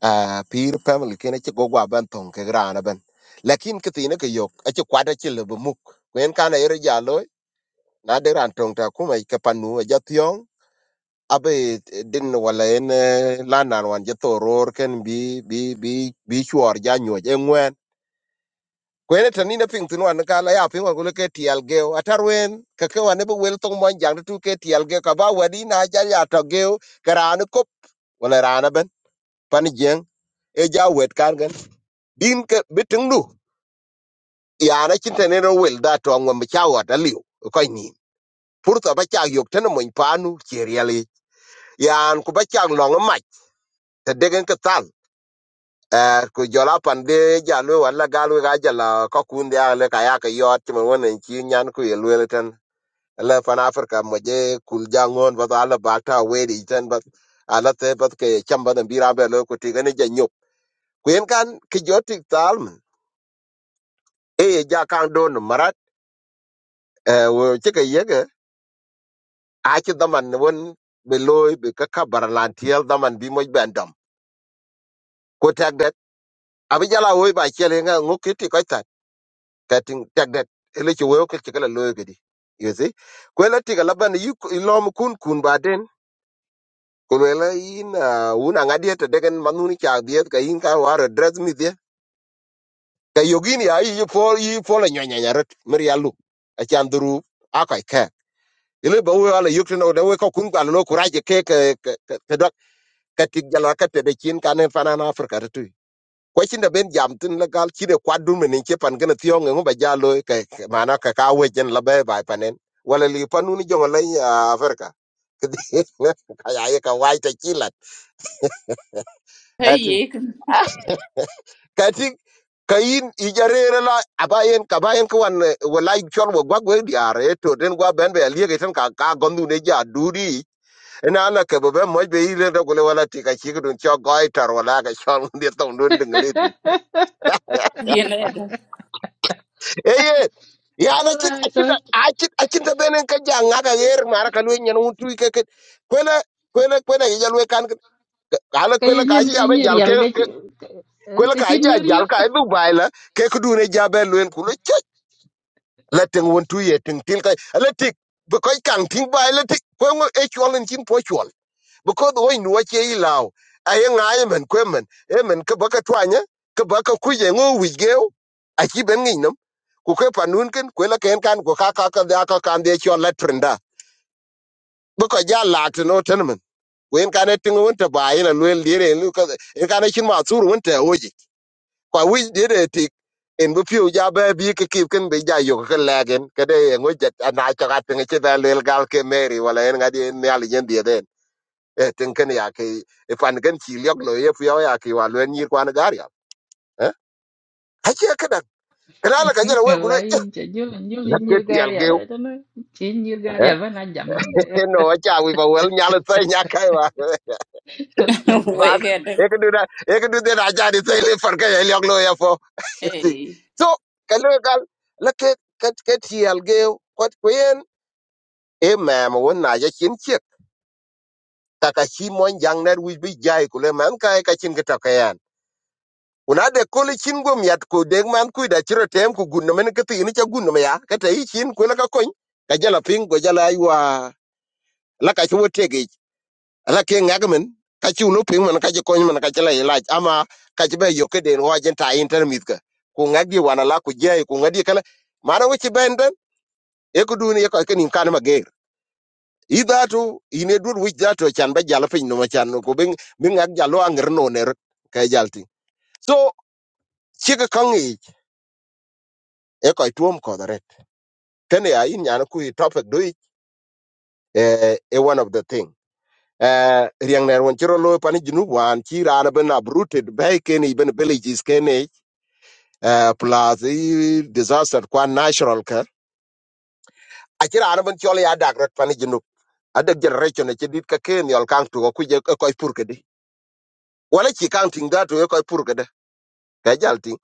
[SPEAKER 4] a pir family kene ci gogwa ban ton ke grana ban lakin kiti ne ke yok a ci kwada ci le bumuk kwen kana yere ja loy na de ran ton ta kuma i ke panu a jatyon abe din wala en lanan wan jato ror ken bi bi bi bi chuor ja nyo je ngwen kwen ta ni na ping tin wan kala ya ping wa gule ke tial ge atarwen ka ke wan e be wel tong mon jang tu ke tial ge ka ba wadi na ja ya to ge karana kop wala rana ben pan jeng e ja wet kan gan din ke biting du ya na chin tane ro wel da to ngom cha wa da liu ko ni furta ba cha yok tane mon panu ke riali yan ku ba cha long ma te degen ke tal eh ku jola pan de ja lu wala galu ga jala ko kun dia le ka ya ke yot mo wonen chi nyan ku ye lu ten le pan afrika mo je kul jangon ba da la ba ta we di ten ba ala te ba ke chamba da bira be lo ku ti gane ja nyok ku yen kan ke jotik tal e ye ja kan do no marat eh, wo che ke ye ke a che daman won be loy be ka ka barlan tiel daman bi mo ben dom ko tag det abi jala wo ba che le nga ngo kiti ko ta ka tin tag det ele che wo ke che kala loy ke di you see ko la ti la ban yu lo mu kun kun ba den ko la in una ngadi te degen manuni cha diet ka in ka war dress mi dia ka yogini ai yu fo yu fo la nya nya rat mer yalu a chan duru akai ile ba we ala yukti no de we ko kun kwa no kuraje ke ke ke ke dok ka tik jalo ka te de chin ka ne fana na afrika tu ko chin da ben jam tin la gal chi de kwa dun men ke pan gana tiyo ngo ba jalo ke ke- mana ka ka we jen la ba ba panen wala li panu ni jongo la ya afrika ka ya ye ka wai ta chilat
[SPEAKER 1] Hey,
[SPEAKER 4] ati
[SPEAKER 1] you can,
[SPEAKER 4] ka tik ka yin ijare la abayen ka bayen ko wan wala chol wo gwa gwe diare to den gwa ben be aliye ka ka gondu ne ja dudi ina ala ke be mo be ile da kule wala ti ka chi dun cho goi tar wala ka shon de tong dun ding lit ni
[SPEAKER 1] you know,
[SPEAKER 4] eye ya na chit
[SPEAKER 6] so
[SPEAKER 4] achit achit achit da benen ka ja nga ka yer mara ka luen nyen un tui ke ke kwela kwela kwela ya lwe kan ala
[SPEAKER 6] ka
[SPEAKER 4] kwela ka
[SPEAKER 6] yin
[SPEAKER 4] ji
[SPEAKER 6] ka
[SPEAKER 4] ja be jal
[SPEAKER 6] real
[SPEAKER 4] ke
[SPEAKER 6] cái chi
[SPEAKER 4] ke- kwela
[SPEAKER 6] ka
[SPEAKER 4] ka
[SPEAKER 6] chi
[SPEAKER 4] ji ja
[SPEAKER 6] ni riyo
[SPEAKER 4] jal ka du bai la ke ku dun e ja be luen kulo chit la teng un tui ye teng til ka la tik be koi kan ting bai la tik ko ngo e chwalin chin po chwal because wo nuwa che i law aye ngaye men kwemen e men ke baka twanya ke baka kuje ngo wigeo a chi ben ngi nom ku ke panun ken ku la ken kan ku ka ka ka da ka kan de cho la trinda bu ko ja la to no ten men wen kan e tingo won ta ba ina luel dire lu ka en kan e chin ma sur won ta oji kwa wi dire ti en bu piu ja ba bi ke kip ken be ja yo ke la gen ke de ngo ja na cha ka tinga che da lel gal ke meri wala en ga di ne ali jen die den e tin kan ya ke e pan kan chi lyok lo ye fyo ya ke wa lwen nyir kwan gar ya eh a che ka dak kra la ka jara wel
[SPEAKER 6] la
[SPEAKER 4] gulo
[SPEAKER 6] in cha jul jul
[SPEAKER 4] la
[SPEAKER 6] ni
[SPEAKER 4] ke ti
[SPEAKER 6] gar
[SPEAKER 4] al
[SPEAKER 6] ya
[SPEAKER 4] geu
[SPEAKER 6] da no chi ni gar ya
[SPEAKER 4] eh
[SPEAKER 6] ba na
[SPEAKER 4] no a cha wi ba wel nya la sai nya kai wa ba
[SPEAKER 1] wait, get it.
[SPEAKER 4] e ke du da e ke du de na ja di sai le far ka ye lyok lo ye fo
[SPEAKER 1] hey,
[SPEAKER 4] so ka le gal la ke ke ke ti al geu kwat kwen e ma mo won na ya chin chi ka ka chi mon jang ner wi bi jai kule man kai ka chin ka ta una de koli chin gom yat ko deg man ku da chiro tem ku gun men ke ti ni cha gun me ya ka ta yi chin ku la ka kon ka jala ping go jala ai wa la ka chuo te ge la ke ngag men ka chu no ping man ka je kon man ka jala ila ama ka je be yo ke den wa jen ta inter mit ka ku ngag di wana la ku je ku ngadi kala mara wi chi ben den e ku du ni ko ke nim kan ma ge i da tu ine dur wi da to chan ba jala ping no ma chan no ku bin bin ngag jalo anger no ne ka jalti so chi ka kan e ko tuom ko kene ya in yana kui topic do it eh eh, one of the thing eh riang ner won chiro lo pani junu wan chi rana ben uprooted bay kene ben villages kene eh plus eh, disaster kwan natural ka achira ana ben chol ya dag rot pani junu adag generation eche dit ka ken yol kang tu ku koi purkede. pur kedi wala chi kang ting da tu ko pur kedi ka ting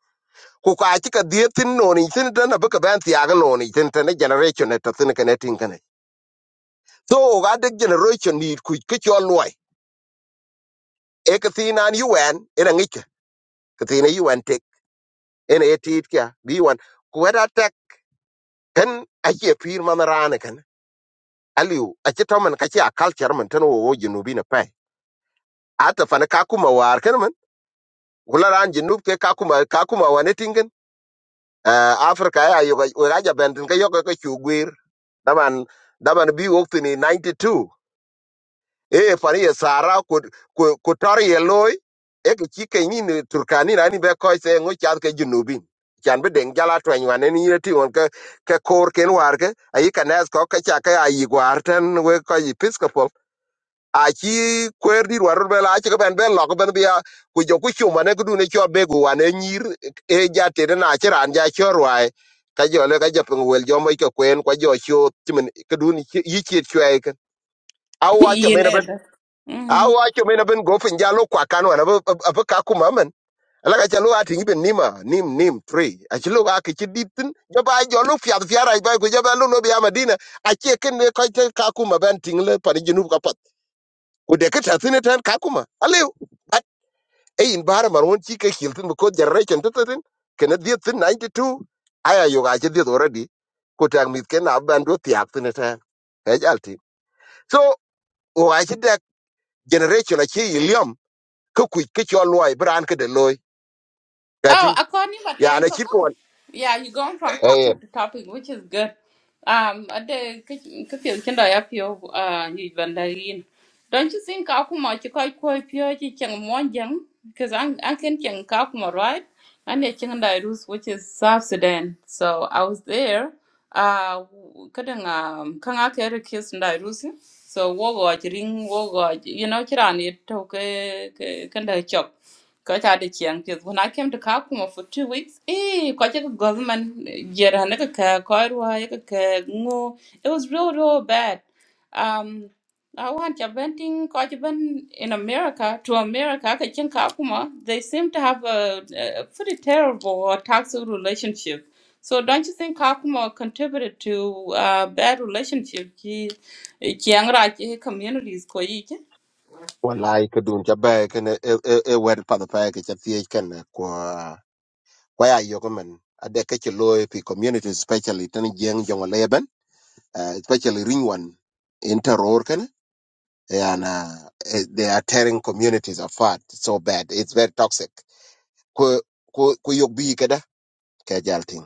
[SPEAKER 4] ku ka ka dietin no ni tin da na ba ka aga no ni tin generation e ta tin ka ne tin ne so ga de generation ni ku ke chol e ka thin an yuwɛn ena ŋic ka thin yuwɛn tek ena ye tiit kia bi yuwɛn kuwɛt a tɛk ken acie piir man raani ken aliu aci tɔmen kaci a kalcɛr men tɛn wowo jenubi ne pɛi ate fani ka kuma waar ken men ku la raan jenub ke ka kuma ka kuma wan etiŋken afrika ya yok wek aja bɛn tin ka yɔke ke cu gwer daman daman bi wok tini 92 e fani ye sara ku ku ku tor ye loy e ke chi ke ni ni turkani na ni be ko se ngo chan ke junubin chan be deng jala twen wan ni ye ti on ke ke kor ken war ke ai ka nas ko ke cha ke ai war ten we ko episcopal a chi kwer dir war be la chi ko ben be lo ko ben bi a ku jo ku chu mane ku du ne cho be gu wan e nyir e ja te na chi ran ja cho rwai ka jo le ka jo pung wel jo mo ke kwen kwa jo chu timin ke du ni chi- yi chi chwe ke awacho
[SPEAKER 1] you know.
[SPEAKER 4] awa cho mena ben go fin jalo kwa kanwa na ba ba ka kuma man ala ka chalo ati ngi ben nima nim nim free a chilo ka ki ditin joba jolo fiat fiara ba ko joba lo no bi amadina a che ken ne ko te ka kuma ben tingle pa ni junub ka pat ko de ka tatin tan ka kuma ale e in bara man won chi ke hiltin ko generation tatin ken dia tin 92 aya yo ga che dia already ko tang mit ken ab ban do tiak tin tan e jalti so o a che de generation a che ka kuc ke cɔl luɔi bi raan kede looi
[SPEAKER 1] Oh,
[SPEAKER 4] kɛtin
[SPEAKER 1] according to
[SPEAKER 4] yaan
[SPEAKER 1] them,
[SPEAKER 4] acit ke
[SPEAKER 1] okay.
[SPEAKER 4] wan
[SPEAKER 1] Yeah, you're going from
[SPEAKER 4] eyen
[SPEAKER 1] topic to topic, which is good. Um, at the kitchen kind of up your uh, you bandarin. Don't you think Kakuma Chikai Koi Pio one Monjang? Because I'm I can Chang Kakuma, right? And the Changandairus, which is South Sudan. So I was there. Uh, couldn't um, Kanga Kerry Kiss and Rusi. So, what watch ring, what watch, you know, Chirani took a kind of because I did young kids. When I came to Kakuma for two weeks, eh, because government, yeah, and like a Kairwa, it was real, real bad. Um, I want your venting, because in America, to America, Kachin Kakuma, they seem to have a, a pretty terrible or toxic relationship. So don't you think Kakuma contributed to uh, bad relationship? Ki, ki communities ko yi ke?
[SPEAKER 4] walai ke dun ca bɛɛ kene e e- e wɛt path pɛɛ ke ca thiec kene kua kua ya yökämen adek ke ci looi pi community especially tene jieŋ jöŋö leeben uh, especially riny wan in te roor kene yan uh, they are tearing communities apart so bad it's very toxic ku ku ku yok bii keda ke jal tiŋ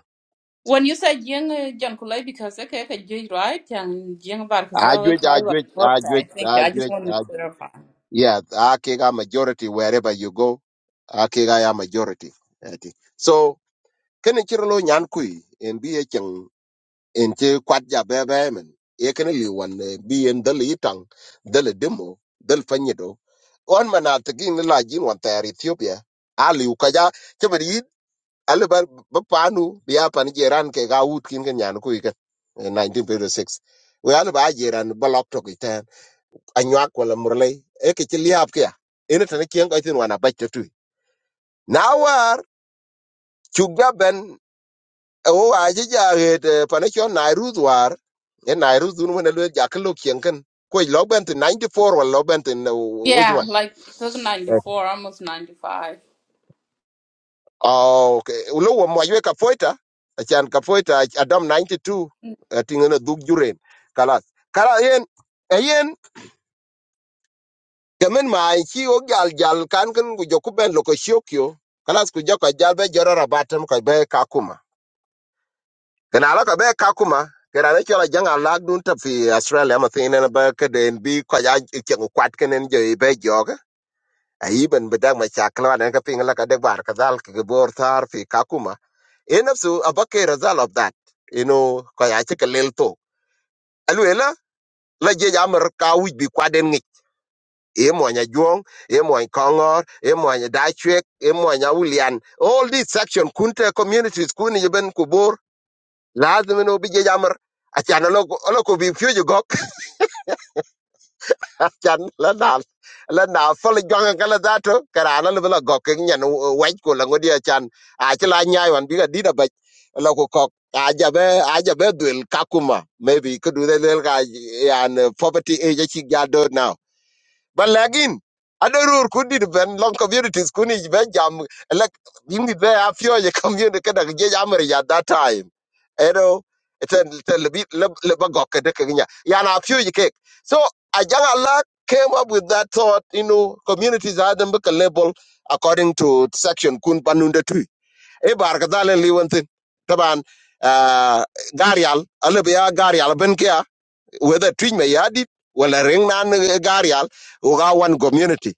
[SPEAKER 1] When you say young, John Kulai because okay, okay, you right and young Barkazel
[SPEAKER 4] ajuec ajuec ajuec
[SPEAKER 1] okay, thank you. I just want to
[SPEAKER 4] ajuec
[SPEAKER 1] clarify.
[SPEAKER 4] Yeah, Akiga majority wherever you go, Akiga ya majority. Eti. So, kene chiro lo nyan kui, en bi e cheng, en che kwat ja bebe men, e kene li wan eh, bi en dal itang, dal e demo, dal fanyido. On mana tegi ni la jin wan tayar Ethiopia, ali ukaja, chema di yid, ali ba bapanu, biya pan jeran ke ga wut kin ken nyan kui ken, eh, 1956. We ali ba jeran balok toki anyak wala murlay e ke ci liab kya ene tan kien ko tin wana bacce tu na war chugga ben o aje jaget panachon nairuz war e nairuz dun wona lo jaklo kien kan ko lo ben tin 94 wala lo ben tin which
[SPEAKER 1] Yeah,
[SPEAKER 4] one
[SPEAKER 1] like so ninety four, almost ninety five.
[SPEAKER 4] Oh, okay. Ulo wa mwajwe kafoita, achan kafoita adam 92, atingana duk juren. Kalas. Kala yen, kemen ma ki o gal gal kan kan ku joku ben loko shokyo kalas ku joko jal be jorora batem ko be kakuma kana ala ko be kakuma kana ne chola janga lag dun ta fi australia ma tin na ba ka den bi ko ya chen kwat kenen je be joga ayi ben bedak ma chakla ne ka ping la ka de bar ka dal ke bor tar fi kakuma enafsu abake result of that you know ko ya che ka lel to alwela la je jamar ka wij bi kwaden imwanya juong imwanya kongor imwanya dachwek imwanya ulian all these section kunte communities kuni yeben kubor lazim no bije jamar achan lo lo ko bi fyo gok achan la dal la na fol jonga kala dato karana lo la gok nyen waj ko la ngodi achan a chla nyaay wan biga dida ba lo ko kok ajabe ajabe dul kakuma maybe kudu del ga yan poverty age chi gado now But lagin, adarur kundi ben long communities kuni ben jam like indi be afio ye community kada ge jamre ya that time. You know, it's a little bit le bagok de kenya. Ya na afio ye cake. So a young Allah came up with that thought, you know, communities had them book a label according to section kun panunda tu. E bar kadale liwantin. Taban uh, garial, alubia garial ben whether twin may yadi wala ring nan eh, garial uga one community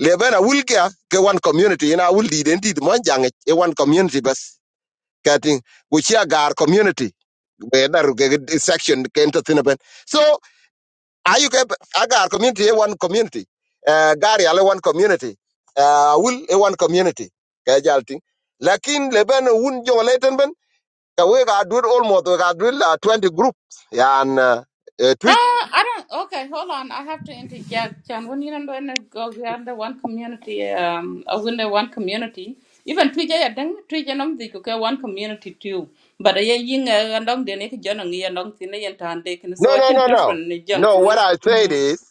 [SPEAKER 4] lebena wulkia ke one community ina wul di den di mon jange e one community bas kating wuchia gar community be daru ke ke section ken to thin ben so ayu ke agar community e one community uh, garial e one community uh, wul e one community ke jalting lakin leben wun jongleten ben ka we ga dur almost we ga dur la 20 group yan uh, uh,
[SPEAKER 1] Uh, I don't. Okay, hold on. I have to interject, Chan. When you don't want to go under one community, um, I win one community. Even Twitter, I think Twitter, I'm the okay one community too. But I ying and I'm the next John and Ian Long Thin and Tan taken so
[SPEAKER 4] No,
[SPEAKER 1] I
[SPEAKER 4] no,
[SPEAKER 1] can
[SPEAKER 4] no, no.
[SPEAKER 1] different John
[SPEAKER 4] No, what I said is,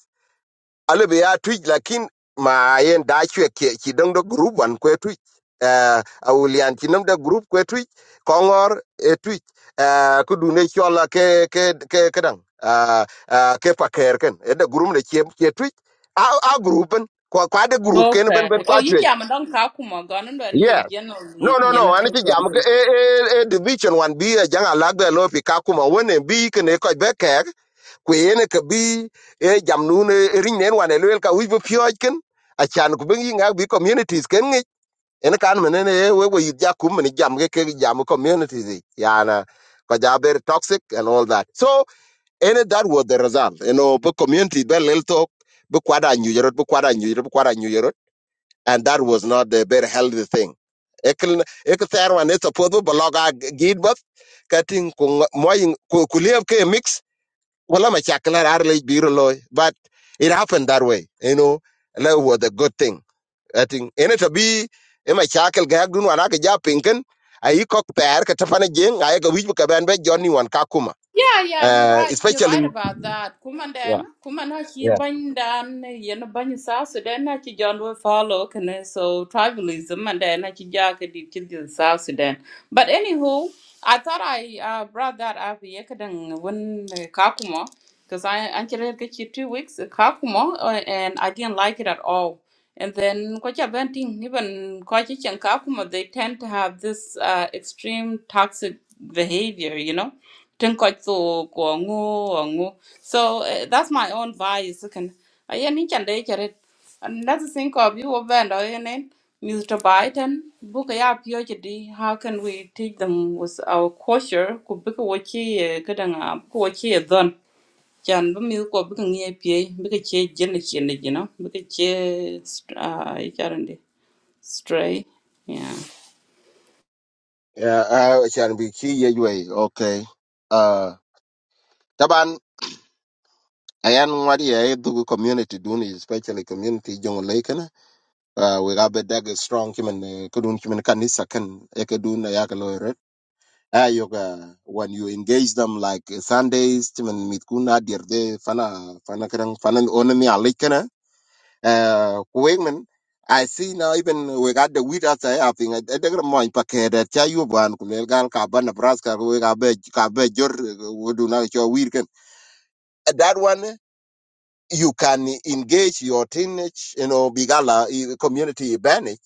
[SPEAKER 4] a little bit I tweet like in my end, I check it, don't the group one que tweet. Uh, I will yan chinum the group que tweet, Kongor a tweet. Uh, could do nature ke ke ke kadang. Uh, uh, ke paker ken. E the group the chem tweet. Our our group and quite the group can ben
[SPEAKER 1] Okay.
[SPEAKER 4] ben
[SPEAKER 1] Oh,
[SPEAKER 4] quite
[SPEAKER 1] you
[SPEAKER 4] tweet.
[SPEAKER 1] jam don't kuma ganun da ni ye
[SPEAKER 4] Yeah.
[SPEAKER 1] generally
[SPEAKER 4] No,
[SPEAKER 1] ti
[SPEAKER 4] no,
[SPEAKER 1] yana
[SPEAKER 4] no.
[SPEAKER 1] ka
[SPEAKER 4] Ani chi jam ke e e e division one B a jang alag the lopi kakuma one B can e koi beke ku ene ka bi e jam nu ne ring ne wan elwel ka wi pyoj ken a chan ku bengi ngak bi communities ken ngi ene kan mene ne we we ja kum ne jam ke ke jam communities i. yana ka ja ber toxic and all that so ene that was the result you know bu community be lel to bu kwada nyu yorot bu kwada nyu yorot bu kwada nyu yorot and that was not the very healthy thing ekel ek ther wan e support bu blog a gid bath katin ku moy ku liep ke mix Well, I'm a chakla early bureau loy, but it happened that way. You know, and that was a good thing. I think in it to be in my chakal gag dun wana ka ja pinken. I cock pair katapana jing, I go which book ban by Johnny one kakuma.
[SPEAKER 1] Yeah, yeah, you're
[SPEAKER 4] Uh,
[SPEAKER 1] right. You're right
[SPEAKER 4] especially
[SPEAKER 1] about that.
[SPEAKER 4] yeah,
[SPEAKER 1] Kumandan, Kumana chi
[SPEAKER 4] yeah.
[SPEAKER 1] bandan, yen bany sa Sudan na chi John will follow can so tribalism and then na chi jaka di chi di South Sudan. But anywho, I thought I uh, brought that up yekadang when uh, Kakuma because I actually get you two weeks uh, Kakuma uh, and I didn't like it at all. And then kwacha banting even kwacha and Kakuma they tend to have this uh, extreme toxic behavior, you know Tinkoito Kwangu Wangu. So uh, that's my own bias. Can I any can they it? And that's the thing of you band or in Mr. Biden, book a PhD. How can we teach them with our culture? Could book a watchy, good and a watchy done. Chan bu mi ko bu kan ye pie bu ka che jen chen you know bu che uh i stray yeah
[SPEAKER 4] Yeah, I can be key yeah, way. Okay. Uh Taban ayan wadi ay dugu community dun especially community jong lake na. uh we got a strong human uh, kudun human kanisa kan ekadun ayakalo ayoga when you engage them like eh, Sundays timan mit kuna dir de fana fana kadang fana onani alikana uh kuwegman I see now even we got the weed outside I think I think the mind packet that cha you ban kulel gal ka ban Nebraska we ka be ka be jor eh, we do not your weed can that one eh, you can engage your teenage you know bigala eh, community banish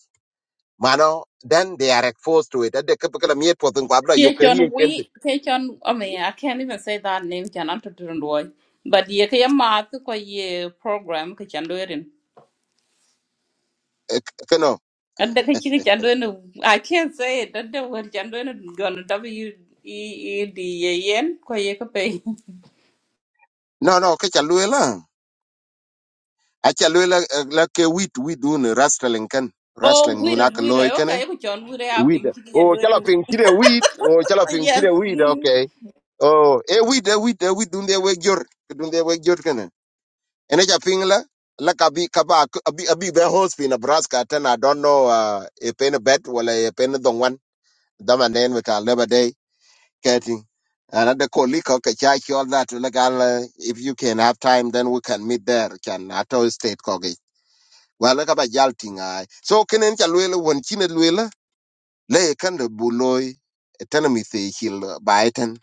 [SPEAKER 4] mano then they are exposed to it that the kapakala miet potun kwabla your
[SPEAKER 1] Ye chon
[SPEAKER 4] career
[SPEAKER 1] we ke chon I mean I can't even say that name chan anto turundoi. But ye ke math ko ye program ke chan doerin.
[SPEAKER 4] can
[SPEAKER 1] And the kichi ke chan doerin I can't say it. That the word chan doerin gon W E E D A N ko ye ke pay.
[SPEAKER 4] No, no, ke chalwe la. A chalwe la la ke wit wit dun rustling kan.
[SPEAKER 1] Oh
[SPEAKER 4] Rustling dun
[SPEAKER 1] weird
[SPEAKER 4] ak
[SPEAKER 1] weird
[SPEAKER 4] loy kan.
[SPEAKER 1] okay ko chon weird app
[SPEAKER 4] Wit.
[SPEAKER 1] in kichi chan
[SPEAKER 4] Oh, chala
[SPEAKER 1] doing.
[SPEAKER 4] ping chire wit. Oh, chala ping
[SPEAKER 1] Yes.
[SPEAKER 4] chire wit. Okay. Oh, e wit e wit e wit dun de we jor. Dun de we jor kan. Ene cha ping la. La kabi kaba abi abi be host in Nebraska ten I don't know uh, e pen bet wala e pen dongwan. Dama nen we ka leba getting another colleague okay church all that legal uh, if you can have time then we can meet there can at our state college well look about yalting i so can cha lwela won chine lwela le kan de buloy economy the hill baiten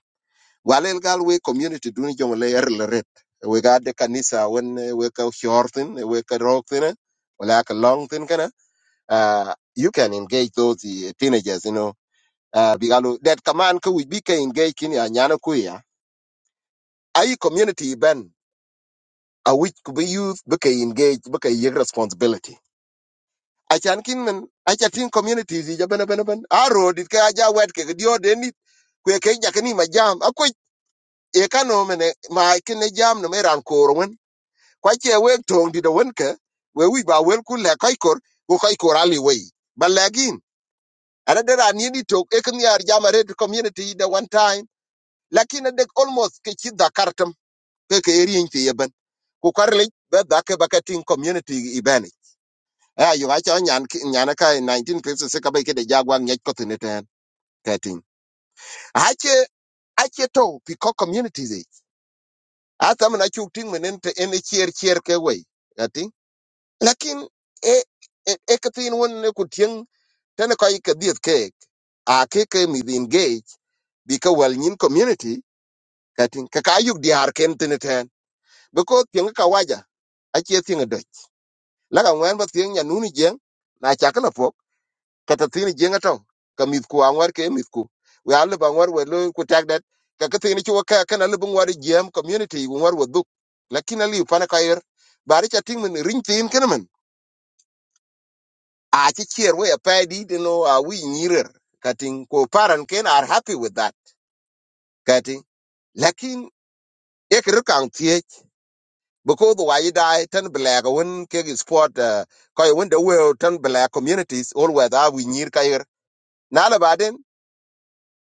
[SPEAKER 4] wale legal we community duni jong le er le ret we got the kanisa when uh, we ka short we ka rock thing wala ka long thing kana uh, you can engage those uh, teenagers you know uh, bigalo that command ko we be ka engage a ya nyana ai community ben a which could be youth be engage be ka yek responsibility a chan kin men a cha tin communities ja ben ben ben a road it ka ja wet ke dio de ni kwe ke ja ni ma jam a kwe e ka no ma kin ne jam no meran kor wen kwa che we tong di de wen ke we wi ba wel ku le kai kor ku kai kor ali we ba lagin ana de ran ni di tok e kin yar jam a red community the one time lakini dek almost ke chi da ke ke eri en ti yeben ku karli be da ke ba ka tin community ibeni a yo ga cha nyan ki- nyan ka 1956 ka ba ke de jagwa nyet ko tin ten ka tin a che a che to pi ko community ze a ta na chu tin menen te en e chier chier ke we ka tin lakin e e e ka tin won ne ku tin ten ko i ke diet ke a ke ke mi din ge bi ka wal nyin community katin ka tin ka ka yuk diar ken tin ten because tin ka waja a che tin la ka ngwen ba tieng ya nuni jeng na cha kana pok kata tini jeng ato ka mit ku angwar ke mit ku we alle ba ngwar we lo ku tag dat ka ka tini chu ka kana le ngwar jeng community ngwar wo duk lakini ali pana ka yer bari cha ting men ring tin kana men a chi chier we a pa di de no a wi nyirer kating ko paran ken are happy with that kating lakin ek ru kang tie because why you die ten black when ke sport uh, ko when the world ten black communities all whether we nyir ka na la baden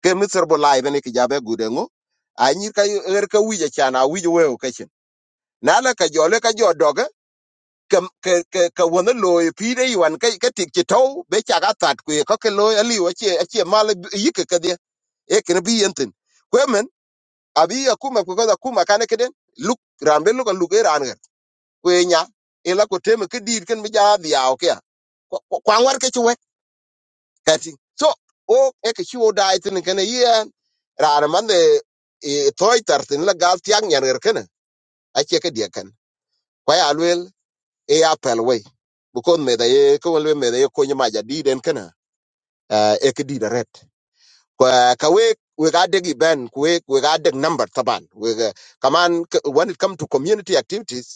[SPEAKER 4] ke misir bu lai bene ki jabe gudengo a nyir ka er ka wije chana wije we o kachin na la ka jole ka jodoge ke ke ke ka wona loy pide yuan ka ka tik ti to be cha ga tat ku ka ke loy ali wa che che mal yike ka dia e ken bi yenten kwemen abi ya kuma ko da kuma kane keden luk rambe luk luk e ran ga kwenya ila ko teme ke dir ken bi ja dia o kya kwangwar ke chwe kati so o eke chiwo dai tin kana yen rar man de e toy tar tin la gal tiang nyan ger kana a che ke dia kan kwa ya lwel e ya pel we bu kon me da ye ko lwe me da ye ko nyama ja di den kana e ke di da ret kwa ka we we ga de ben we we ga de number taban we ga- kaman k- when it come to community activities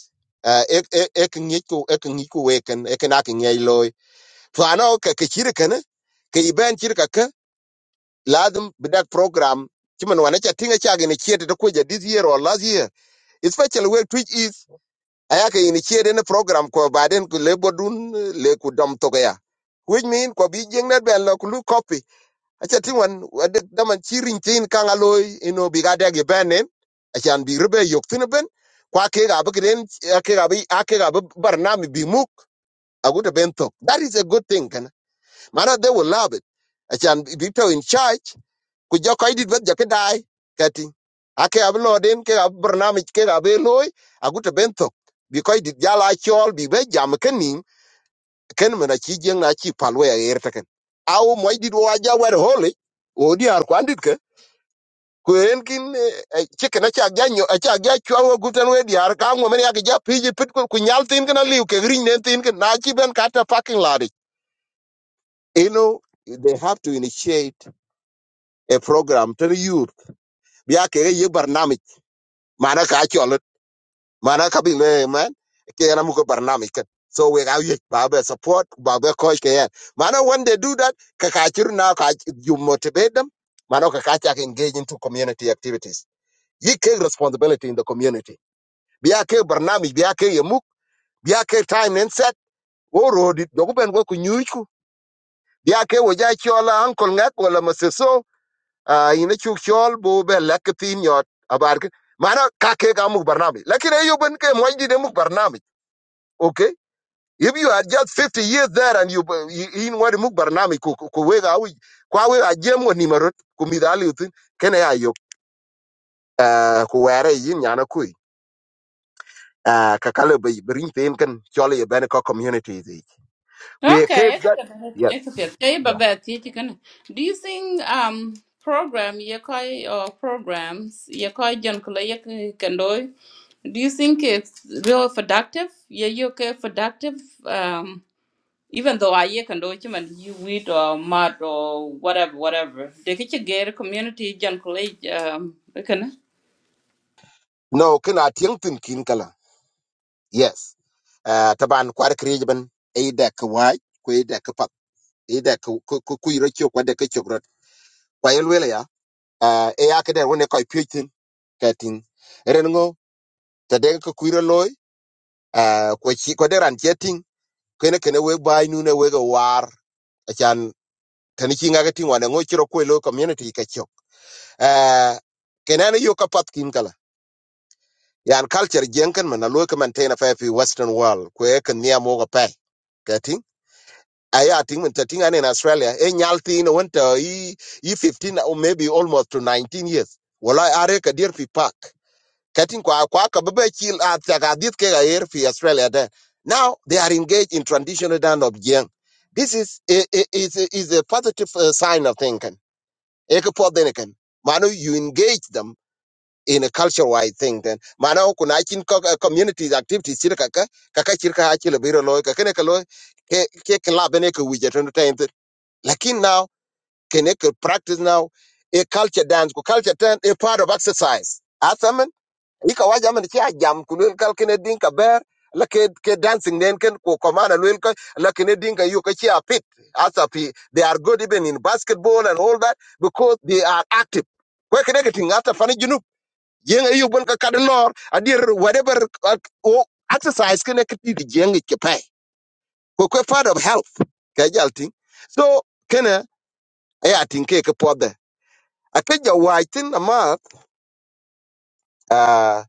[SPEAKER 4] uh, ek ek ek ngi ko ek ngi ko we kan ek na ke ngi loy to ano ke ke chiri kana ke iben chiri lazim with that program chimen wana cha tinga cha initiate to kuja this year or last year especially where twitch is ayaka initiate in a program ko baden ku lebo dun eh, le ku dom to ya which mean ko bi jeng net ben lo ku lu copy acha tingwan wade daman chirin tin kanga loy ino bigade ge benen achan bi rebe yok tin ben kwa ke ga bi den ke ga bi ake ga bi barnami bi muk aguta ben tok that is a good thing kana mara they will love it achan bi to in charge ku jokoy dit bet jake dai kati ake ablo loden ke ab barnamij ke ab loy aguta bentok bi koy dit jala chol bi be jam kenim ken mena chi jeng na chi palwe a yer taken aw moy dit wa ja wer hole o di ar kwandit ke ko en kin eh, eh, chicken acha ganyo acha ga chwa gutan we di ar ka ngo men ya ja piji pit ko ku nyal tin kana liu ke grin nen tin ken na chi ben kata parking lot you know they have to initiate a program to the youth bi ake ye barnamij mana ka cholut mana ka bi le man ke na mu ko barnami ken so we ga yik ba be support ba be coach ke yan mana when they do that ka ka chir na ka you motivate them mana ka ka chak engage into community activities you take responsibility in the community biya ke barnami biya ke yemuk biya ke time and set wo rodi dogu ben go ku nyuku biya ke wo ja chola uncle ngat wala maseso Ah, ina chuk chol bo be lek tin yot abar ke mana ka ke ga muk barnami lakin ayo ben ke moy di de muk barnami okay if you are just 50 years there and you you in what muk barnami ku ku we ga wi kwa we a jem woni marot ku mi dali utin ken ya yo eh, ku were yin yana ku ah ka kale be brin pen kan chol ye ben ko community di ku ye ke
[SPEAKER 1] Okay
[SPEAKER 4] that yes
[SPEAKER 1] Eka pia- Hey,
[SPEAKER 4] yeah.
[SPEAKER 1] Babette, you can. Do you think um program you or programs you call John Kulay can do? you think it's real productive? Yeah, you okay productive? Um, even though I yeah, can do you weed or mud or whatever, whatever. They get you get a community John Kulay um, kana.
[SPEAKER 4] no ken a tin tin kin kala yes Ah, taban kwar kriye ben ay da ka wai ku ay da ida ku ku ku ku iro chok wade ke chok rot kwa yelwele ya ah, e ya kede wone koi pyuitin kating eren ngo tade ku ku iro loy ah, kwa chi kwa deran cheting kene kene we bai nune we go war achan tani chi ngaka ting wane ngo chiro kwe lo community ka chok Eh, kenani yo ka pat kin kala yan culture jenken man alo ka man tena fa fi western world kwe ka niya mo ka pai aya ting men ting in australia a nyalti in winter, e nyal tin won to i i 15 or maybe almost to 19 years wala are ka dear fi park katin kwa kwa ka baba chil at ka dit here fi australia there now they are engaged in traditional dance of jeng this is a, a, is a, is a positive uh, sign of thinking e ko then can you engage them in a culture wide thing then Manu kuna chin ko activities chirka ka ka chirka ha chilo biro loy ka kene ka loy ke ke club ne ko wijeto like now, can you practice now a culture dance, ku culture turn a part of exercise. Asaman, ika waja man chia jam kunul kal kene dinka bear, la ke ke dancing nen ken ku komana lwel ko la kene dinka yu ka chia pit. Asa pi, they are good even in basketball and all that because they are active. Kwe kene ke tingata fani junub. Yenga yu bon ka kadelor, adir whatever uh, o- exercise kene ke ti jengi ke pay. Ku kwe part of health. Kajal ting. So, kene e a tin ke ke pode a ke ja wai tin ama a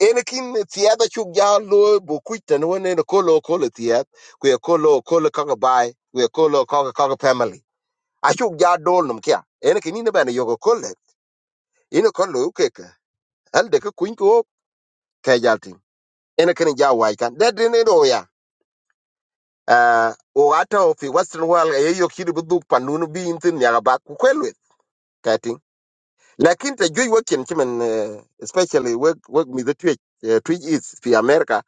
[SPEAKER 4] en kin tiya da chu ja lo bu ku tan won ne ko lo ko lo tiya ku ye ko lo ko lo ka ga bai ku ye ko lo ka ga ka ga family a chu ja dol num kya en kin ni ba ne yo ko le in ko lo ke ke al de ku ko ke ja tin en kin ja wai kan de de ne do ya a o ata o fi western world e yo kiri bu du panunu bi in tin ya ga ba ku kwel we lakin ta juic wek cin cimen especially wek wek mitho tuic eh, tuic is fi america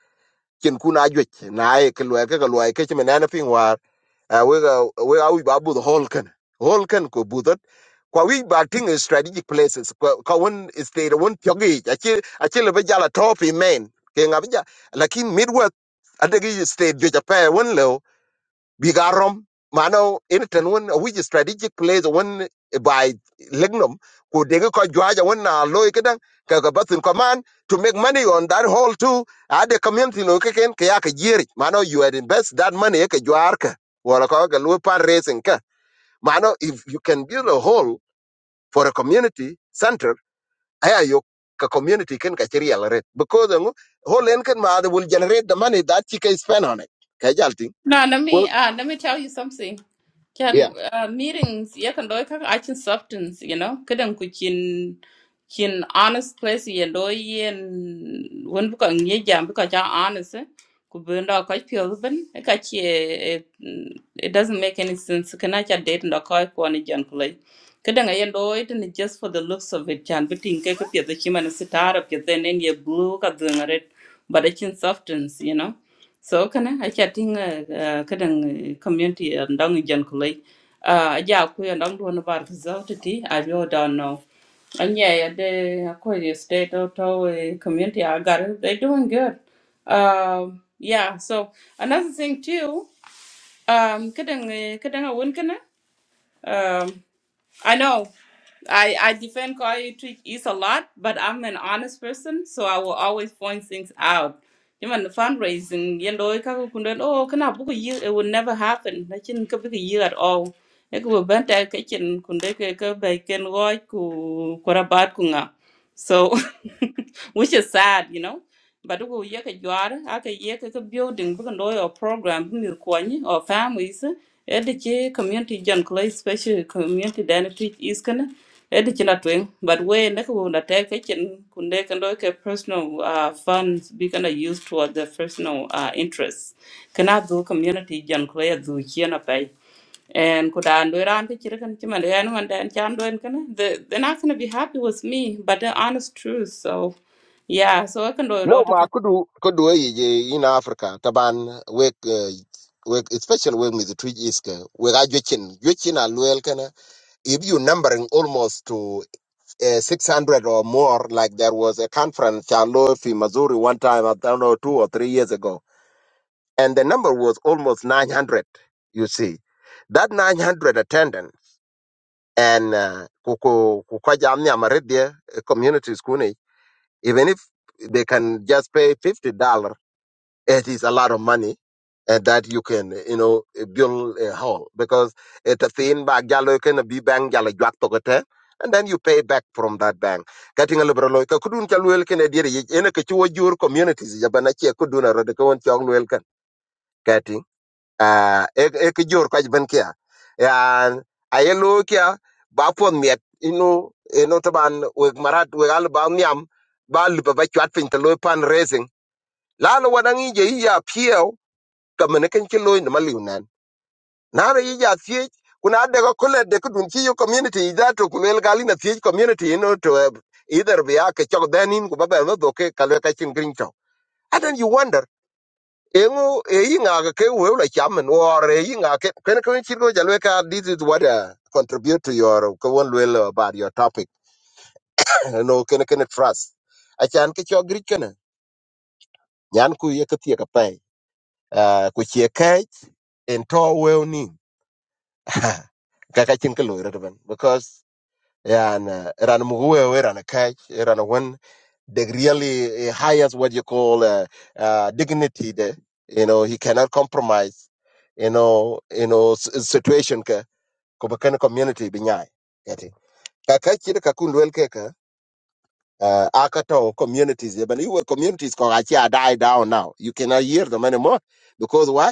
[SPEAKER 4] cin kun ajuic naye ke luel keke luai ke cimen en piny war eh, wek eh, wek awic ba budho hol ken hol ken ko budhot kwa wic ba ting eh, strategic places kwa kwa won state won pyogic aci lebe jala to pi men ke ngab ja lakin midwest adegi state juic ape wen lo bigarom mano initan won which strategic plays one eh, by lignum ko dege ko jwaja one na loy kedan ka ga batin command to make money on that hole too at the community no keken ka ya ka mano you had invest that money ka jwar ka wala ko ga loy par raising ka mano if you can build a hole for a community center aya yo ka community ken ka chiri alret because um, hole en ken ma will generate the money that you can spend on it kajalting
[SPEAKER 1] No, let me
[SPEAKER 4] Well,
[SPEAKER 1] uh, let me tell you something.
[SPEAKER 4] yeah.
[SPEAKER 1] Can uh, meetings you can do can action substance, you know? Couldn't ku chin chin honest place you do yin when bu kan ye jam bu ka cha honest eh? ku bun da ka pio ben eh, ka chi eh, eh, mm, it doesn't make any sense can I date and ka ko ni jan kulai. Couldn't I do it and just for the looks of it can but in ka ka pio the human sitar up then in your blue ka dung red but it's in substance, you know? so kana a cha uh, kadan community ndang jan kulai a ja ku ndang do na bar za ta ti a yo da no anya ya de ko ye state or to eh, community i got it they doing good um yeah so another thing too um kadan kadan a won um, I know I, I defend Kari Twitch is a lot, but I'm an honest person, so I will always point things out. Even the fundraising, you know, it can go, oh, can I book a year? It would never happen. I can book a year at all. It will burn their kitchen, kundeke, bacon, roy, kurabat kunga. So, which is sad, you know but ko ye ka jwar aka ye ka ka building bu no yo program bu mi kwani or families e de che community jan clay special community dan teach is kana e de na twen but we na ko na te ka chen kunde ka do ka personal uh, funds be kana use toward the personal uh, interests kana do community jan clay do chena pai and could I do around the chicken chim and then one day and chan doing kana the they're not gonna be happy with me but the honest truth so yeah so I can do
[SPEAKER 4] No,
[SPEAKER 1] it
[SPEAKER 4] ma kudu kudu e ye in Africa taban wek eh, wek especially wek with the three is ke wek a jwechin jwechin a luel kana if you numbering almost to uh, 600 or more like there was a conference in Missouri one time I don't know 2 or 3 years ago and the number was almost 900 you see that 900 attendant and uh, kuku kukwaja amni amaredie eh, communities kune even if they can just pay $50 it is a lot of money and that you can you know eh, build a hall because it's a thing ba jalo ken bi bank jalo jwak to gote and then you pay back from that bank getting a liberal loy ka kudun ka luel ken edire ye ene ke chuo jur communities ya bana che kudun ro de kon chong luel ken getting ah e e ke jur ka ben kia ya ayelo kia ba pon miet inu eno taban we marat we al ba nyam ba lu ba chwat fin to loy pan raising lalo wadangi je ya Pio. kamen ken ci loy ma liw nan nara yi ja thiech kuna de ko kole de ko dun ci yo community da to ku lel gali na thiech community no to eh, either be a ke chok denin ku baba no do ke kalwe ka chin green to and then you wonder engo e yi nga ga ke we la chamen or e yi nga ke ken ken ci go jalwe ka this is what uh, contribute to your ko won lel about your topic no ken ken trust achan ke chok green ken nyan ku ye ke tie ka pai eh, ku chie kai en to we kaka chin ka loy ben because yeah, and uh, ran muwe we ran kai ran when they really uh, highest what you call uh, uh, dignity there you know he cannot compromise you know you know s- eh, situation ka ko bakan community binyai kati kaka chi ka kun wel ke ka uh, akato communities ye but you were communities ko achi die down now you cannot hear them anymore because why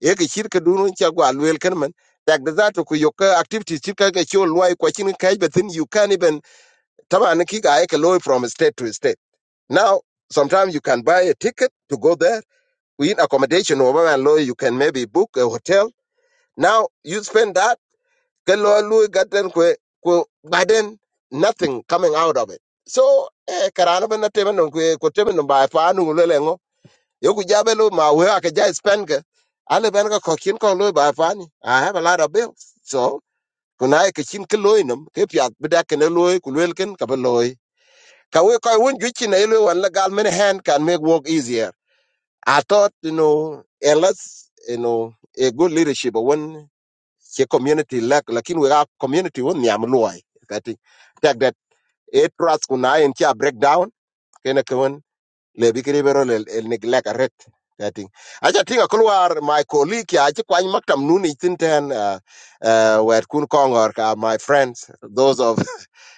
[SPEAKER 4] e ke chir ke dunun cha gwa lwel ken men tak da zato ku yoka activities chir ka ke chol loy kwa chin ka but then you can even tama an ki ga e ke loy from state to state now sometimes you can buy a ticket to go there in accommodation over and loy you can maybe book a hotel now you spend that ke loy loy gaten ku ku by then nothing coming out of it so eh karana ban temen ku ku temen ba pa nu le yo ku jabe lo ma we ka ja spend ke ale ben ko kin ko lo ba fani i have a lot of bills so kuna ke kin ke lo inum ke pya bida ke ne lo ku wel ken ka ba lo ka we ko won ju chin ele wan la gal hand can make work easier i thought you know unless you know a good leadership when ke community lack lakin we are community won nyam lo ai kati tak that a trust kuna in cha breakdown kena le bi bero le el neglect a ret kating aja tinga kulwar my colleague ya aji kwany maktam nuni tinten uh, uh, wet kun kongor ka my friends those of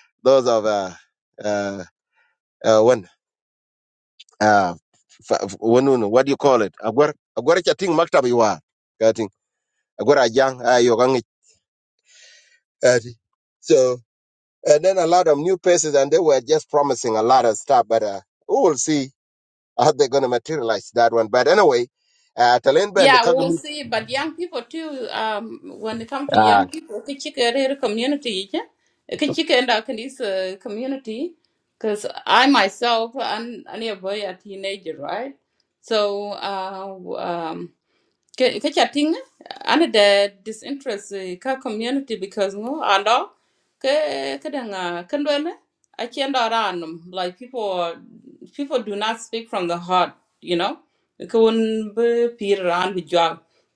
[SPEAKER 4] those of uh, uh, uh, when uh, fa- when when- what do you call it agwar agwar cha ting maktam iwa kating agwar ajang ayo kangi ati so and then a lot of new faces and they were just promising a lot of stuff but uh, we will see how they're going to materialize that one but anyway uh, talent ben
[SPEAKER 1] Yeah, we'll see. But young people too, um, when it comes to
[SPEAKER 4] Ah,
[SPEAKER 1] young people, Kichikerer community, Kichikenda Kanisa community, because I myself, I'm, I'm a boy, a teenager, right? So, uh, ke ke chatting ana the disinterest eh, ka community because no ando ke ke danga kendwele achendo ranum like people people do not speak from the heart you know kun be pir ran bi jwa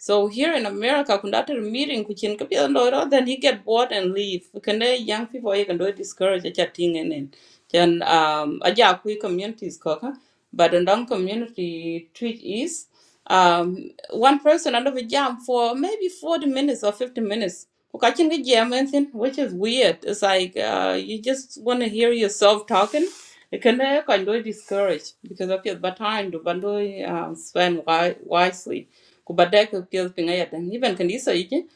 [SPEAKER 1] so here in america kun after meeting kuchin ke pia ndoro then you get bored and leave kende young people you can do discourage chatting and and then um aja kui communities koka but ndong community treat is um, one person under the jam for maybe 40 minutes or 50 minutes. Kukachin ki jam anything, Which is weird. It's like uh, you just want to hear yourself talking. It can uh, kind of discourage because of your bad time to bando uh, spend wi- wisely. Kubadek appeals pingayat and even kandisa iki.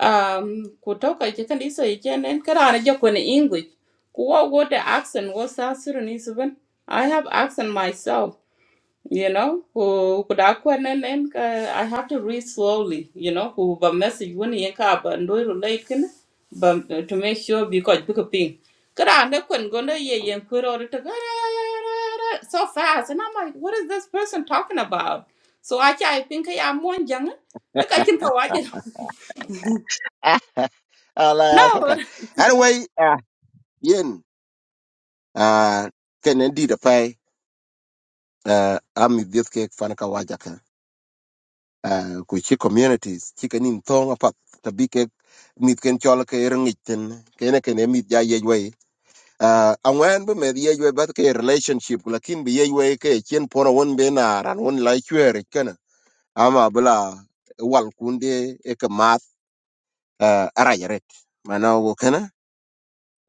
[SPEAKER 1] Um, kutoka iki kandisa iki and then karana in English. Kuwa what the accent was South Sudanese even. I have accent myself you know ku ku da ku nen nen ka i have to read slowly you know ku ba message when yen ka ba ndo relate kin ba to make sure because pick a ping kada na kun go na ye yen ku ro ta ga so fast and i'm like what is this person talking about so i chai pin ka ya mon jang e ka kin ka waje
[SPEAKER 4] uh, like, okay. Anyway, uh, yin, uh, can indeed pay, uh, I'm this cake, Fanaka Wajaka, uh, which communities, chicken in thong apart, the ke cake, meat can chola kerangitten, can can meet ya yeway. Uh, and when we made yeway, but a relationship, lakin be yeway, chin pona one benar and one like you, can. I'm a bla, wal kunde, eka math, uh, arayaret. Mana wokana,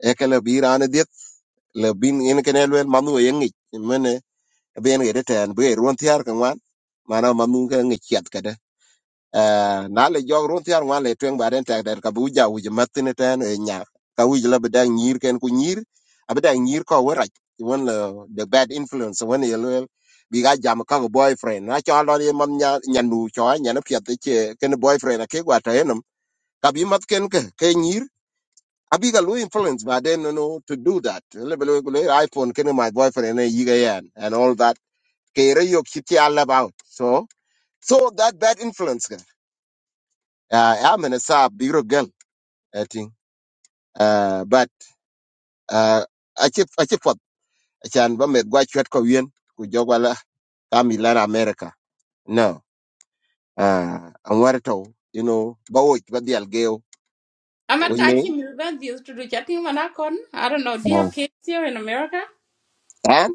[SPEAKER 4] ekala birana le bin en ken elwel manu ye ngi mene ben ge ten be ron tiar kan wan mana manu ke ngi chat kada na le jog ron tiar wan le twen baren tak der ka bu ja u matine ten e nya ka u le beda nyir ken ku nyir abeda nyir ko wera won le the bad influence won ye le bi ga jam ka go boyfriend na cha lo ye man nya nya nu cho nya na pye te ken boyfriend ke gwa ta enum ka bi mat ken ke ke nyir a big influence, but then you know to do that. Ele bele ko le iPhone kene my boyfriend and yiga yan and all that. Kere yo kiti all about. So so that bad influence. ka. Uh, I'm in a sub bigger girl, I think. Uh, but uh, I keep I keep up. Chan ba me gwa chwet ko yen ku jogwala kami lan America. No. Uh, and what to you know, ba wo ba dial geo.
[SPEAKER 1] amar
[SPEAKER 4] What you
[SPEAKER 1] ka kin ni ban these to do chatting mana kon i don't know do you have
[SPEAKER 4] mean?
[SPEAKER 1] kids here in america
[SPEAKER 4] And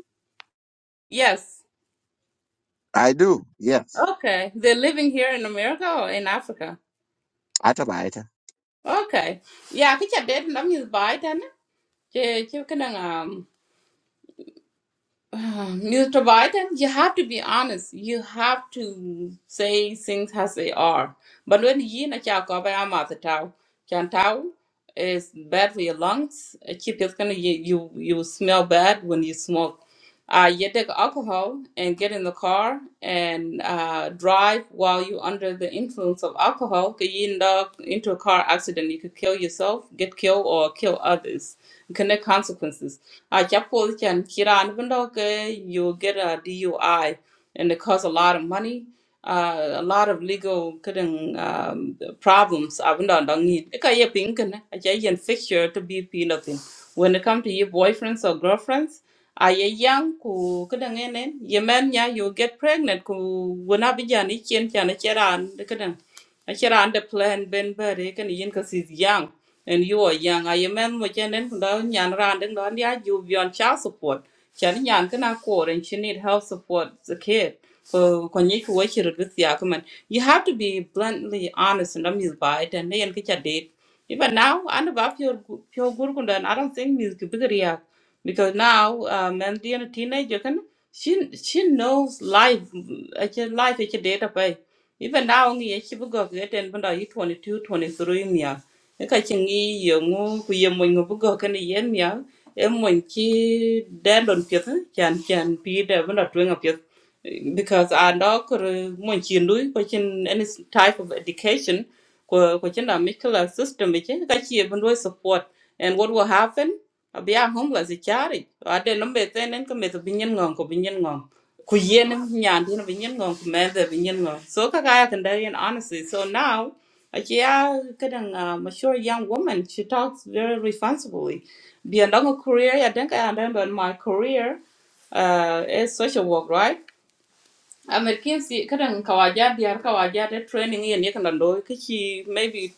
[SPEAKER 1] yes
[SPEAKER 4] I do. Yes.
[SPEAKER 1] okay they're living here in america or in africa
[SPEAKER 4] Ata ba ita.
[SPEAKER 1] Okay. Yeah, cái chả đến lắm như bài thế nè. Chứ chứ cái này à Uh, Mr. Biden, you have to be honest. You have to say things as they are. But when you na cha ko ba ma ta tau, chan tau is bad for your lungs. Uh, Keep it gonna you you you smell bad when you smoke. Uh, you take alcohol and get in the car and uh, drive while you're under the influence of alcohol. Could you end up into a car accident? You could kill yourself, get killed, or kill others. Connect consequences. I chapo chan kiran window okay, you get a DUI and it costs a lot of money. Uh, a lot of legal kidding um, problems. I wouldn't don't need. Ika ye pink and I can fix you to be pin nothing. When it comes to your boyfriends or girlfriends, are you young? Ku kidding in it. Your man, yeah, you get pregnant. Ku when I be jan, it's chin chan, it's chan, I shall under plan Ben Berry can yin because he's young and you are young. I remember much and then down yan round and on the you beyond child support. Chan yan can accord and she need help support the kid. So when you watch it with the argument, you have to be bluntly honest and amused by it and then get your date. Even now, I'm about your pure Gurkunda and I don't think Miss Kibigariak because now um and being a teenager can she she knows life it's life it's a data pay. Even now ngi ye chibu go ke ten bunda yi 22 23 mia. E ka chi ngi ye ngu ku ye mo ngu bu go ke ni ye mia. E mo chi den don pye chan chan pi de bunda twenga pye because I know could mo chi ndu ko chin any type of education ko ko chin da medical system ke ka chi ye bunda support and what will happen? I'll be a homeless, a charity. I didn't know better than come with a gong, ku yen nyan tin bi nyen ngon ku men de bi nyen ngon so ka ga kan honestly so now aki ya kadang uh, mature young woman she talks very responsibly beyond her career i think i remember my career uh is social work right American si kadang kawaja diar kawaja de training yen yek nan doy kichi maybe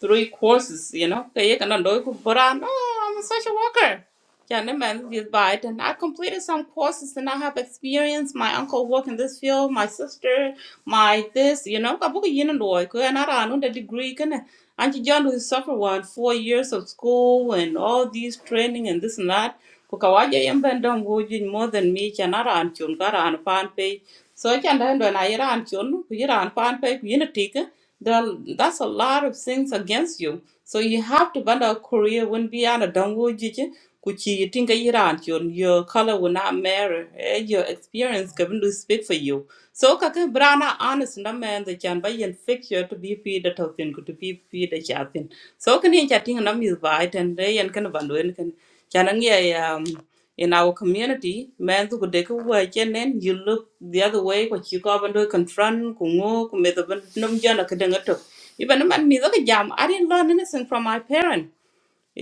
[SPEAKER 1] three courses you know kay yek nan doy ko boran oh I'm a social worker yeah no man is by and I completed some courses and I have experience my uncle work in this field my sister my this you know kabu yen doy ko na ranu the degree kana Auntie John who suffered one four years of school and all these training and this and that ko kawaja yen ben don go more than me chanara an chun karan pan pay so I can then when I Iran chun, Iran pan pay unity, that's a lot of things against you. So you have to bend a career when be on a dongo jiji, which you think Iran chun, your color will not matter. Eh, Your experience can do speak for you. So kaka brana honest na man the can buy and fix you to be feed the token to be feed the chapin. So can you chatting and I'm by it and they and can bandu and can Can I um? in our community men to de ko wa chenen you look the other way ko chi ko and do confront ku ngo ku me to ban num jana ka danga to even a man mi the jam i didn't learn anything from my parent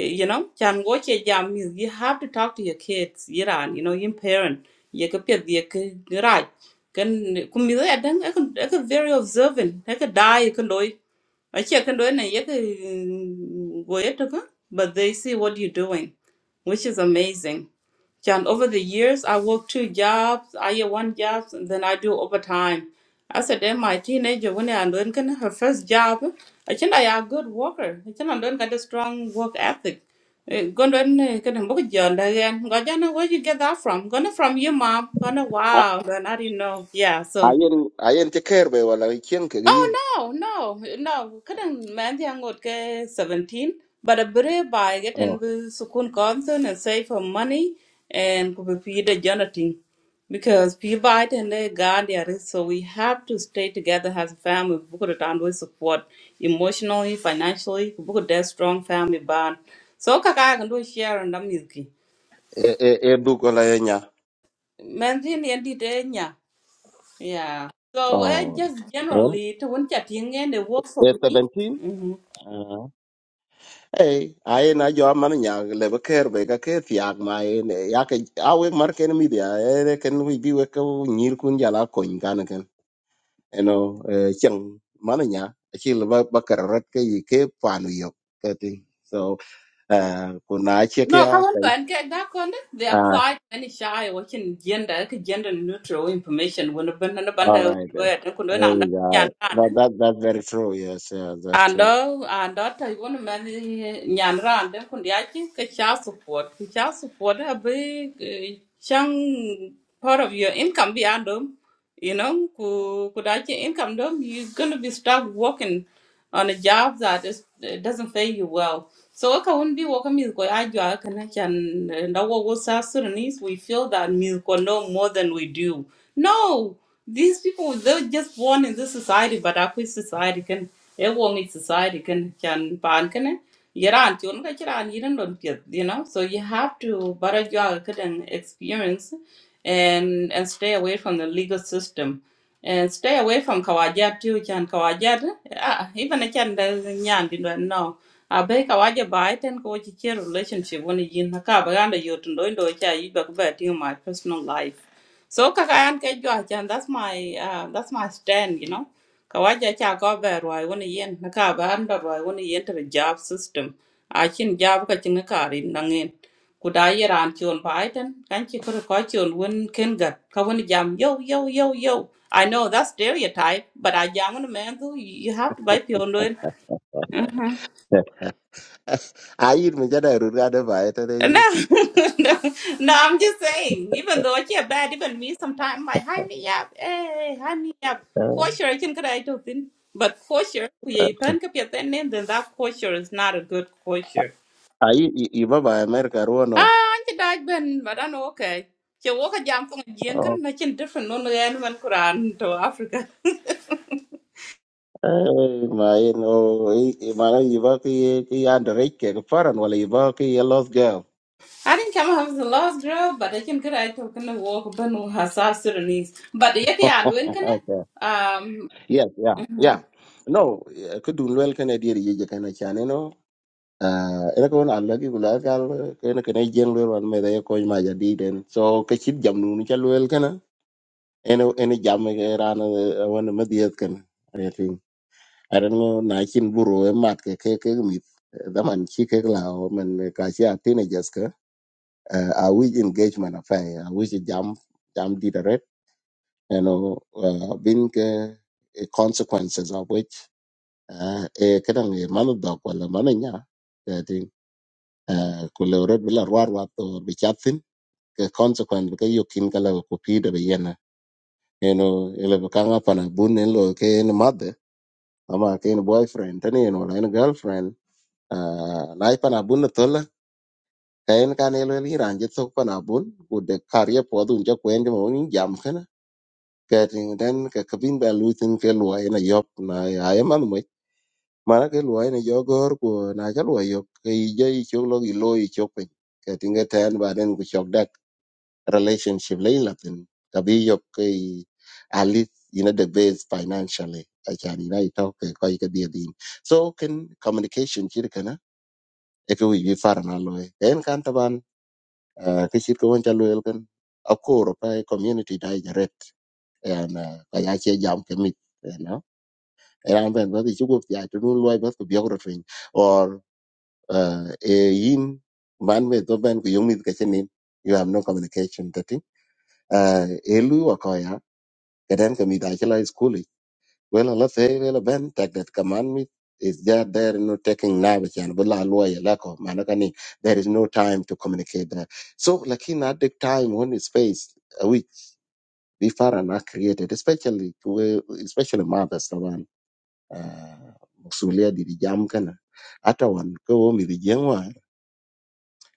[SPEAKER 1] Eh, you know chan go che jam mi you have to talk to your kids yiran you know your parent ye ka pet ye ka raj kan ku mi the dang e ka very observant e ka dai ka I a che ka loy na ye ka go ye to but they see what you are doing which is amazing and over the years, I work two jobs. I get one job, and then I do overtime. I said, then my teenager, when I learned kind of her first job, I think I am a good worker. I think I learned got a strong work ethic. Gonna kind of book John again. Gonna where you get that from? Gonna from your mom. Gonna wow. Then I didn't know. Yeah. So.
[SPEAKER 4] ayen ayen ti ker be wala chen ke gi
[SPEAKER 1] Oh
[SPEAKER 4] yin
[SPEAKER 1] no, no, no. Kadang man yang got ke seventeen, but a brave buy get
[SPEAKER 4] oh
[SPEAKER 1] and be sukun concern and save for money and could be the Jonathan. Because we buy it and they guard their risk, so we have to stay together as a family. We could and we support emotionally, financially. We could that strong family bond. So kaka I can do share and I'm milky.
[SPEAKER 4] e e e du ko la nya
[SPEAKER 1] Man thing endi de nya. Yeah. Yeah. So eh,
[SPEAKER 4] oh
[SPEAKER 1] just
[SPEAKER 4] en
[SPEAKER 1] generally to one chatting and they work for
[SPEAKER 4] e
[SPEAKER 1] me.
[SPEAKER 4] 17
[SPEAKER 1] Mm-hmm.
[SPEAKER 4] Hey, ayen na jo man nya le be ker be ka ke tiag ma en ya ke a we mar ken mi dia e ken wi bi we ko nyir kun ja la ko ngan ken eno e chen man nya chi le ba ba ker rat ke yi ke panu yo ke ti so eh ku na che ke
[SPEAKER 1] No, kawan to
[SPEAKER 4] ya
[SPEAKER 1] and get that on they apply any shy watching gender ke gender neutral information when a band and a band
[SPEAKER 4] All right. then.
[SPEAKER 1] where they could learn and
[SPEAKER 4] Praise
[SPEAKER 1] yan
[SPEAKER 4] God. That,
[SPEAKER 1] random
[SPEAKER 4] that, that's very true. Yes, yeah, that's
[SPEAKER 1] and
[SPEAKER 4] true.
[SPEAKER 1] uh and that I want to man yan random kun yaki ke child support ke child support a big chang part of your income beyond them you know ku ku dace income dom you're gonna be stuck working on a job that is, it doesn't pay you well so ka won bi wo ka mi ko ajwa ka na chan nda wo wo Sudanese we feel that mi ko know more than we do no these people they're just born in this society but our society can everyone in society can can pan can eh? Yaran chon ka chiran yiran don piet, you know. So you have to bara jog and experience and and stay away from the legal system. And stay away from Kawajat too, Chan Kawajat. Ah, even a Chan does Nyan did not know. I beg Kawaja bite and go to chair relationship when you in Hakabaganda Yotun don't do a chair, you back about in my personal life. So kakayan ke jwa chan that's my uh, that's my stand you know kawaja cha ko ber wai woni yen na ka ban da wai woni yen to the job system a chin job ka chin ka rin na ngin ku da yi ran chon bai ten kan chi ko ko chon won ken ga ka woni jam yo yo yo yo I know that's stereotype but I jam on man who you you have to buy your own
[SPEAKER 4] ayin mi jada rur ga de ba ete de
[SPEAKER 1] No,
[SPEAKER 4] yin
[SPEAKER 1] no, no, I'm just saying, even though it's bad, even me sometimes my high me up. Hey, high me up.
[SPEAKER 4] Uh,
[SPEAKER 1] Kosher, I can get it out of But kosher, we you can keep your ten name, then that kosher is not a good kosher.
[SPEAKER 4] a yi i i ba ba america ro no
[SPEAKER 1] Ah, I'm just ben, but I know okay. So walk a jam from a jinkin, making different no no anyone Quran to Africa.
[SPEAKER 4] eh ma yin o i i- ma na yi ba ki ki andre ke foreign wala yi ba ki a lost girl
[SPEAKER 1] I didn't come have the last girl, but I can get it out of it walk ben who has our Sudanese. But yet, yeah, doing can it?
[SPEAKER 4] okay.
[SPEAKER 1] Um,
[SPEAKER 4] yes yeah
[SPEAKER 1] mhm.
[SPEAKER 4] yeah no ku dun wel kana dir yi je kana chane no uh ina ko na alla ki gula gal kana kana jen wel wan me da ko ma jadi den so ka chit jam nu ni cha lwel ene ene jam ke rana wan madiyat kan i think i don't know na chin buru e mat ke ke ke mi da man chi ke la man ka chi a teenagers ka uh, a we engagement affair a we jam jam di da red you know uh, bin ke eh, consequences of which uh, e kadang e man da ko la man nya i think uh, ku le red bila war wa to bi chatin ke consequence ke yokin kala ko pi da be yena you know ele ka nga pana bun en lo ke en ama kain boyfriend tani en wala en girlfriend uh, na ipan abun na tola kain kan elo eli ranjit sok pan abun ku de karye podu unja kwen jama wani jam kana kating den ka kabin ba luitin ke luwa ina yop na ya man mo mana ke luwa ina jogor ku na ka luwa yok ke ije i chok lo i lo i chok pe kating ten ba den ku chok relationship le latin kabi yok kai at least you know the base financially achan ina ito ke ko ke dia din so can communication chir kana e ko wi far na lo en kan taban ah, ke chir ko won chalo el kan akor pa e community direct and ka ya che jam ke mit you know and i'm ben wadi chugo ya to no loy bas ko biography or uh, e yin man me to ben ko yomit ka chenin you have no communication that thing uh, e lu wa Katan kami da chila school is cool. Well, Allah say well ben tak that commandment is just there no taking knowledge and bula lawyer lako manakani. There is no time to communicate that. So lakin at the time when it's space uh, which we far and not created, especially we- especially mothers the one uh musulia di di jam kana ata wan ko mi di jengwa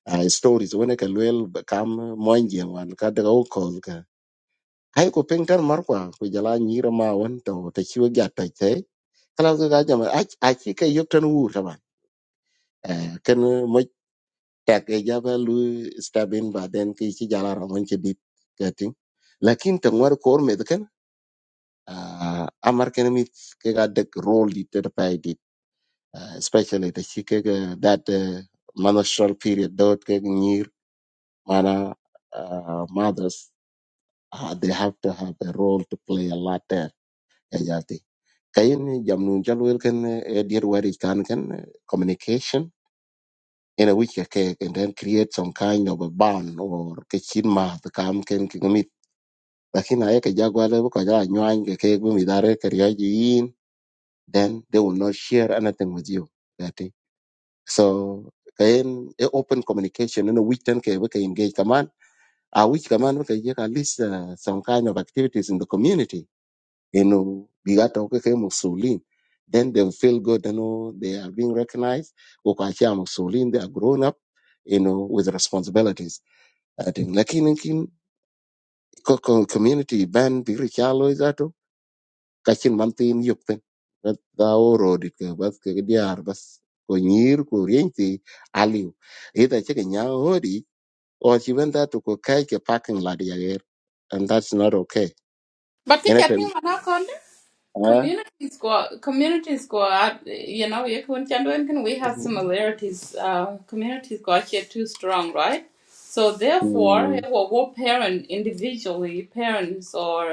[SPEAKER 4] uh, stories when ka lwel kam moy jengwan ka daga ukol ai ku ping tan mar kwa ku jala nyira ma won to te chiwo ja to te kala ku ga jama a a chi ka yok tan wu ta ban eh ken mo tak e ja ba lu stabin ba den ki chi jala ra mon chi bit ka lakin tan war kor me de ken ah, amar ken mi ke ga de role di te pa di Ah, especially te chi ke ga that eh, menstrual period dot ke nyir mana ah, mothers ah, they have to have a role to play a lot there yati kayen jam nun jal wel ken eh, dear where it can ken eh, communication in a week ke and then create some kind of a bond or ke chin ma the kam ken ki gumit lakini aye ke jagwa le ko ja nyuan ke ke gumi dare ke ryo yin then they will not share anything with you that is. so kayen e open communication in a week ten ke we ke engage kaman a week kaman we ke ye at least uh, some kind of activities in the community you know, bigata okeke musulin. Then they will feel good, you know, they are being recognized. Ukachia musulin, they are grown up, you know, with responsibilities. I think lakin kin koko community ban biri chalo izato kachin mantin yukten. But thou road it But ke diar bas ko nyir ko rienti aliu. Ita chike nyahodi or she went there to go catch a parking lot here, and that's not okay.
[SPEAKER 1] but it's a thing
[SPEAKER 4] Anything,
[SPEAKER 1] on our corner.
[SPEAKER 4] uh,
[SPEAKER 1] Community squad, community squad. You know, you can Chandwa can we have similarities. Uh, community squad here too strong, right? So therefore,
[SPEAKER 4] mm,
[SPEAKER 1] eh, what what parent individually, parents or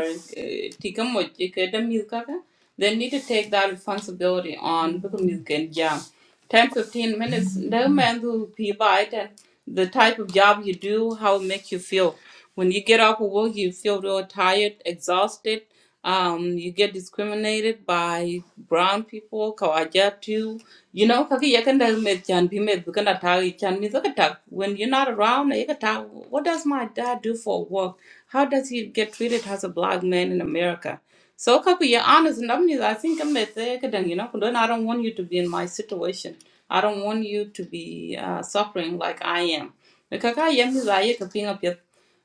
[SPEAKER 1] tigamoji uh, they need to take that responsibility on because you can jam. 10 15 minutes no man who be by then the type of job you do how it makes you feel when you get off of work you feel real tired exhausted um you get discriminated by brown people kawaja too you know kaki yakanda me chan bi me bukanda ta chan mi zaka when you're not around you can talk, what does my dad do for work how does he get treated as a black man in america so Kaku, you're honest and I'm I think I'm at the academic, you know, but then I don't want you to be in my situation. I don't want you to be uh, suffering like I am. Because I am is I can ping up yet.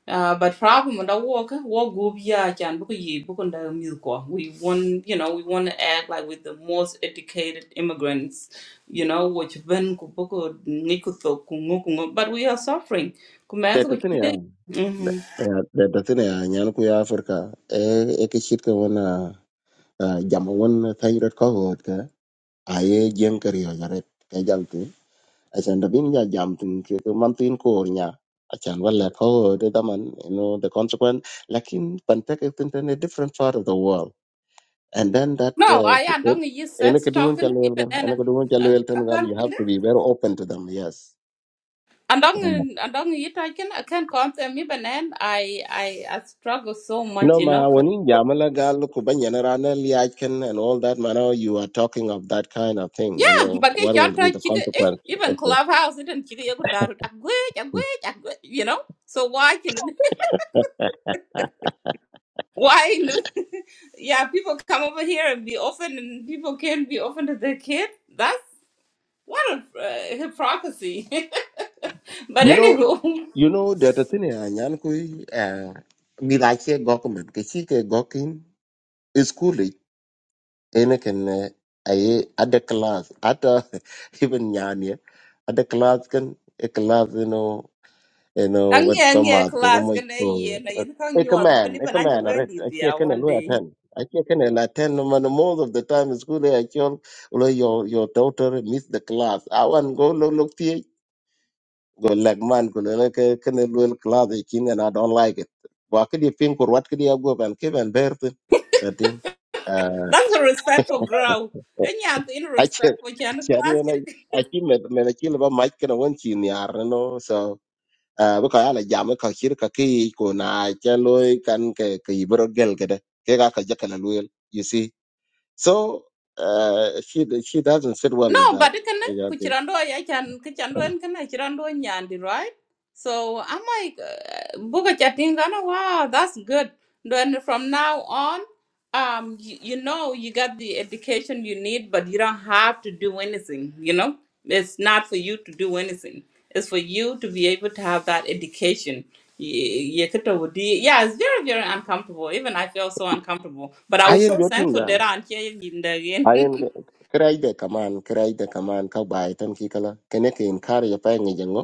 [SPEAKER 1] Uh, but problem with the walk, walk group yeah, can book ye book on the milk. We want you know, we wanna act like with the most educated immigrants, you know, which when kuboko nikuto kungo but we are suffering. Kumanzo
[SPEAKER 4] Eh, da da tene a nyan ku ya Africa e e ke shit ka wona ah, jama won thayrot ko got ka aye jeng kar yo jaret ka jam tu achan da bin ja jam tu ke ko man tin ko or nya achan wala ko de da man you know the consequence lakin pan tek tin in a different part of the world and then that
[SPEAKER 1] No,
[SPEAKER 4] uh,
[SPEAKER 1] I am andong
[SPEAKER 4] it-
[SPEAKER 1] yi
[SPEAKER 4] ene
[SPEAKER 1] sex
[SPEAKER 4] ke duun
[SPEAKER 1] talking
[SPEAKER 4] chalwel
[SPEAKER 1] even
[SPEAKER 4] gan
[SPEAKER 1] an
[SPEAKER 4] ene ke duun
[SPEAKER 1] I
[SPEAKER 4] chalwel
[SPEAKER 1] I
[SPEAKER 4] tan gal
[SPEAKER 1] can't
[SPEAKER 4] you
[SPEAKER 1] find
[SPEAKER 4] have to
[SPEAKER 1] it.
[SPEAKER 4] be very open to them yes
[SPEAKER 1] Andong andong yi talking I can't confirm even an I I I struggle so much,
[SPEAKER 4] No,
[SPEAKER 1] you know.
[SPEAKER 4] ma, when in Jamala Gal, Kubanyanarana, Liachen, and all that, man, oh, you are talking of that kind of thing. You know,
[SPEAKER 1] But ke
[SPEAKER 4] what will
[SPEAKER 1] chanta
[SPEAKER 4] be the
[SPEAKER 1] chika eh
[SPEAKER 4] consequence?
[SPEAKER 1] even
[SPEAKER 4] Okay.
[SPEAKER 1] clubhouse it and chika yakun darut agwe agwe agwe you know. So why can why in the, yeah people come over here and be open and people can be open to their kid. That's what a uh, hypocrisy. but
[SPEAKER 4] You know,
[SPEAKER 1] anywho.
[SPEAKER 4] you know, that the thing, uh, Nyan Kui, uh, Milache government, Kishike Gokin, is cool. Enakan, I, can, uh, I, at the class, at uh, even Nyanya, at the class can, a class, you know. you know
[SPEAKER 1] Ang
[SPEAKER 4] what
[SPEAKER 1] yang yeah,
[SPEAKER 4] pamath ke mo
[SPEAKER 1] class
[SPEAKER 4] mo
[SPEAKER 1] gonna
[SPEAKER 4] to
[SPEAKER 1] yeah, na yun
[SPEAKER 4] e
[SPEAKER 1] kang you are
[SPEAKER 4] command
[SPEAKER 1] believe
[SPEAKER 4] e
[SPEAKER 1] na you
[SPEAKER 4] command are
[SPEAKER 1] vendi
[SPEAKER 4] a che ken
[SPEAKER 1] one
[SPEAKER 4] lo
[SPEAKER 1] day.
[SPEAKER 4] attend a che ken la attend man most of the time in school I tell lo your your daughter miss the class i want go look look ti go leg man go le ke ken lo class e kin and i don't like it wa ke di pin kur wat ke di go ban ke ban bert i think uh
[SPEAKER 1] That's a respectful girl. And yeah, in
[SPEAKER 4] I che
[SPEAKER 1] respect for Jan
[SPEAKER 4] yani na
[SPEAKER 1] class.
[SPEAKER 4] I chi me me ke le ba mic ken won chi ni ar no so à, uh, baka là jam ka kir ka ki ko na ke loy kan cái cái bro gel cái đó, cái cái ka jaka la loyal you see so uh, she she doesn't fit well with
[SPEAKER 1] No,
[SPEAKER 4] that
[SPEAKER 1] but it can
[SPEAKER 4] yeah
[SPEAKER 1] ku
[SPEAKER 4] thing
[SPEAKER 1] chirando ya chan ku chando en kana chirando nyandi, right? So I'm like uh, buga chatting gana wow, that's good. Then from now on, um you, you know you got the education you need, but you don't have to do anything, you know? It's not for you to do anything. It's for you to be able to have that education. Ye- ye kito wudi- Yeah, it's very, very uncomfortable. Even I feel so uncomfortable. But I was
[SPEAKER 4] ayen
[SPEAKER 1] so
[SPEAKER 4] yo
[SPEAKER 1] thankful
[SPEAKER 4] tinga
[SPEAKER 1] that I'm here in the end.
[SPEAKER 4] ayen krai de kaman krai de kaman ka bai tan ki kala kene ke in kar ya pa ngi jango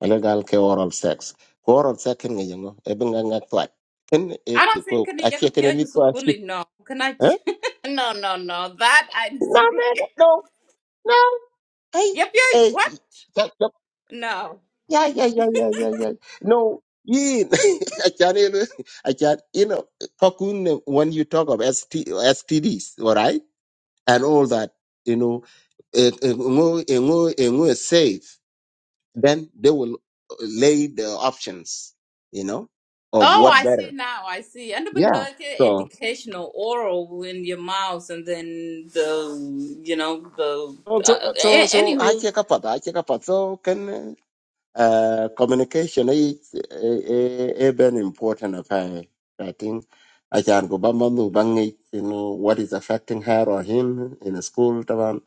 [SPEAKER 4] ala gal ke oral sex ko oral sex ken ngi jango e bin nga ngak twat ken e
[SPEAKER 1] I don't
[SPEAKER 4] ko
[SPEAKER 1] think
[SPEAKER 4] a
[SPEAKER 1] any yaka
[SPEAKER 4] che kene mi
[SPEAKER 1] pioji
[SPEAKER 4] ko a chi
[SPEAKER 1] sukuni. No, can I?
[SPEAKER 4] eh
[SPEAKER 1] no, no, no. That I
[SPEAKER 4] na
[SPEAKER 1] disagree.
[SPEAKER 4] me no no hey
[SPEAKER 1] Yep, Yeah, What?
[SPEAKER 4] hey
[SPEAKER 1] No.
[SPEAKER 4] Yeah, yeah, yeah, yeah, yeah, yeah. No, in I can not even I can not you know cocoon uh, when you talk of S T S T Ds, all right, and all that, you know, eh, eh, ngo- eh, ngo- eh, ngo is safe. Then they will uh, lay the options, you know, of
[SPEAKER 1] Oh,
[SPEAKER 4] what
[SPEAKER 1] I see
[SPEAKER 4] better.
[SPEAKER 1] now. I see. And even
[SPEAKER 4] Yeah.
[SPEAKER 1] like
[SPEAKER 4] So
[SPEAKER 1] educational oral in your mouth, and then the you know the
[SPEAKER 4] so so
[SPEAKER 1] uh,
[SPEAKER 4] so
[SPEAKER 1] a-
[SPEAKER 4] so I
[SPEAKER 1] anywho.
[SPEAKER 4] check up, I check up. So can. Uh, communication is a very important affair. I think I can go back to bang it, you know, what is affecting her or him in school. Taban.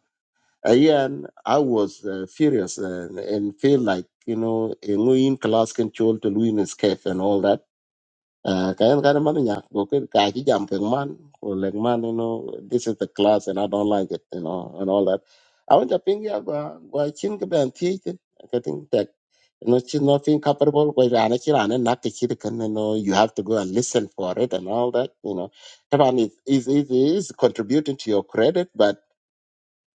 [SPEAKER 4] Again, I was uh, furious uh, and feel like, you know, a new in class control to Louis escape and all that. Uh, kaya kaya man niya ko ken kaya ki jam peng man ko leng man you know this is the class and I don't like it you know and all that. I want to ping ya gwa gwa chin ka ben ti ti ka ting tek you know chin no thing capable ko rana chi rana nak chi de kan you know you have to go and listen for it and all that you know. Taban is is is is contributing to your credit but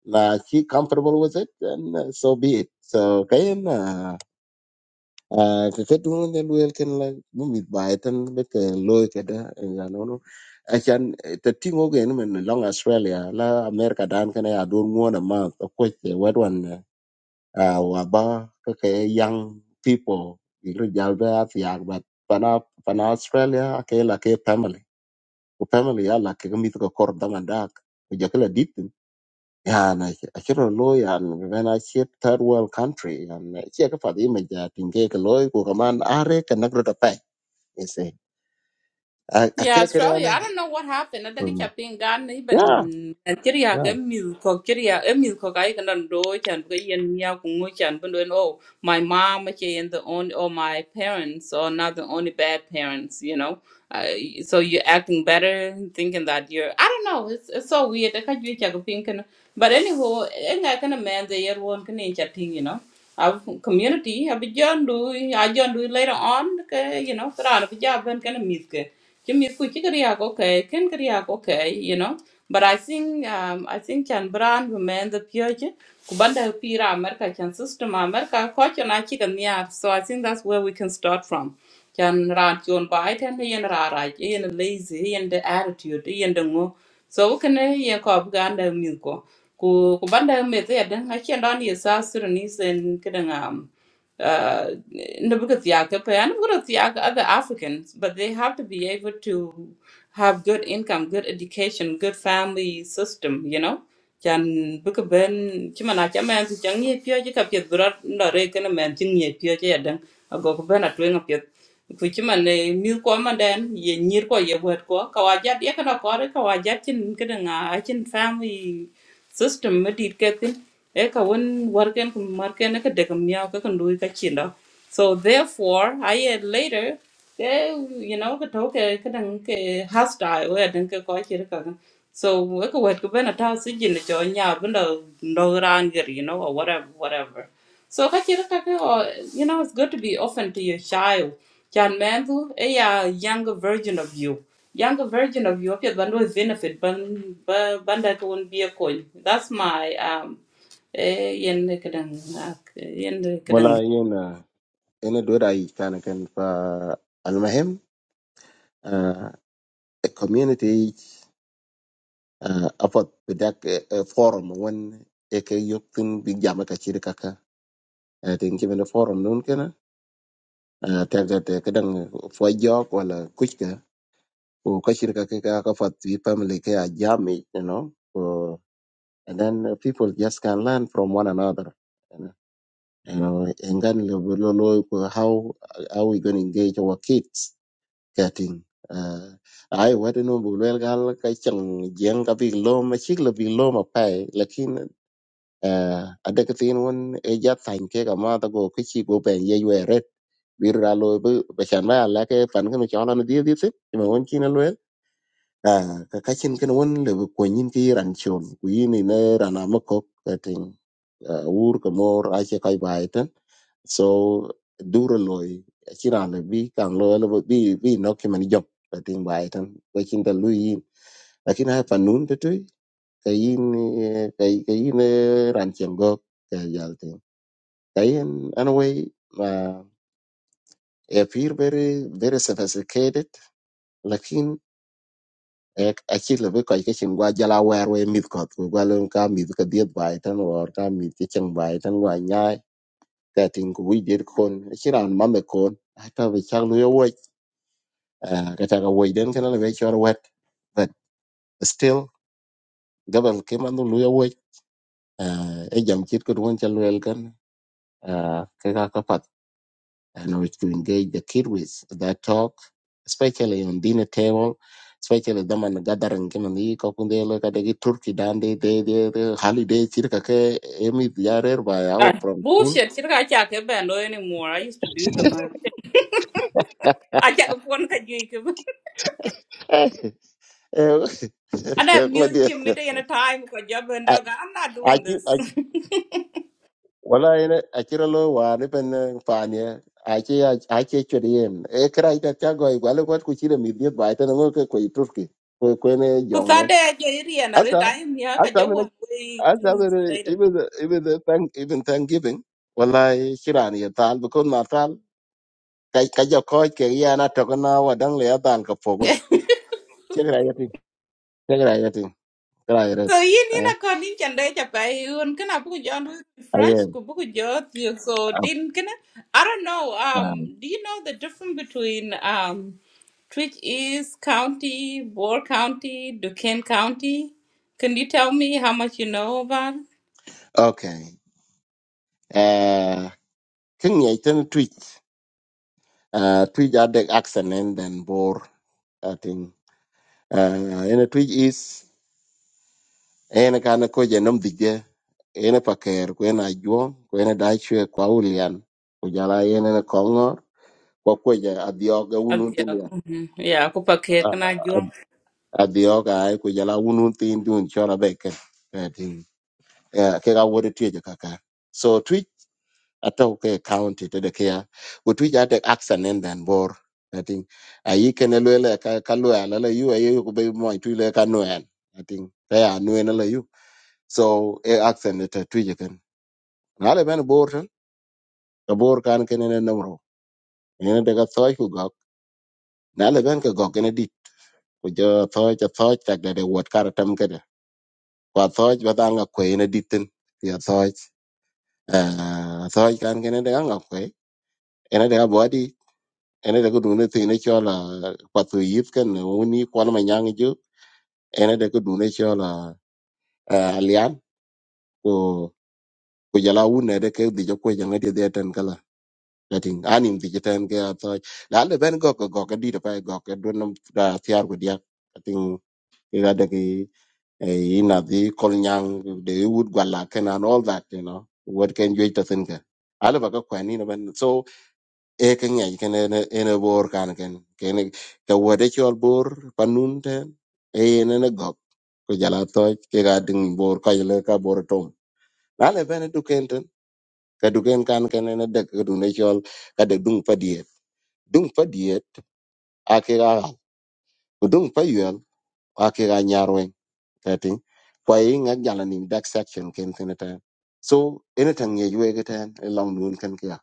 [SPEAKER 4] na she comfortable with it and uh, so be it. So kaya na Ah, ka ket ŋo den wel ken la bu mit bai tan be ke loy ke da ya no no achan te ti gen men long australia la america dan ken ya dur ŋo na ma ko ko che wet wan wa ba ke ke young people ilu jal be afia but pana pana australia ke la ke family ko family ya la ke mi ko kor da man ko je ke yani akiro lo yani when I see third world country and chia ka fadi me ja tinge ka lo ko kaman are ka nagro ta pai ese a ke
[SPEAKER 1] Yeah,
[SPEAKER 4] yeah
[SPEAKER 1] Australia. I don't know what happened. I think I've been gone
[SPEAKER 4] yeah ya
[SPEAKER 1] even Nigeria.
[SPEAKER 4] ya
[SPEAKER 1] Emil Kokiria, Emil Kokai, and on Dochan, Gayan Yakunchan, but when oh, my mom, okay, and the only, or my parents, or not the only bad parents, you know. Uh, so you're acting better, thinking that you're. I don't know. It's, it's so weird. I can't really check a pink. and- But anyhow, and I can man the year one can each a thing, you know. Our community, I'll be John do, I John do later on, okay, you know, but I'll be John, but kind of miss. Jimmy ku chi kariak okay, ken kariak okay, you know. But I think um I think chan brand women the pure. pyoche kubanda pira America chan system America ko chan a chicken yar. So I think that's where we can start from. Chan ran chon bai ten hi yen ra ra hi yen lazy hi yen the attitude hi yen the ngo. So we can yen ko bganda mi ko. Ku kubanda mi the den ha chan don yesa Sudanese and kidding um uh, in the book but I'm going to Thiaka other Africans, but they have to be able to have good income, good education, good family system, you know. Chan book of Ben, Chimana Chaman, Changi Pio, Chicapia, Brat, Norekan, a man, Chingy Pio, Jadan, a go Ben at Wing up your. Kuchiman, a new command, then ye near ko ye word ko, Kawajat, Yakana Kore, Kawajat, Kidan, Achin family system ma dit ke tin e ka wen warken ku marken e ka de kam nyaw ka kan lui ka chinda so therefore i had later ke you know ka to ke ka dang ke hostile we dang ke ko chir ka gan. so we ka wet ka bena ta si jin cho nya benda no ran gir you know or whatever whatever so kaki kaka or you know it's good to be open to your child. Chan mandu a ya younger version of you. Younger version of you of your bandu is benefit ban ba- banda to won't be a coin. That's my um eh yen kadang ak- yen
[SPEAKER 4] wala
[SPEAKER 1] kadang
[SPEAKER 4] yena ene do dai kana kan fa al muhim uh, a community uh, apat bedak uh, forum wen eke yoktin big jama ka chiri kaka uh, tinge bene forum nun kana uh, tagda te kadang fo jog wala kuch uh, Ku kashirika ke ka family ke a jami, you know. Ku- and then uh, people just can learn from one another. You know, You know, and then lo- lo- lo- ku- how how we going to engage our kids getting uh, I what no bulwel gal ka chang jeng ka big lo ma chik lo big lo ma pai lakin uh, adekatin won e ja thank ke ka ma ta go ki chi go ben ye yue red wir ra lo bu be chan ba la ke pan ke no chona no di di ti ma won chi à ka ka chin ken won le ko nyin ki ran chon ku yin ni ne ran am ko ka ting ah, wur ko mor a che kai bai ten so duro loy a chi ran le bi kan lo le bi bi no ki man job ka ting bai ten ko chin da lu yin lakin ha pa nun te tu ka yin eh, ka ka yin eh, ran chen go ka yal ting ka yin anyway ma appear very very sophisticated ek acil lebi kɔc ke cin gua jala wɛɛr wei mith kɔth ku gua lon ka mith ke dhieth bai tän wɔɔr ka mith ke cin bai tän gua nyaai ka tin ku wic det kon aci raan mame kon atɔ bi cak lu ye wuoc ka tak awuoc den kena lebi acɔr wɛt but still gabal ke man lu ye wuoc e jam cit ke duŋön ca luel kën in order to engage the kid with that talk, especially on dinner table, especially them and gathering game and the kakunde look at the turkey dan they they they de holiday circa ke emi diarer by
[SPEAKER 1] Ah,
[SPEAKER 4] out from school.
[SPEAKER 1] bullshit kira ka cha ke bando anymore. I used to do them. uh, I cha ko kon ka ju ke.
[SPEAKER 4] Eh, eh,
[SPEAKER 1] And I
[SPEAKER 4] my
[SPEAKER 1] mute
[SPEAKER 4] dear.
[SPEAKER 1] you mid in a time ko job and
[SPEAKER 4] I
[SPEAKER 1] dog. I'm not
[SPEAKER 4] I
[SPEAKER 1] doing
[SPEAKER 4] keep- I
[SPEAKER 1] this.
[SPEAKER 4] wala ina akira lo wa ni pen panye ache ache chodien e kra ita cha go igual ko ku chire mi diet ba ita ngo ke ko turkey ko ko ne
[SPEAKER 1] Ku
[SPEAKER 4] jong ne
[SPEAKER 1] thade jo irian are time ya ka
[SPEAKER 4] asa
[SPEAKER 1] jawa way two weeks
[SPEAKER 4] Asabere
[SPEAKER 1] later.
[SPEAKER 4] even the even the thank even Thanksgiving. Wallahi shirani ya tal bukun ma tal kai kai jo koi ke ya na to kana wa dang le ya tal ka po ko. Chegra ya tin. Chegra ya tin. Kra ya ret.
[SPEAKER 1] So yin yin
[SPEAKER 4] Ah
[SPEAKER 1] a kon yin chande cha pai un kana bu jon fresh
[SPEAKER 4] ayen.
[SPEAKER 1] ku bu jo thiyo. so din kana I don't know um do you know the difference between um Twitch East County, Boer County, Duquesne County? Can you tell me how much you know about? it?
[SPEAKER 4] Okay. Eh king ya tin tweet. Uh tweet ya de accent and then bor I think. Uh in a tweet is en kana ko je nom dige. En pa ker ko en ajuo ko en dai chwe kwa ulian. Ujala en en kongo kwa kweja adhiok
[SPEAKER 1] Uh,
[SPEAKER 4] awunun tin
[SPEAKER 1] Yeah, mm-hmm. yeah, ku paket kana
[SPEAKER 4] adhiok ae kweja la awunun tin dun chola beke kati ke ga wori tieje kaka so twitch atau ke county to de kia wo twitch ate action and then bor kati ayi kene lele ka ka lwa la la yu ayi ko be mo tu le ka nuen kati ka ya nuen la yu so e action to twitch ken nale ben bor tan ka bor kan kene ne nomro ene de ga soy ku gok nale ben ke gok ene dit ku jo soy ja soy tak de de wat karatam ke wa thoj ba dal nga kwe ina ditin ya thoj ah thoj kan kene de nga kwe ina de body ina de kudu ne tine chola patu yit kan uni kwan ma nyang ju ina de kudu ne chola alian ko ko jala wune de ke di jokwe janga de de ten kala latin anim di jiten ke a thoj la le ben go go go ka di de pa go ka do nam da tiar ko dia atin ina de ki eh, ina the kolnyang the wood gwalaken and all that you know what can you to think ala baka kwani na ban so e kan yai kan ne ne bor kan kan kan ka wode chol bor panun ten e ne ne gok ko jala to ke ga ding bor ka yele ka bor tom ala ban du ken ten ka du ken kan kan ne de ka du ne chol ka de dung pa diet dung pa diet ake ga dung pa yel ake ga kati kwa yi ngak jala back section ken tene ta so anything ye yue ke long noon kan kya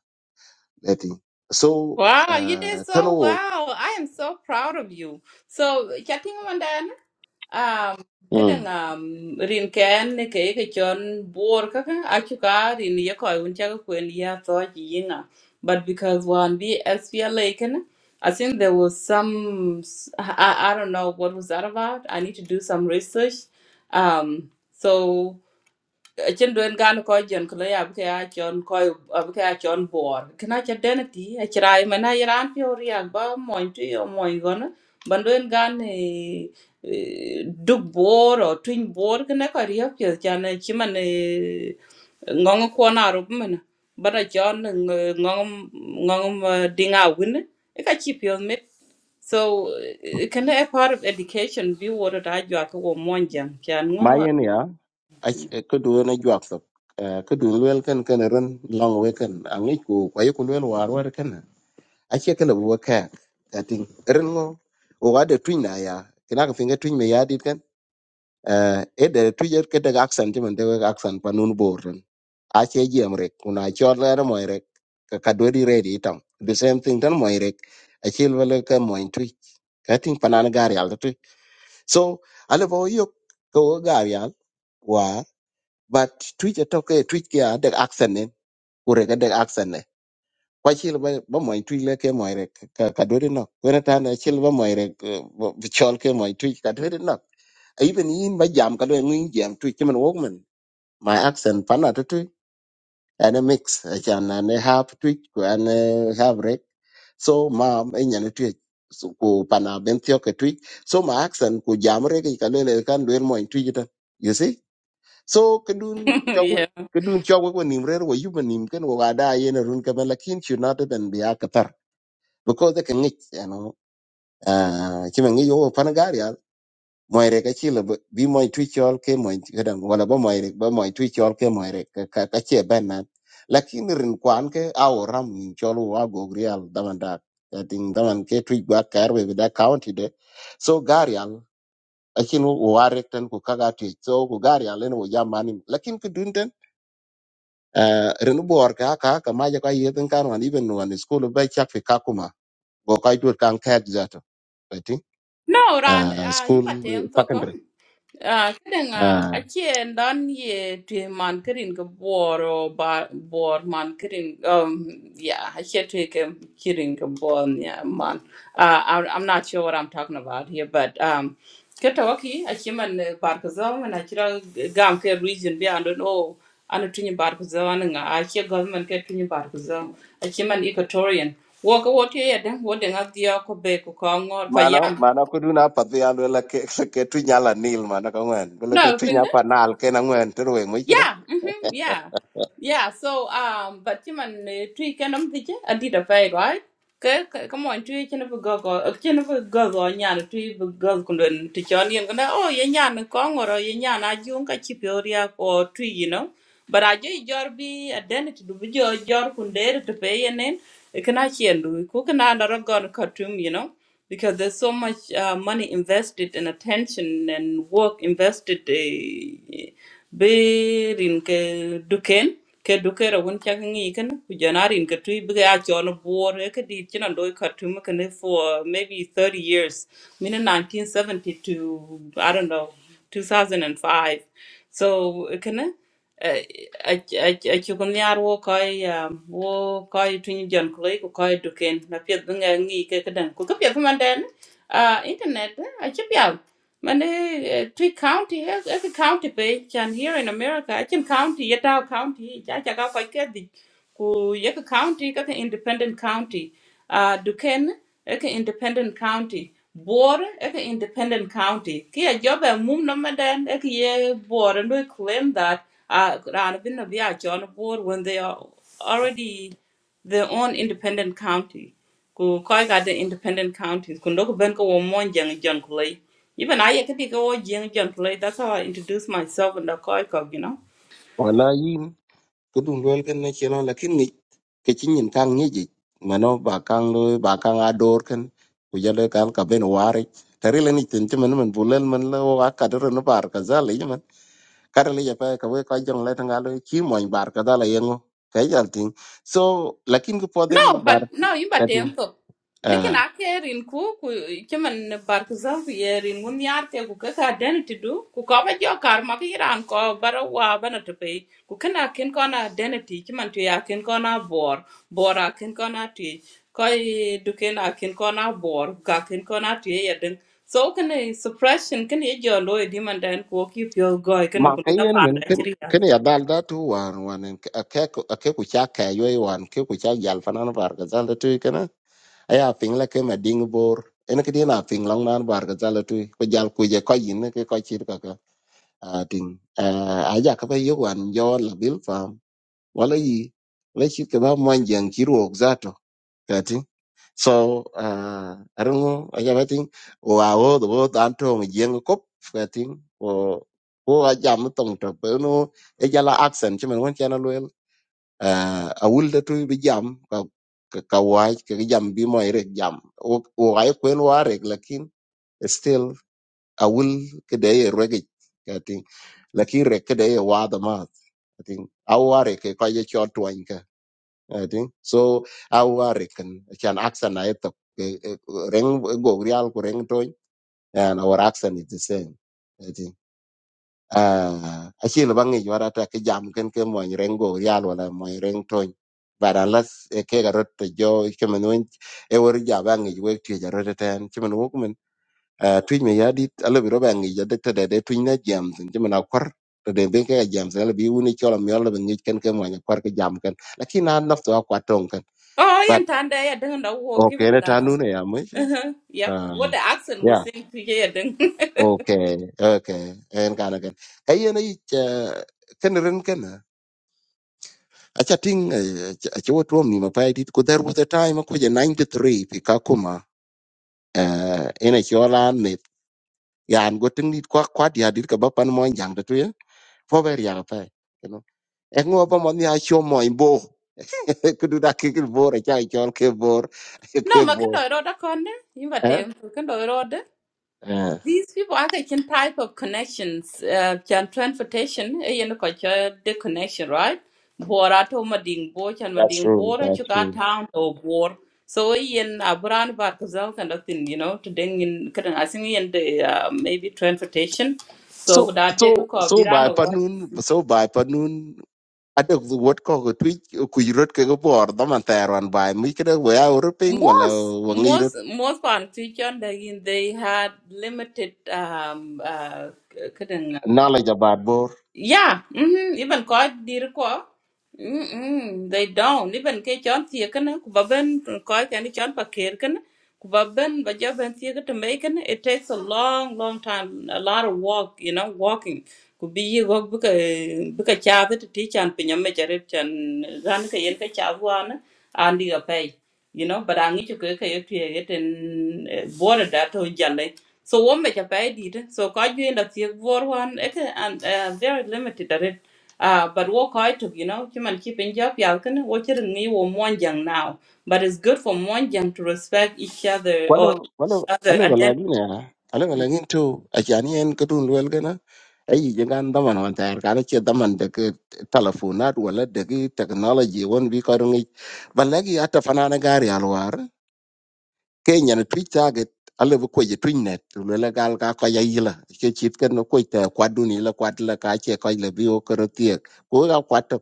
[SPEAKER 4] leti so
[SPEAKER 1] Wow, you
[SPEAKER 4] uh
[SPEAKER 1] did
[SPEAKER 4] tano
[SPEAKER 1] so
[SPEAKER 4] wo
[SPEAKER 1] well. I am so proud of you. So, chatting one then, um,
[SPEAKER 4] mm
[SPEAKER 1] kadang um, rin ken ne ke ke chon bor kaka achuka rin ye koi uncha ka kwen ya to chi yinga. But because one be SPLA ken, I think there was some, s- I, I I don't know what was that about. I need to do some research. Um, so. Achin duen gan ko jen kulo ya buke a chon ko buke a chon bor. Kina cha denati a chirai mana iran pi oriak ba moin tu yo moin gona. Ban duen gan e e, duk bor o tuin bor kina ko riya pi chan chiman ngong ko na rup mana. Bana chon ngong ngong dinga win. Ika chi pi mit. So can a part of education be water that you are to monjang? Can
[SPEAKER 4] mayen ya a ke du na jwak so ke du wel kan kan long we kan angi ku kwa yi ku wel war war kan a che ke le wo ka kati ran ngo o twin na ya kina ka twin me ya kan eh ede tuje kede accent men de accent panun borten a che jiem rek una chol er moy rek ka ka dwedi ready itam the same thing tan moy rek a chil wala ka moy tu ka ting panan gar yal tu so ale bo yok ko gar yal wa but tu je to ke tu ya de accent ne ure ga de accent kwa chil ba ba moy tuy le ke moy rek ka ka do no wena ta na chil ba moy rek eh, bo- bi chol ke moy tuy ka do de nok Ai even yin ba jam ka do ngin jam tuy ke man wok man my accent pana to tuy and a mix chan and a half tuy and a half rek so ma enyan tuy so ko pana ben tyo ke tuy so my accent ko jam rek ka le le kan do moy tuy ta you see so kedun chog
[SPEAKER 1] no?
[SPEAKER 4] kedun chog ko nim rer wo yuba nim ken wo ada yen run ka ban lakin should not even be akatar because they can ngich you know ah chi ma ngich wo pan gar ya moy re ka chi le bi moy tu chol ke moy gadan wala ba moy re ba moy tu chol ke moy re ka ka ka che ben nan lakin rin kwan ke aw ram min chol wa go grial daman da i think daman ke tu ba kar we da county de so gar ya akin wo ware tan ku kaga tu so ku gar ya len wo jamani lakin ku dun den ah rin bor ka ka ka ma ja ka yedin kan wan even wan school ba chak fi kakuma go kai tu kan ka zato
[SPEAKER 1] No, Ran,
[SPEAKER 4] uh,
[SPEAKER 1] uh, in
[SPEAKER 4] school
[SPEAKER 1] Batang Tokum,
[SPEAKER 4] secondary
[SPEAKER 1] uh, kidding, uh, kadang
[SPEAKER 4] uh,
[SPEAKER 1] a chien done ye to man kidding a war or bar war man kidding, um, yeah, I should take him kidding a born, yeah, man. Uh, I'm, I'm not sure what I'm talking about here, but, um, Ketawaki, a human barkazal and a chiral gamke region beyond, oh, and a twin barkazal and a chia government get twin barkazal, a human equatorian. Walk a water, yeah, then what the idea could be, could come or
[SPEAKER 4] mano
[SPEAKER 1] for
[SPEAKER 4] mano ko duna pathi alwe la ke ke tu nyala nil mano ka ngwen bele ke
[SPEAKER 1] No, I've
[SPEAKER 4] tu
[SPEAKER 1] been
[SPEAKER 4] nya
[SPEAKER 1] there.
[SPEAKER 4] panal ke na ngwen tu we ngwi kida
[SPEAKER 1] Yeah, mm-hmm, yeah, yeah. So, um, but you man, three can um, did you? I did a pay right. Okay, come on, three can of a go go, can of a go go, yan, three go go. not to Johnny and gonna, oh, yan, yan, kong or yan, I junk a chip or three, you know. But I do your be identity to be your your kunde to pay and then it can actually and do cook and another gun cartoon, you know. Because there's so much uh, money invested and attention and work invested. Uh, birin ke duken ke dukera wun chak ngi ken ku janarin ke tui bi ya chol bor ke di china doi khartum ken for maybe 30 years min 1970 to i don't know 2005 so ken a cuk ni ar wo kɔc um, wo kɔc tuny jɔn kuloi ku kɔc duken na piɛth bï ŋa ŋii ke kedeng ku ke piɛth bï man dɛn uh, internet eh, a cï pial mani three county has every county page, and here in america I can county ye tau county ca caka kɔc ke dhic ku yaka county kaka independent county uh, duken eka independent county bor eka independent county kia joba mum nomadan eka ye bor and we claim that uh, rana bin na biya John bor when they are already their own independent county ku koi ga the independent counties ku ndoko ben ko wo mon jang jang kulai even i yaka di ko wo jang jang kulai that's how i introduce myself in the koi kog you know
[SPEAKER 4] wala yin ko dun wel ken ne chelo la kin ni ke chin yin kang ni ji mano ba kang lo ba kang ador ken ku jale kal ka ben wari tari le ni tin ti man man bulel man la wa ka der no bar ka za le man kar le ya pa ka we ka jong le tanga lo chi mo bar ka da la yengo ka jal tin so lakin ko poden
[SPEAKER 1] No, but
[SPEAKER 4] bar
[SPEAKER 1] no, you but them to. Nikin ake rin ku ku kiman bar ku zan ku ye rin mun yar ke ku kaka identity du ku ko ba jo kar ma ki ran ko bara wa bana to pe ku kana kin ko identity kiman tu ya kin ko na bor bor a kin ko na tu ko du kin a kin ko bor ka kin ko tu ye den so kan suppression kan ye jo lo e di man dan ku ki pyo go kan
[SPEAKER 4] mà
[SPEAKER 1] ku
[SPEAKER 4] cái
[SPEAKER 1] na
[SPEAKER 4] này nó
[SPEAKER 1] pa
[SPEAKER 4] mình
[SPEAKER 1] da
[SPEAKER 4] cái
[SPEAKER 1] chiri ya
[SPEAKER 4] cái này đã làm được một một cái cái cái cuộc chia sẻ với một cái cuộc chia sẻ với fan hàng của người dân là tôi cái na cái phim này cái mà đỉnh bờ, cái này cái gì là phim long nam của người dân là tôi bây giờ cô ấy coi hình nó cái coi chìu cái cái đỉnh, à, à, chắc phải yêu anh yêu là biểu phẩm, vậy thì vậy chỉ có một mình nhân khí luôn rất là tốt, cái gì So uh, I don't know. I have think. Oh, I oh, the word anto me jeng kop. I think. Oh, oh, I jam tong to. But no, I jala accent. Chứ mình không chana luôn. Uh, I will the two be jam. Ka ka ka wai ka cái jam bi mo irek jam. Oh, oh, I quen wa rek. Lakin still I will kede rek. I think. Lakin rek kede wa the math. I think. Awari ke kaje chotwa I think so our reckon can accent na eto reng go real ko reng toy and our accent is the same I think uh actually bang e jwara ta ke jam ken ke mo reng go real wala mo reng toy but unless e ke garot to jo kemen won e wor ja bang e we ti ja rot ten kemen wo kemen uh twin me ya dit ala bi ro bang e ja de te de twin na jam tin kemen akor to de be ke jam sala bi woni chola mi ala ben ngi ken ke mo kwar ke jam ken lakini na nafto akwa tong ken
[SPEAKER 1] oh yan tan da ya den da wo ki
[SPEAKER 4] Okay, na tanu ne ya mo cho.
[SPEAKER 1] Uh-huh. Yep.
[SPEAKER 4] à
[SPEAKER 1] What the accent was
[SPEAKER 4] yeah.
[SPEAKER 1] saying to hear then.
[SPEAKER 4] Okay, okay. En kana ken. Kayen ai ken ren ken. Acha ting acha wotrom ni mapai dit ko there was a time ko je 93 pi kakuma. Eh ene chola ne yan go ting dit kwa kwa dia dit ka bapan mo jang da tuye. Fo ber ya pa. You know. Ek ngo pa mo ni a cho mo imbo. Kudu da ke bor acha chol ke bor ke
[SPEAKER 1] No, ma
[SPEAKER 4] bor.
[SPEAKER 1] kendo roda konde. Yimba
[SPEAKER 4] Eh?
[SPEAKER 1] tem kendo roda.
[SPEAKER 4] yeah
[SPEAKER 1] These people are taking type of connections. Uh, chan transportation. Eh, you know, kocha the connection, right? Bora to ma ding bo chan ma
[SPEAKER 4] That's
[SPEAKER 1] ding
[SPEAKER 4] true.
[SPEAKER 1] bora
[SPEAKER 4] That's
[SPEAKER 1] chuka
[SPEAKER 4] true.
[SPEAKER 1] town to bor. So yen abran bar kuzal kind of thing, you know, to ding in kind of asing yen the uh, maybe transportation. So
[SPEAKER 4] so
[SPEAKER 1] kuda
[SPEAKER 4] so
[SPEAKER 1] de ko
[SPEAKER 4] so bai
[SPEAKER 1] birano
[SPEAKER 4] panun so bai panun ada wot ko ko twi ku yurot ke ko bor da man terwan bai mi kede we a urping wala
[SPEAKER 1] most
[SPEAKER 4] wangi
[SPEAKER 1] most
[SPEAKER 4] rot
[SPEAKER 1] most politicians they, they had limited um uh, cutting
[SPEAKER 4] knowledge about bor
[SPEAKER 1] yeah, mm-hmm. Even ko dir ko. Mm-mm. They don't. Even ke chon thie kana ku baben ko ka ni chon pakir kana ku baben ba jo ben thie to make kana it takes a long long time a lot of walk you know walking ku be ye go bu ka bu ka cha ta ti chan pinya me chare chan ran ka yen ka cha wan andi pay you know but I need to go ye thie ye ten border da to Jale. So one make a pay did so quite you end up here for one okay and uh, very limited at it. Uh, but what quite of you know human keeping job yalkin what you me or one young now. But it's good for one young to respect each other or
[SPEAKER 4] kwalo kwalo
[SPEAKER 1] each other
[SPEAKER 4] ale wala
[SPEAKER 1] identity.
[SPEAKER 4] gi ne ale wala ngin to a jani en ko dun wel gana ai jangan da man wan ter kana che da man de ke telefonat wala de ke technology won bi ko ngi balagi ata fanana gari alwar ke nyen twit target ale bu koje twin net le le gal ka ko ya yila ke chit ken ko te kwadu ni le kwat le ka che ko le bi o kro tie ko ga kwat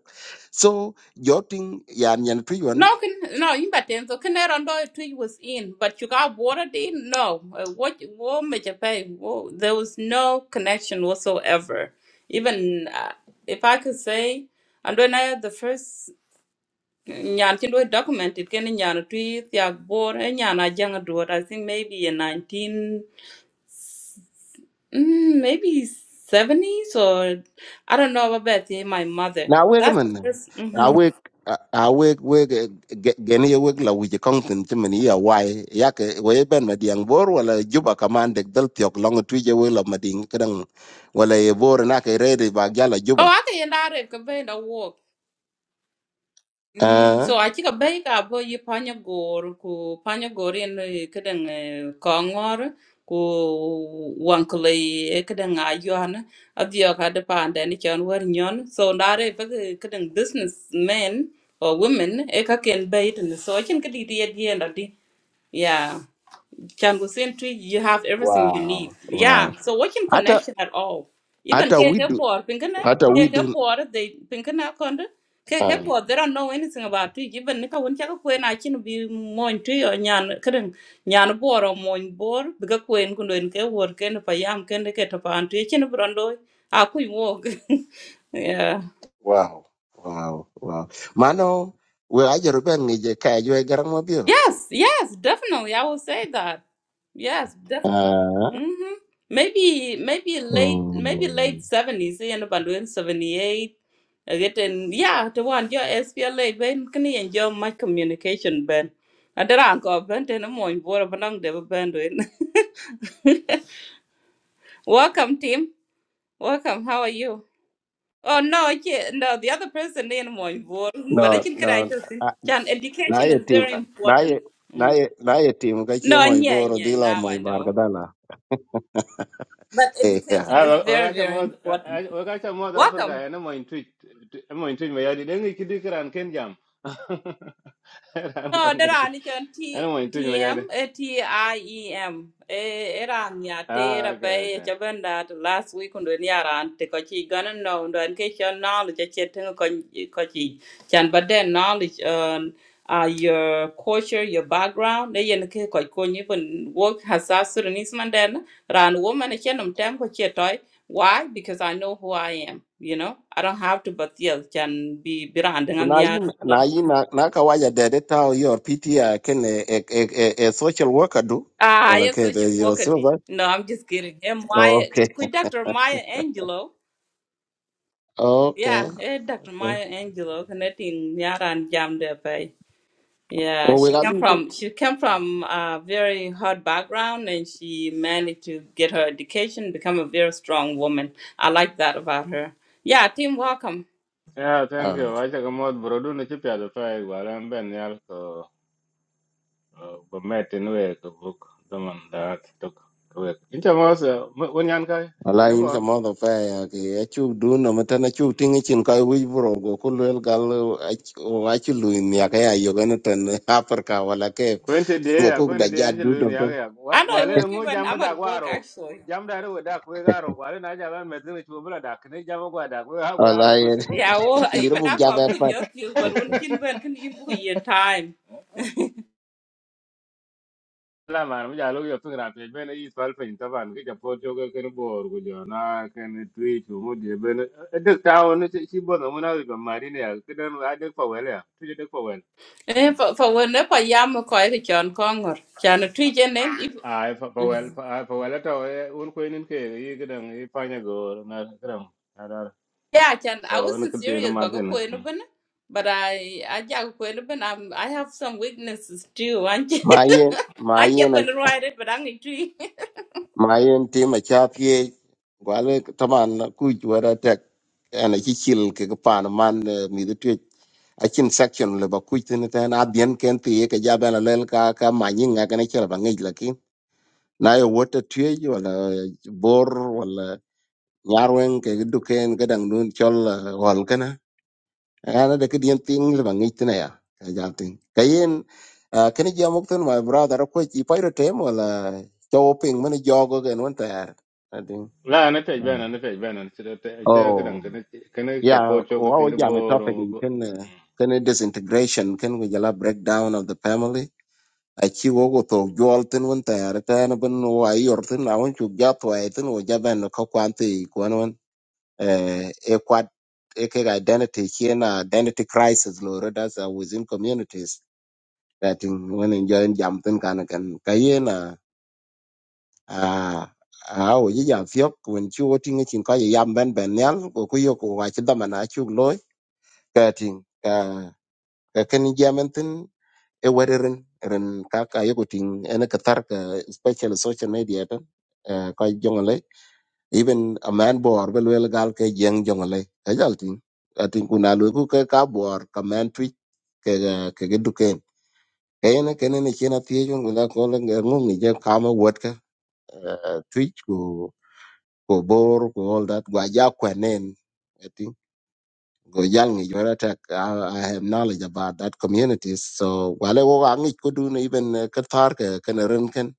[SPEAKER 4] so joting ya nyen twit won
[SPEAKER 1] No, can, no, you but then so can I don't know if it was in, but you got watered in? No, uh, what what make a pay? Whoa, there was no connection whatsoever. Even uh, if I could say, and when I had the first. nyan ti lo documented document it ken nyan twi tiak bor e nyan a jang do I think maybe in 19 mm, maybe 70s or I don't know about that my mother
[SPEAKER 4] na we ga
[SPEAKER 1] that's the
[SPEAKER 4] man
[SPEAKER 1] first
[SPEAKER 4] a
[SPEAKER 1] mm-hmm.
[SPEAKER 4] we a we we gen ye we la wije kong tin ti men ya wai ya ke we ben ma diang bor wala juba kaman de dal tiok long twit je we la ma ding kedang wala ye bor na ke re de ba gala
[SPEAKER 1] oh
[SPEAKER 4] juba
[SPEAKER 1] I can you not have been a walk Mm,
[SPEAKER 4] ah
[SPEAKER 1] so I think a cï kabëy ka abo yï panyö gor ku panyö gor ën këdëng köngör ku wankule këdëng ayön adhö kadï pan dënë cön wër nyon so na rë pë këdëng business men or women ëka can bëy tïnï so acën kï dït yët yen ödï ya Chan Gusin Tui, you have everything you need.
[SPEAKER 4] wow wow
[SPEAKER 1] Yeah. So watching
[SPEAKER 4] ata
[SPEAKER 1] connection at all. Even
[SPEAKER 4] ata
[SPEAKER 1] KK
[SPEAKER 4] widu
[SPEAKER 1] Board, Pinkana,
[SPEAKER 4] Hata we
[SPEAKER 1] KK
[SPEAKER 4] do.
[SPEAKER 1] Board, they Pinkana Konda.
[SPEAKER 4] Ah,
[SPEAKER 1] KK Board, they don't know anything about Tui. Even Nika Winchaka Queen, I can be Moin Tui or Nyan Karen, Nyan Board or Moin Board, Bigger Queen Kundo in K work and if I am can get upon Tui, Chin Brondo, I could walk. Yeah.
[SPEAKER 4] wow, wow, wow. Mano, we ajero ben ng'ije ka ajwe garang mabiro.
[SPEAKER 1] Yes, yes, definitely. I will say that. Yes,
[SPEAKER 4] Ah,
[SPEAKER 1] Mm-hmm. Maybe maybe late maybe late
[SPEAKER 4] mm.
[SPEAKER 1] seventies, you know, but in seventy eight. I get in yeah, the one your SPLA ben can you enjoy my communication ben. I don't did uncle ben to no more board of long devil ben doing. Welcome team. Welcome. How are you? Oh no, I can't- no, the other person in more board,
[SPEAKER 4] no,
[SPEAKER 1] but I can
[SPEAKER 4] no.
[SPEAKER 1] I just
[SPEAKER 4] ah,
[SPEAKER 1] can education
[SPEAKER 4] Naye
[SPEAKER 1] is
[SPEAKER 4] tim,
[SPEAKER 1] very important.
[SPEAKER 4] naye,
[SPEAKER 1] Mm.
[SPEAKER 4] naye, naye tim ka
[SPEAKER 1] No,
[SPEAKER 4] chiemo
[SPEAKER 1] yeah,
[SPEAKER 4] iboro
[SPEAKER 1] yeah,
[SPEAKER 4] dhila
[SPEAKER 1] now
[SPEAKER 4] mo
[SPEAKER 1] I
[SPEAKER 4] ibar
[SPEAKER 1] know.
[SPEAKER 4] kadala.
[SPEAKER 1] But
[SPEAKER 4] Yeah.
[SPEAKER 1] education
[SPEAKER 7] Ah,
[SPEAKER 1] is very,
[SPEAKER 7] wakacha
[SPEAKER 1] very
[SPEAKER 7] mod
[SPEAKER 1] important.
[SPEAKER 7] ah, wakacha mod
[SPEAKER 1] Welcome.
[SPEAKER 7] Africa ene mo intui mo intui mo yadi dengi kidi kiran ken jam. Ran
[SPEAKER 1] No,
[SPEAKER 7] gonge.
[SPEAKER 1] dera ni chon
[SPEAKER 7] Ene
[SPEAKER 1] T
[SPEAKER 7] mo intui
[SPEAKER 1] T
[SPEAKER 7] mo yadi.
[SPEAKER 1] M A T I E M. E era nya tera
[SPEAKER 7] Ah, okay,
[SPEAKER 1] pe
[SPEAKER 7] okay.
[SPEAKER 1] chabenda last week undo ni aran te ko chi gonna know undo an ke chon knowledge che che tengo ko ko chi chan but then knowledge um uh, your culture, your background, they yen ke ko ko ni pun work hasasur ni sman den ran woman che num tem ko che toy why because I know who I am you know I don't have to but yes can be brand
[SPEAKER 4] Kuna yin,
[SPEAKER 1] ngan
[SPEAKER 4] na yin na na kawaja dede tao your PTI kene e, e, e, e e social worker do.
[SPEAKER 1] Ah,
[SPEAKER 4] Wala
[SPEAKER 1] yes,
[SPEAKER 4] ke
[SPEAKER 1] I
[SPEAKER 4] be
[SPEAKER 1] social
[SPEAKER 4] your
[SPEAKER 1] worker D.
[SPEAKER 4] silver.
[SPEAKER 1] No, I'm just kidding. And Maya,
[SPEAKER 4] Okay.
[SPEAKER 1] could Dr. Maya Angelo?
[SPEAKER 4] Okay.
[SPEAKER 1] Yeah, eh, Dr.
[SPEAKER 4] okay.
[SPEAKER 1] Maya Angelo, connecting Nyara and Jam there, pay. Yeah,
[SPEAKER 4] Oh, we
[SPEAKER 1] she
[SPEAKER 4] got
[SPEAKER 1] came
[SPEAKER 4] me too.
[SPEAKER 1] from she came from a very hard background, and she managed to get her education, become a very strong woman. I like that about her. Yeah, team, welcome.
[SPEAKER 7] Yeah, thank
[SPEAKER 4] Ah.
[SPEAKER 7] you. Wacha ka mod brodu ne chipya do fa igual en ben yal ko ko metin we ko book daman dat tok ko we. Incha mos won yan kai.
[SPEAKER 4] wala
[SPEAKER 7] Ina
[SPEAKER 4] in
[SPEAKER 7] po?
[SPEAKER 4] sa modo pa ya ke achu du no mata na chu tinga chin ka wi bro go ko lel gal o achu lu in ya ka ya yo gana tan apar ka wala ke
[SPEAKER 7] Kwente
[SPEAKER 4] go
[SPEAKER 7] dea,
[SPEAKER 4] ko da
[SPEAKER 7] kwente dea
[SPEAKER 4] ja
[SPEAKER 7] anje
[SPEAKER 4] du do
[SPEAKER 7] luini yake
[SPEAKER 4] tan
[SPEAKER 7] ya.
[SPEAKER 1] I know I
[SPEAKER 7] Gwale
[SPEAKER 1] work
[SPEAKER 7] na ngu
[SPEAKER 1] even
[SPEAKER 7] jamu
[SPEAKER 1] I'm
[SPEAKER 7] da
[SPEAKER 1] at work
[SPEAKER 7] gwaro.
[SPEAKER 1] actually.
[SPEAKER 7] jam da ruwe da kwe garo. Gwale na jaga mezini chubula da. Kini jamu gwa da kwe ha gwaro.
[SPEAKER 4] wala ye
[SPEAKER 7] Bas.
[SPEAKER 1] Yeah, well,
[SPEAKER 4] yiro
[SPEAKER 1] even
[SPEAKER 4] bu
[SPEAKER 1] I
[SPEAKER 4] ja
[SPEAKER 1] call
[SPEAKER 4] ba
[SPEAKER 1] book
[SPEAKER 4] pa
[SPEAKER 1] just you, but when kin when can you book your time?
[SPEAKER 7] La man, mja lugi yotu ngra pej. Bene yi swal pej taban. Kija pocho ke kene bor kujo. Na kene tui chumu die. Bene. Edek tao ni si bono muna wika marine ya. Kiden adek pa wele ya. Tuje dek pa wele.
[SPEAKER 1] Eh, for for when never yam ko e chon kongor. Chan tui jene. if-
[SPEAKER 7] ai fa fa wel fa fa wel to e un ko nin ke yi gidan yi panya go na gidan ada
[SPEAKER 1] Yeah, chan. I
[SPEAKER 7] so ne
[SPEAKER 1] wasn't
[SPEAKER 7] kete na
[SPEAKER 1] serious, but ko
[SPEAKER 7] martin
[SPEAKER 1] e no bana. But I, I jag ko e no bana. I'm- I have some weaknesses too. Anche,
[SPEAKER 4] ma ye ma ye
[SPEAKER 1] anche
[SPEAKER 4] na
[SPEAKER 1] ko no right, but I'm tui.
[SPEAKER 4] ma ye ti ma cha pye wala taman ku ju ra tek ana chi chil ke ka pan man eh, mi de tu achin section le ba kuitin ten abien ken ti ye ke ja ba lel ka ka ma nyin ga ne chela ba ngi la na ye wota tueej wala bor wala larwen ke duken gadang nun chol ah, hol kana ana de kedien ting le bangi tina ya ka ja ting kayen kani ja mukten my brother ko chi pairo tem wala choping man jogo gen won ter i
[SPEAKER 7] la na te bena na te bena ce te ce gidan
[SPEAKER 4] oh
[SPEAKER 7] kana kana ke ne te
[SPEAKER 4] yeah
[SPEAKER 7] po cho ko
[SPEAKER 4] wa wa
[SPEAKER 7] te
[SPEAKER 4] ja me
[SPEAKER 7] boro
[SPEAKER 4] topic you can uh, can disintegration can we jala breakdown of the family aci wo ku thok juɔl thïn wen ta, tɛɛn bïn wa yor thïn na wen cuk ja thuɛi thïn wo ja bɛn ka kuan thï kuɛn wen eh, e kuat e kek identity ci na identity crisis lo redas uh, within communities that in wen enjoyin jam thïn kanakan ka yen a a wo ji jam fiök wen ci wo tiŋe cin ka ji yam bɛn bɛn nial ko ku yok ku waci dhaman acuk loi ka tiŋ ka ka keni jɛmɛn e wari ren ren kaka yoko ting ene katar ka special social media tan eh, ka jongole even a man bor bel wel gal ke jeng jongole ka jal ting atin kuna lu ku ke ka bor ka man twitch ke ga- ke ge duken ke ene ke ne chena tie jong la ko le ngum ni je kama wot ka twitch ko ko bor ko all that gwa ja kwanen Goyal ngi Jola Tek. I, I have knowledge about that communities. So wale wo angi kudun even uh, kathar ke kanarin ken.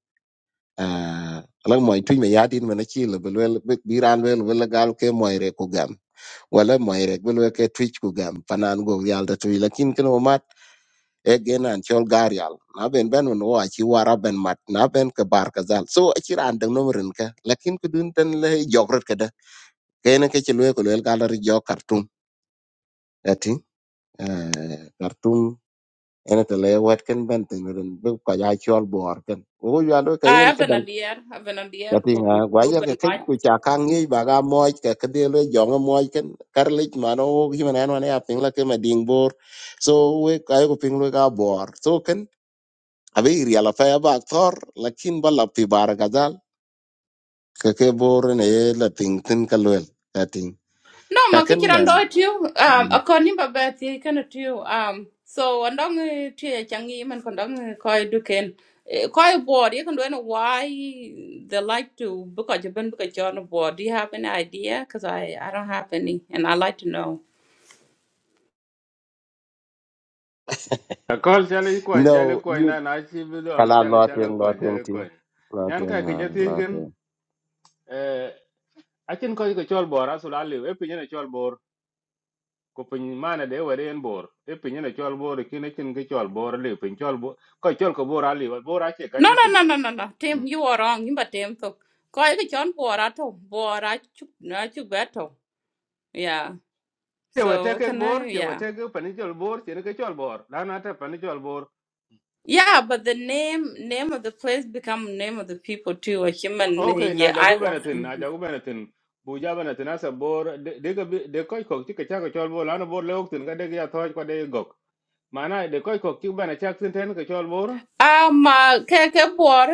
[SPEAKER 4] Uh, alang moy tuñ me yadin mana ci le bel biran wel wel gal ke moy re ku gam wala moy re bel ke twitch ku gam panan go yal da tuy lakin ken o mat e genan chol gar yal na ben ben no wa ci wara ben mat na ben ke bar ka zal so ci ran dang no ren ka lakin kudun tan le jogrot ka da kene ke ci le ko wel gal ri jo kartum ati kartum ene te le wet ken ben te ne ren bu ka ya chol bor ken wo ya lo ka
[SPEAKER 1] I
[SPEAKER 4] yen
[SPEAKER 1] have
[SPEAKER 4] ke
[SPEAKER 1] been a
[SPEAKER 4] dang
[SPEAKER 1] dear, I've been a
[SPEAKER 4] ka
[SPEAKER 1] dear
[SPEAKER 4] ti
[SPEAKER 1] ko
[SPEAKER 4] nga gwa ya ke ken
[SPEAKER 1] Ruben
[SPEAKER 4] ku cha ka ngi ba ga mo ke ke de le jo mo mo ken kar le ma no hi ma na na ya ping la ke ma ding bor so we ka yo ping lo ga bor so ken a be ri ala fa ya ba tor lakin ba la pi bar ga dal ke ke bor ne ye la ting tin ka lo ka ting
[SPEAKER 1] No,
[SPEAKER 4] ka
[SPEAKER 1] ma
[SPEAKER 4] ken
[SPEAKER 1] kichiran do
[SPEAKER 4] men
[SPEAKER 1] tiu. Um,
[SPEAKER 4] Mm.
[SPEAKER 1] akon nimba beth ye kana tiu. Um, so andong tiu ya changi man kondong koi duken. E, Koi board, you can do know why they like to book a job and book a job on board. Do you have any idea? Because I, I don't have any and I like to know.
[SPEAKER 7] ta kol chale yi kwan
[SPEAKER 4] no
[SPEAKER 7] jale kwan
[SPEAKER 4] ye
[SPEAKER 7] na na chi bi do am
[SPEAKER 4] kala lo
[SPEAKER 7] chale
[SPEAKER 4] twen
[SPEAKER 7] chale
[SPEAKER 4] lo
[SPEAKER 7] kwan
[SPEAKER 4] twen
[SPEAKER 7] jale
[SPEAKER 4] ti
[SPEAKER 7] kwan
[SPEAKER 4] lo
[SPEAKER 7] nyan
[SPEAKER 4] twen
[SPEAKER 7] ka ke jati
[SPEAKER 4] lo
[SPEAKER 7] gen
[SPEAKER 4] twen
[SPEAKER 7] eh akin ko ko chol bor asul ali e pinye ne chol bor ko pin mana de were en bor e pinye ne chol bor ki ne kin akin ke chol bor le pin chol bor ko chol ko bor ali bor ache ka
[SPEAKER 1] No,
[SPEAKER 7] je
[SPEAKER 1] no,
[SPEAKER 7] piny.
[SPEAKER 1] no, no, no, no. Tim, you are wrong. You but Tim, so koi ke John board ato. Board I chuk, na chuk beto. Yeah. So,
[SPEAKER 7] cheweteke
[SPEAKER 1] can
[SPEAKER 7] bor
[SPEAKER 1] I, yeah.
[SPEAKER 7] cheweteke panichol bor chene ke chol bor lana ta panichol bor
[SPEAKER 1] Yeah, but the name name of the place become name of the people too. A human, eh,
[SPEAKER 7] okay na
[SPEAKER 1] yeah, I
[SPEAKER 7] jagu
[SPEAKER 1] was.
[SPEAKER 7] benetin na jagu benetin buja benetin asa bor de de ke de koy kok ti ke cha ke chol bor lana bor leok tin ga de ke ya thoj ko de gok mana de koy kok ti bana chak tin ten ke chol bor
[SPEAKER 1] Um, uh, ke ke bor,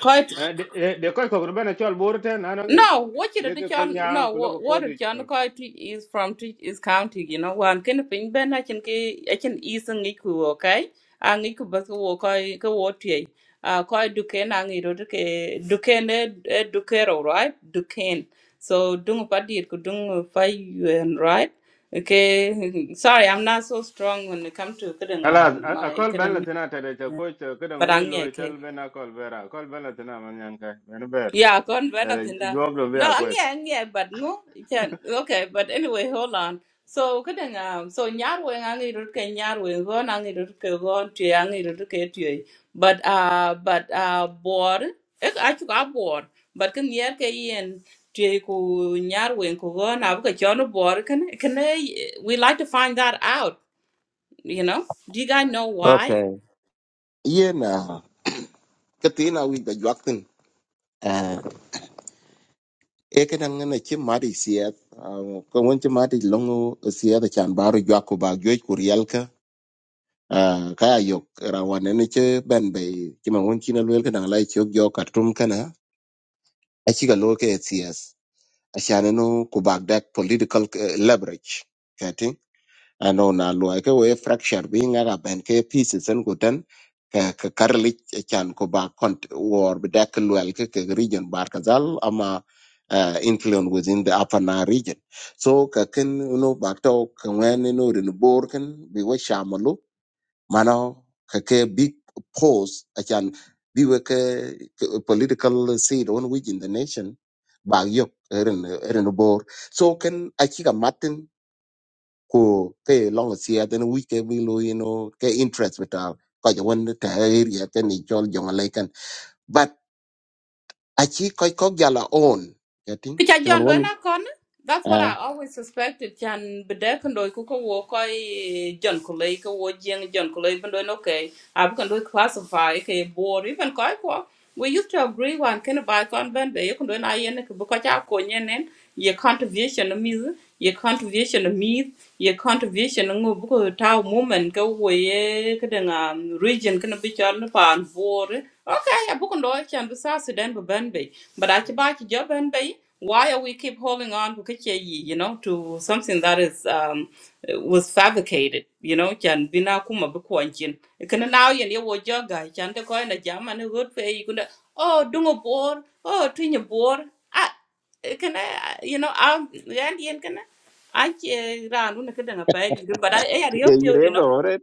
[SPEAKER 1] ke
[SPEAKER 7] Eh, de de- de koy kok bana chol bor ten na na nge
[SPEAKER 1] No, what you
[SPEAKER 7] de
[SPEAKER 1] did
[SPEAKER 7] ke kol
[SPEAKER 1] chan
[SPEAKER 7] nyang
[SPEAKER 1] no
[SPEAKER 7] ku ko
[SPEAKER 1] what what the
[SPEAKER 7] kodi
[SPEAKER 1] chan kai is from Twi- is county, you know, one can ping ben I can ke I can ease an iku okay? Ang iku bas ko kai ko what ye. Uh kai duken ang iro duke duken e dukero, right? Duken. So dung padi ko dung fai and right? Okay. Sorry, I'm not so strong when it comes to kidding
[SPEAKER 7] ala
[SPEAKER 1] um
[SPEAKER 7] a
[SPEAKER 1] my
[SPEAKER 7] kol ben la
[SPEAKER 1] kidding
[SPEAKER 7] tina ta de ta ko ta ke dang
[SPEAKER 1] but
[SPEAKER 7] wo
[SPEAKER 1] I'm
[SPEAKER 7] lo
[SPEAKER 1] yeah,
[SPEAKER 7] chal
[SPEAKER 1] Okay.
[SPEAKER 7] bena kol bera kol ben la tina man nyan ka ben ber
[SPEAKER 1] Yeah, con when
[SPEAKER 7] ta
[SPEAKER 1] up
[SPEAKER 7] de
[SPEAKER 1] in that.
[SPEAKER 7] job lo be
[SPEAKER 1] No,
[SPEAKER 7] a
[SPEAKER 1] I'm
[SPEAKER 7] kwes
[SPEAKER 1] yeah, I'm yeah, but no, you can okay, but anyway, hold on. So good and um so nyar wing ang irut ke nyar wing gon ang irut ke gon tue ang irut ke tue. But uh but uh bor ek achu a bor but can yer ke yen tue ku nyar wing ku gon abu ke chono bor Can can we like to find that out, you know. Do you guys know why?
[SPEAKER 4] Okay. yen uh, ka tin a wik da jwak tin uh, e ka dang na chi mari siet uh, ka won chi mari longo siet chan baro jwak ko ba joj ku riel ka uh, ka ya yok ra wan ne che ben be chi ma won chi na lwel ka dang lai chok jo kartum kana a chi ga lo ke cs a shan no ku bag that political uh, leverage ano na luai ke we fracture being nga ga ben ke pieces en gutan ke ke karli chan ko ba kont war bi dak luel ke ke region bar kazal ama uh, influence within the upper nile region so ka ken no ba to ka wen no rin bor ken bi we shamalu mano ka ke big pause achan bi we ke, ke political seed on which in the nation ba yok erin erin bor so ken achi ka matin ku ke long sia den wi ke bi lu you know ke interest beta ko ja won ta area ke ni chol jong le kan but a chi ko ko ja la own getting
[SPEAKER 1] Kicha
[SPEAKER 4] ki
[SPEAKER 1] John
[SPEAKER 4] man
[SPEAKER 1] do
[SPEAKER 4] won
[SPEAKER 1] na kon. That's what
[SPEAKER 4] eh
[SPEAKER 1] I always suspected. Chan bede kando kuko wo koi John Kulei ko wo jeng John Kulei bendo no okay. Abu kando classify ke board even koi ko. We used to agree one can buy con ben be kando na yen ke buka cha ko yenen ye contribution of me ye contribution of me ye contribution ngo buko ta moment ko wo ye kedanga region kana bichar na pan board. Okay, abu kando chan bisa Sudan ben be. But I buy job ben be why are we keep holding on to kiche yi, you know to something that is um was fabricated you know chan bina kuma bu kwanchin kana now yen ye wo joga chan de ko na jam jama ne god pe yi kunda oh dungo bor oh tinyo bor ah kana you know am yan yen kana I ran una kada na pay. but I I
[SPEAKER 4] e
[SPEAKER 1] help you you
[SPEAKER 4] irem
[SPEAKER 1] know
[SPEAKER 4] no ore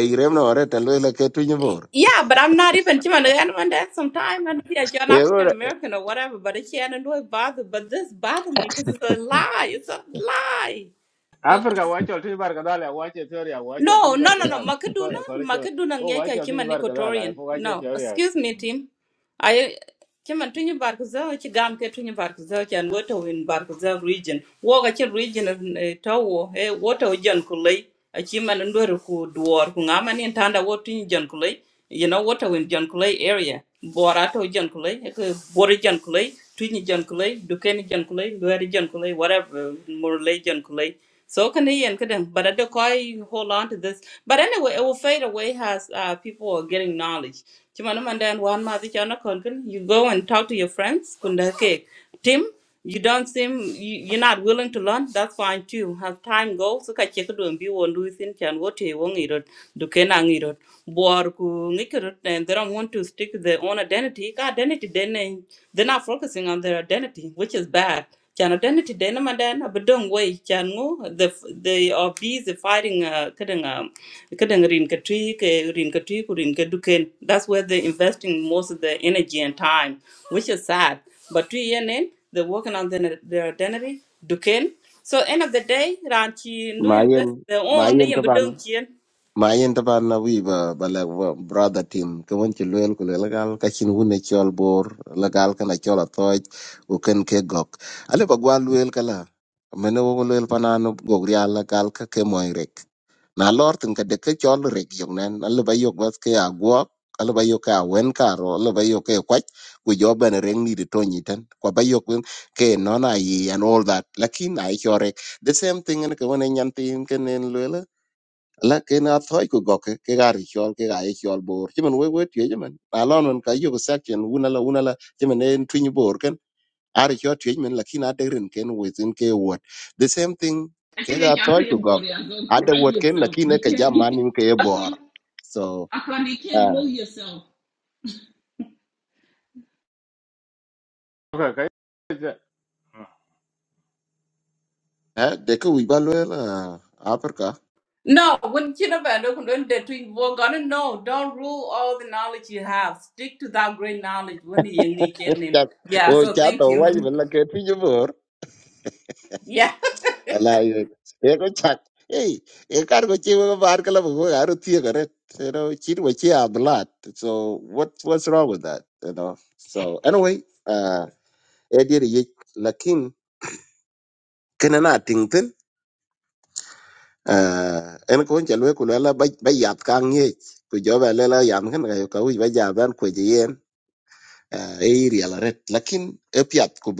[SPEAKER 4] e irem no ore ta lo le ke tu ni bor
[SPEAKER 1] yeah, but I'm not even Chima anyone that sometime and yeah, you're an
[SPEAKER 4] e
[SPEAKER 1] African
[SPEAKER 4] ore
[SPEAKER 1] American or whatever, but it can't annoy bother. But this bothers me because it's a lie. It's a lie.
[SPEAKER 7] Africa wachol tuny bar kadhal wache Ethiopia wachol
[SPEAKER 1] No,
[SPEAKER 7] tuny
[SPEAKER 1] no,
[SPEAKER 7] bar
[SPEAKER 1] no, no.
[SPEAKER 7] kadhal
[SPEAKER 1] Makaduna,
[SPEAKER 7] ko ko leche
[SPEAKER 1] Makaduna
[SPEAKER 7] o
[SPEAKER 1] ngeke
[SPEAKER 7] wachol
[SPEAKER 1] kima
[SPEAKER 7] tuny
[SPEAKER 1] ni
[SPEAKER 7] bar kadhal
[SPEAKER 1] Nikotorian.
[SPEAKER 7] ko wache
[SPEAKER 1] No,
[SPEAKER 7] Ethiopia
[SPEAKER 1] excuse me, team. I kima tunyi barkuza chi gamke tunyi barkuza chi and water in barkuza region. Woga chi region eh, tawo eh water ujan kulei. Achima ndweru ku duor ku ngama ni e ntanda wotu ni jan kulei. You know water in jan kulei area. Borato to jan kulei, ke bori jan kulei, tunyi jan kulei, dukeni jan kulei, ndweru jan kulei, whatever, murlei jan kulei. So can they and couldn't, but I do quite hold on to this. But anyway, it will fade away as uh, people are getting knowledge. Chimanamandan one month you go and talk to your friends. Kunda ke Tim, you don't seem you, you're not willing to learn. That's fine too. As time goes, so kachi kudu mbi wondu isin chan wote wongirot dukena ngirot bor ku ngikirot and they don't want to stick to their own identity. Ka Identity then they- they're not focusing on their identity, which is bad. Chan identity dena madan abedong way chan ngo the the are the fighting uh kadang um kadang rin katri ke rin katri ku rin kaduken. That's where they're investing most of their energy and time, which is sad. But two year in they're working on their, their identity, duken. So end of the day, Ranchi do
[SPEAKER 4] ma yen
[SPEAKER 1] invest their
[SPEAKER 4] ma
[SPEAKER 1] own they
[SPEAKER 4] yen
[SPEAKER 1] bedong chien.
[SPEAKER 4] ma yin ta ban na wi ba ba la ba brother team ka won ci loyal ko la gal ka chin wona chol bor la gal kana chola toj u ken ke gok ale ba gwa loyal kala mene wo ko loyal panano gog ria la gal ka ke moy rek na lor tin ka de ke chol rek yok nen ale ba yok bas ke a gwo ale ba yok a wen ka ro ale ba yok ke kwach ku jo ben reng ni de toni tan ko ba yok wen ke no na yi and all that lakin ai chorek the same thing ne ka wona nyantin ken en la ke na thoy ko gok ke ke gar chol ke ga e chol bor ti man we we ti je man a lon man ka yo section una la una la ti man en twin bor ken ar cho ti man la kina de ren ken we tin ke wot the same thing
[SPEAKER 1] I can
[SPEAKER 4] ke
[SPEAKER 1] make
[SPEAKER 4] ga
[SPEAKER 1] you
[SPEAKER 4] thoy
[SPEAKER 1] pay
[SPEAKER 4] ko
[SPEAKER 1] more.
[SPEAKER 4] gok
[SPEAKER 1] Go
[SPEAKER 4] ada
[SPEAKER 1] correct
[SPEAKER 4] wot ken la
[SPEAKER 1] yourself.
[SPEAKER 4] kina
[SPEAKER 1] You
[SPEAKER 4] ka
[SPEAKER 1] can't.
[SPEAKER 4] ja
[SPEAKER 1] You can,
[SPEAKER 4] man in ke
[SPEAKER 1] I
[SPEAKER 4] bor
[SPEAKER 1] can't.
[SPEAKER 4] so
[SPEAKER 1] I can't. You can't
[SPEAKER 4] ah
[SPEAKER 1] rule yourself.
[SPEAKER 7] okay kai
[SPEAKER 4] eh, de ko wi ba lo la africa
[SPEAKER 1] No, when Chinabando when the twin work on it, no, don't rule all the knowledge you have. Stick to that great knowledge when you need name.
[SPEAKER 4] o
[SPEAKER 1] Yeah, so
[SPEAKER 4] cha to
[SPEAKER 1] thank
[SPEAKER 4] wa ji
[SPEAKER 1] you.
[SPEAKER 4] man la ke twin
[SPEAKER 1] Yeah.
[SPEAKER 4] Wala yun. Eko chak. Hey, ekar ko chi mga bar kala mga aro tiya kare. You know, chin wa chi a blood. So what what's wrong with that? You know. So anyway, uh, edir yik lakin kena na ting tin. Uh, en ko njalwe kulala bayat kang yik. Ku joba lela yam kan kayo kawij bajaban ku jiyen. uh, area la red lakin epiat ku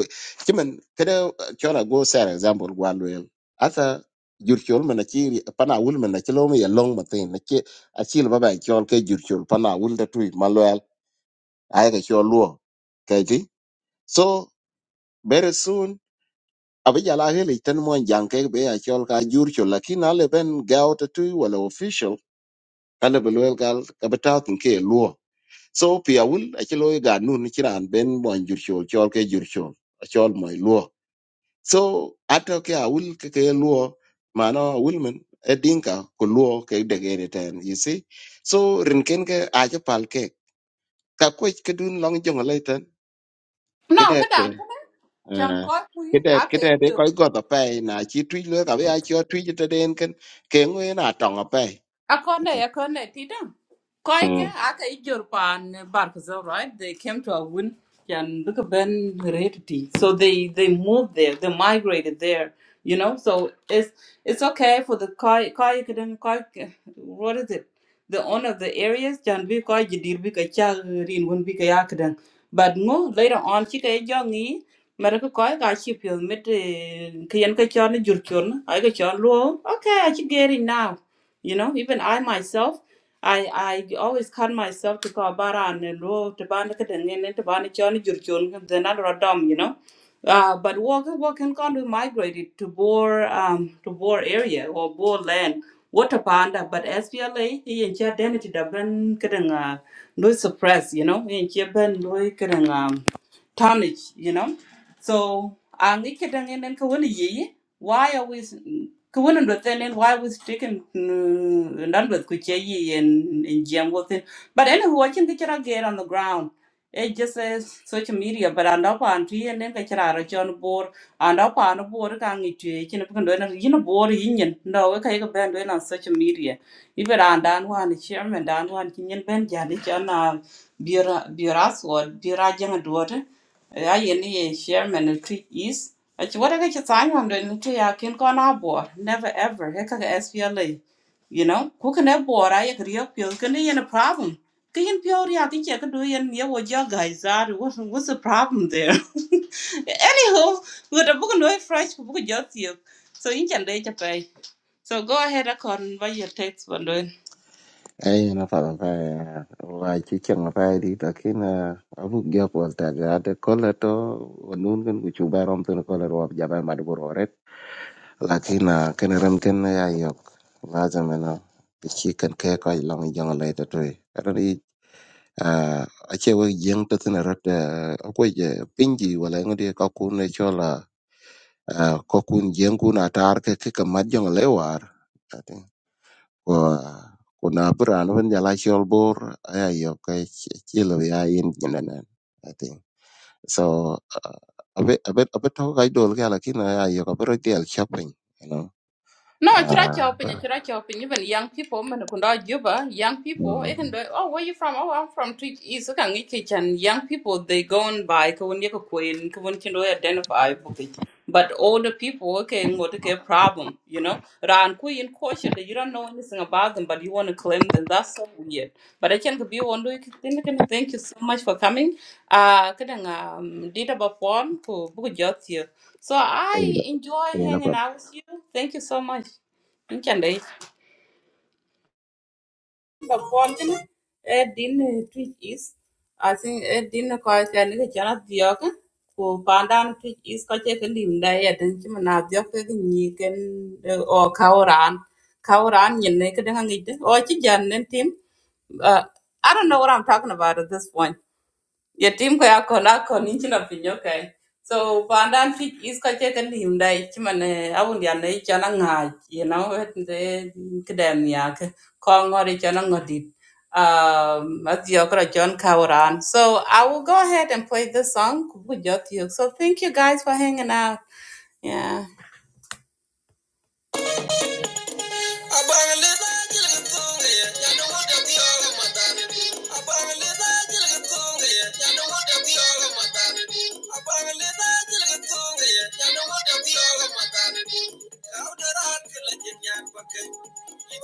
[SPEAKER 4] kimen kada chora go ser example gwalwel ata jurchol mana chiri pana wul mana chilo mi long matin na chi achil baba chol ke jurchol pana wul da tui malwel ay ga chol luo kaiti so very soon abija la hele tan mo jang ke be a chol ka jurchol lakin ale ben gaut tui wala official ale belwel gal ka betaw tin ke luo so piawul achilo ga nun chiran ben bon jurcho chol ke jurcho chol moy luo so ato ke awul ke ke luo mano awul men e dinka ko luo ke degere ten you see so rinken ke ajo pal ke ka ko ke dun long jong le ten ke
[SPEAKER 1] No,
[SPEAKER 4] det
[SPEAKER 1] good
[SPEAKER 4] to
[SPEAKER 1] on. John
[SPEAKER 4] eh ke det ke det
[SPEAKER 1] Coy,
[SPEAKER 4] ko go ta pe na chi tu le ka be a chi tu te den ken ke ngwe na tong a pe
[SPEAKER 1] Akonde, akonde, tita. Koike, aka ijor pan Barkazal, right? They came to a win and look at Ben heredity. So they they moved there, they migrated there, you know. So it's it's okay for the Koi Koi Kadan Koi what is it? The owner of the areas can be Koi Jidir Bika Charin Wun Bika Yakadan. But no later on Chika Jongi Maraka Koi ka chipil mit Kiyan Kachon Jurchon, I got Chon Luo. Okay, I should get it now. You know, even I myself, I I always cut myself to call baran and lo to ban the kadang and to ban the chon jur then another radom, you know. Uh, but walk walk and can we migrated to Boer um to Boer area or Boer land water panda but SPLA he and identity da ben kadang uh, no suppress you know in ben no kadang um tarnish you know so ang ikitang en en kawani yi why are we kawani do then and why was taken nan do ku che yi in in jam with it. But anyway watching the chara get on the ground. It just says social media but and up on tree and then the chara John board and up on a board kang it chin bu ndo na yin board yin yin no ka ga ben do on social media. Even and dan one chairman dan one chin ben jadi chana bira bira sword bira jang do ya yen ye chairman ni is achi wada ga chi tang wam den ti ya kin kon a bor never ever he ka SPLA you know ku kan a bor a ye kri yo pil kan yen a problem ka yen pyo ri a ti che ka do yen ye wo ja ga za what what's the problem there anywho we da book no fresh book just you so in can dey cha pay so go ahead akon by your text one
[SPEAKER 4] Ay, na fara pa wa chi chang pa di ta kin abu gya pol ta ga de kola to nun kan ku chuba rom to kola ro ja ba ma de ro ret la kin ken ram ken ya yok la za me no bi chi kan ke ko long jong le ta to ran i a che we jeng to tin rat a ko je pin ji wala ngdi ka ku ne chola ko kun jeng ku na tar ke ke ka ma jong le war ko na bi raan wen jala chol bor aya yo ka chi ya yin nyina i think so uh, a bit a bit a bit to ga dol ga la aya yo ka bro del shopping you know
[SPEAKER 1] No, chira chopping, chira chopping. Even young people, man, kunda juba, young people, they can do, oh, where you from? Oh, I'm from Twitch East. Okay, ngi kitchen. Young people, they go and buy, kawun yako kwen, kawun chindo identify, buki. But older people, okay, ngote ke problem, you know? Ran kui in caution that you don't know anything about them, but you want to claim them. That's so weird. But I can be one week. Thank you so much for coming. Uh, kadang um, dita ba pon ko buku you. So I enjoy
[SPEAKER 4] ah
[SPEAKER 1] hanging
[SPEAKER 4] uh,
[SPEAKER 1] out with you. Thank you so much. Thank you ba point ni e din twitch is I think e din ko ka ni ka chana diok ko pandan twitch is ko che ka lim da ya den chi eh, kauran kauran ni ne ka da ngi de o tim uh, I don't know what I'm talking about at this point your team ko yako lako ni nchi na pinyo kai. So pandan ti is ka che kan him dai chi man awun ya nei cha na nga you know it the kedem ya ke ko ngori cha ngodi. Um at the okra John Kauran. So I will go ahead and play this song with your So thank you guys for hanging out. Yeah. How did I feel like Thank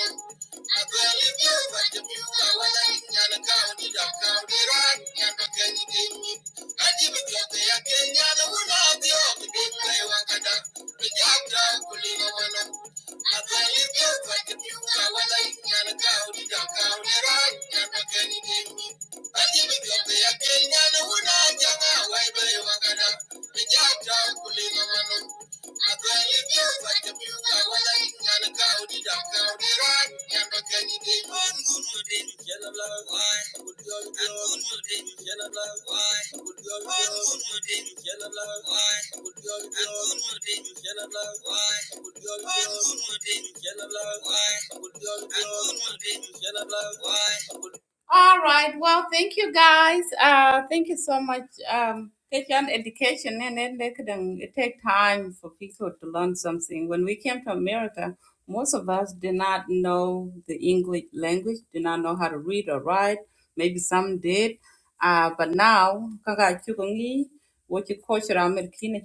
[SPEAKER 1] you. Thank you. I Why? All right. Well, thank you guys. Uh, thank you so much. Um, take on education and then they could um, it take time for people to learn something. When we came to America, most of us did not know the English language, did not know how to read or write. Maybe some did. Uh, but now, kaka chukungi, what you culture American,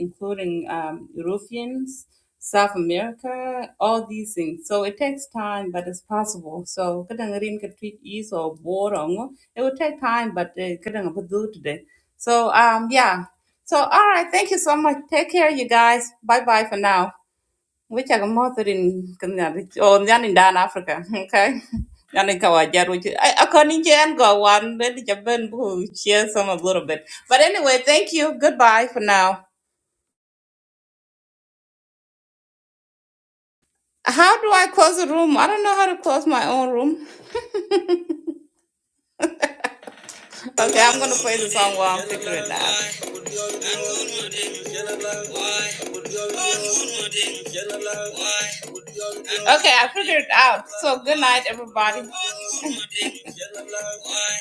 [SPEAKER 1] including um, Europeans. South America, all these things. So it takes time, but it's possible. So kadang can tweet is or borong. It will take time, but eh, kadang do today. So um yeah. So all right, thank you so much. Take care, you guys. Bye bye for now. Which are more in or nyan in Dan Africa. Okay. Nyan in Kawajar, which I I to and go one, then Japan who share some a little bit. But anyway, thank you. Goodbye for now. How do I close the room? I don't know how to close my own room. Okay, I'm gonna play the song while I'm figuring it out. Okay, I figured it out. So good night, everybody.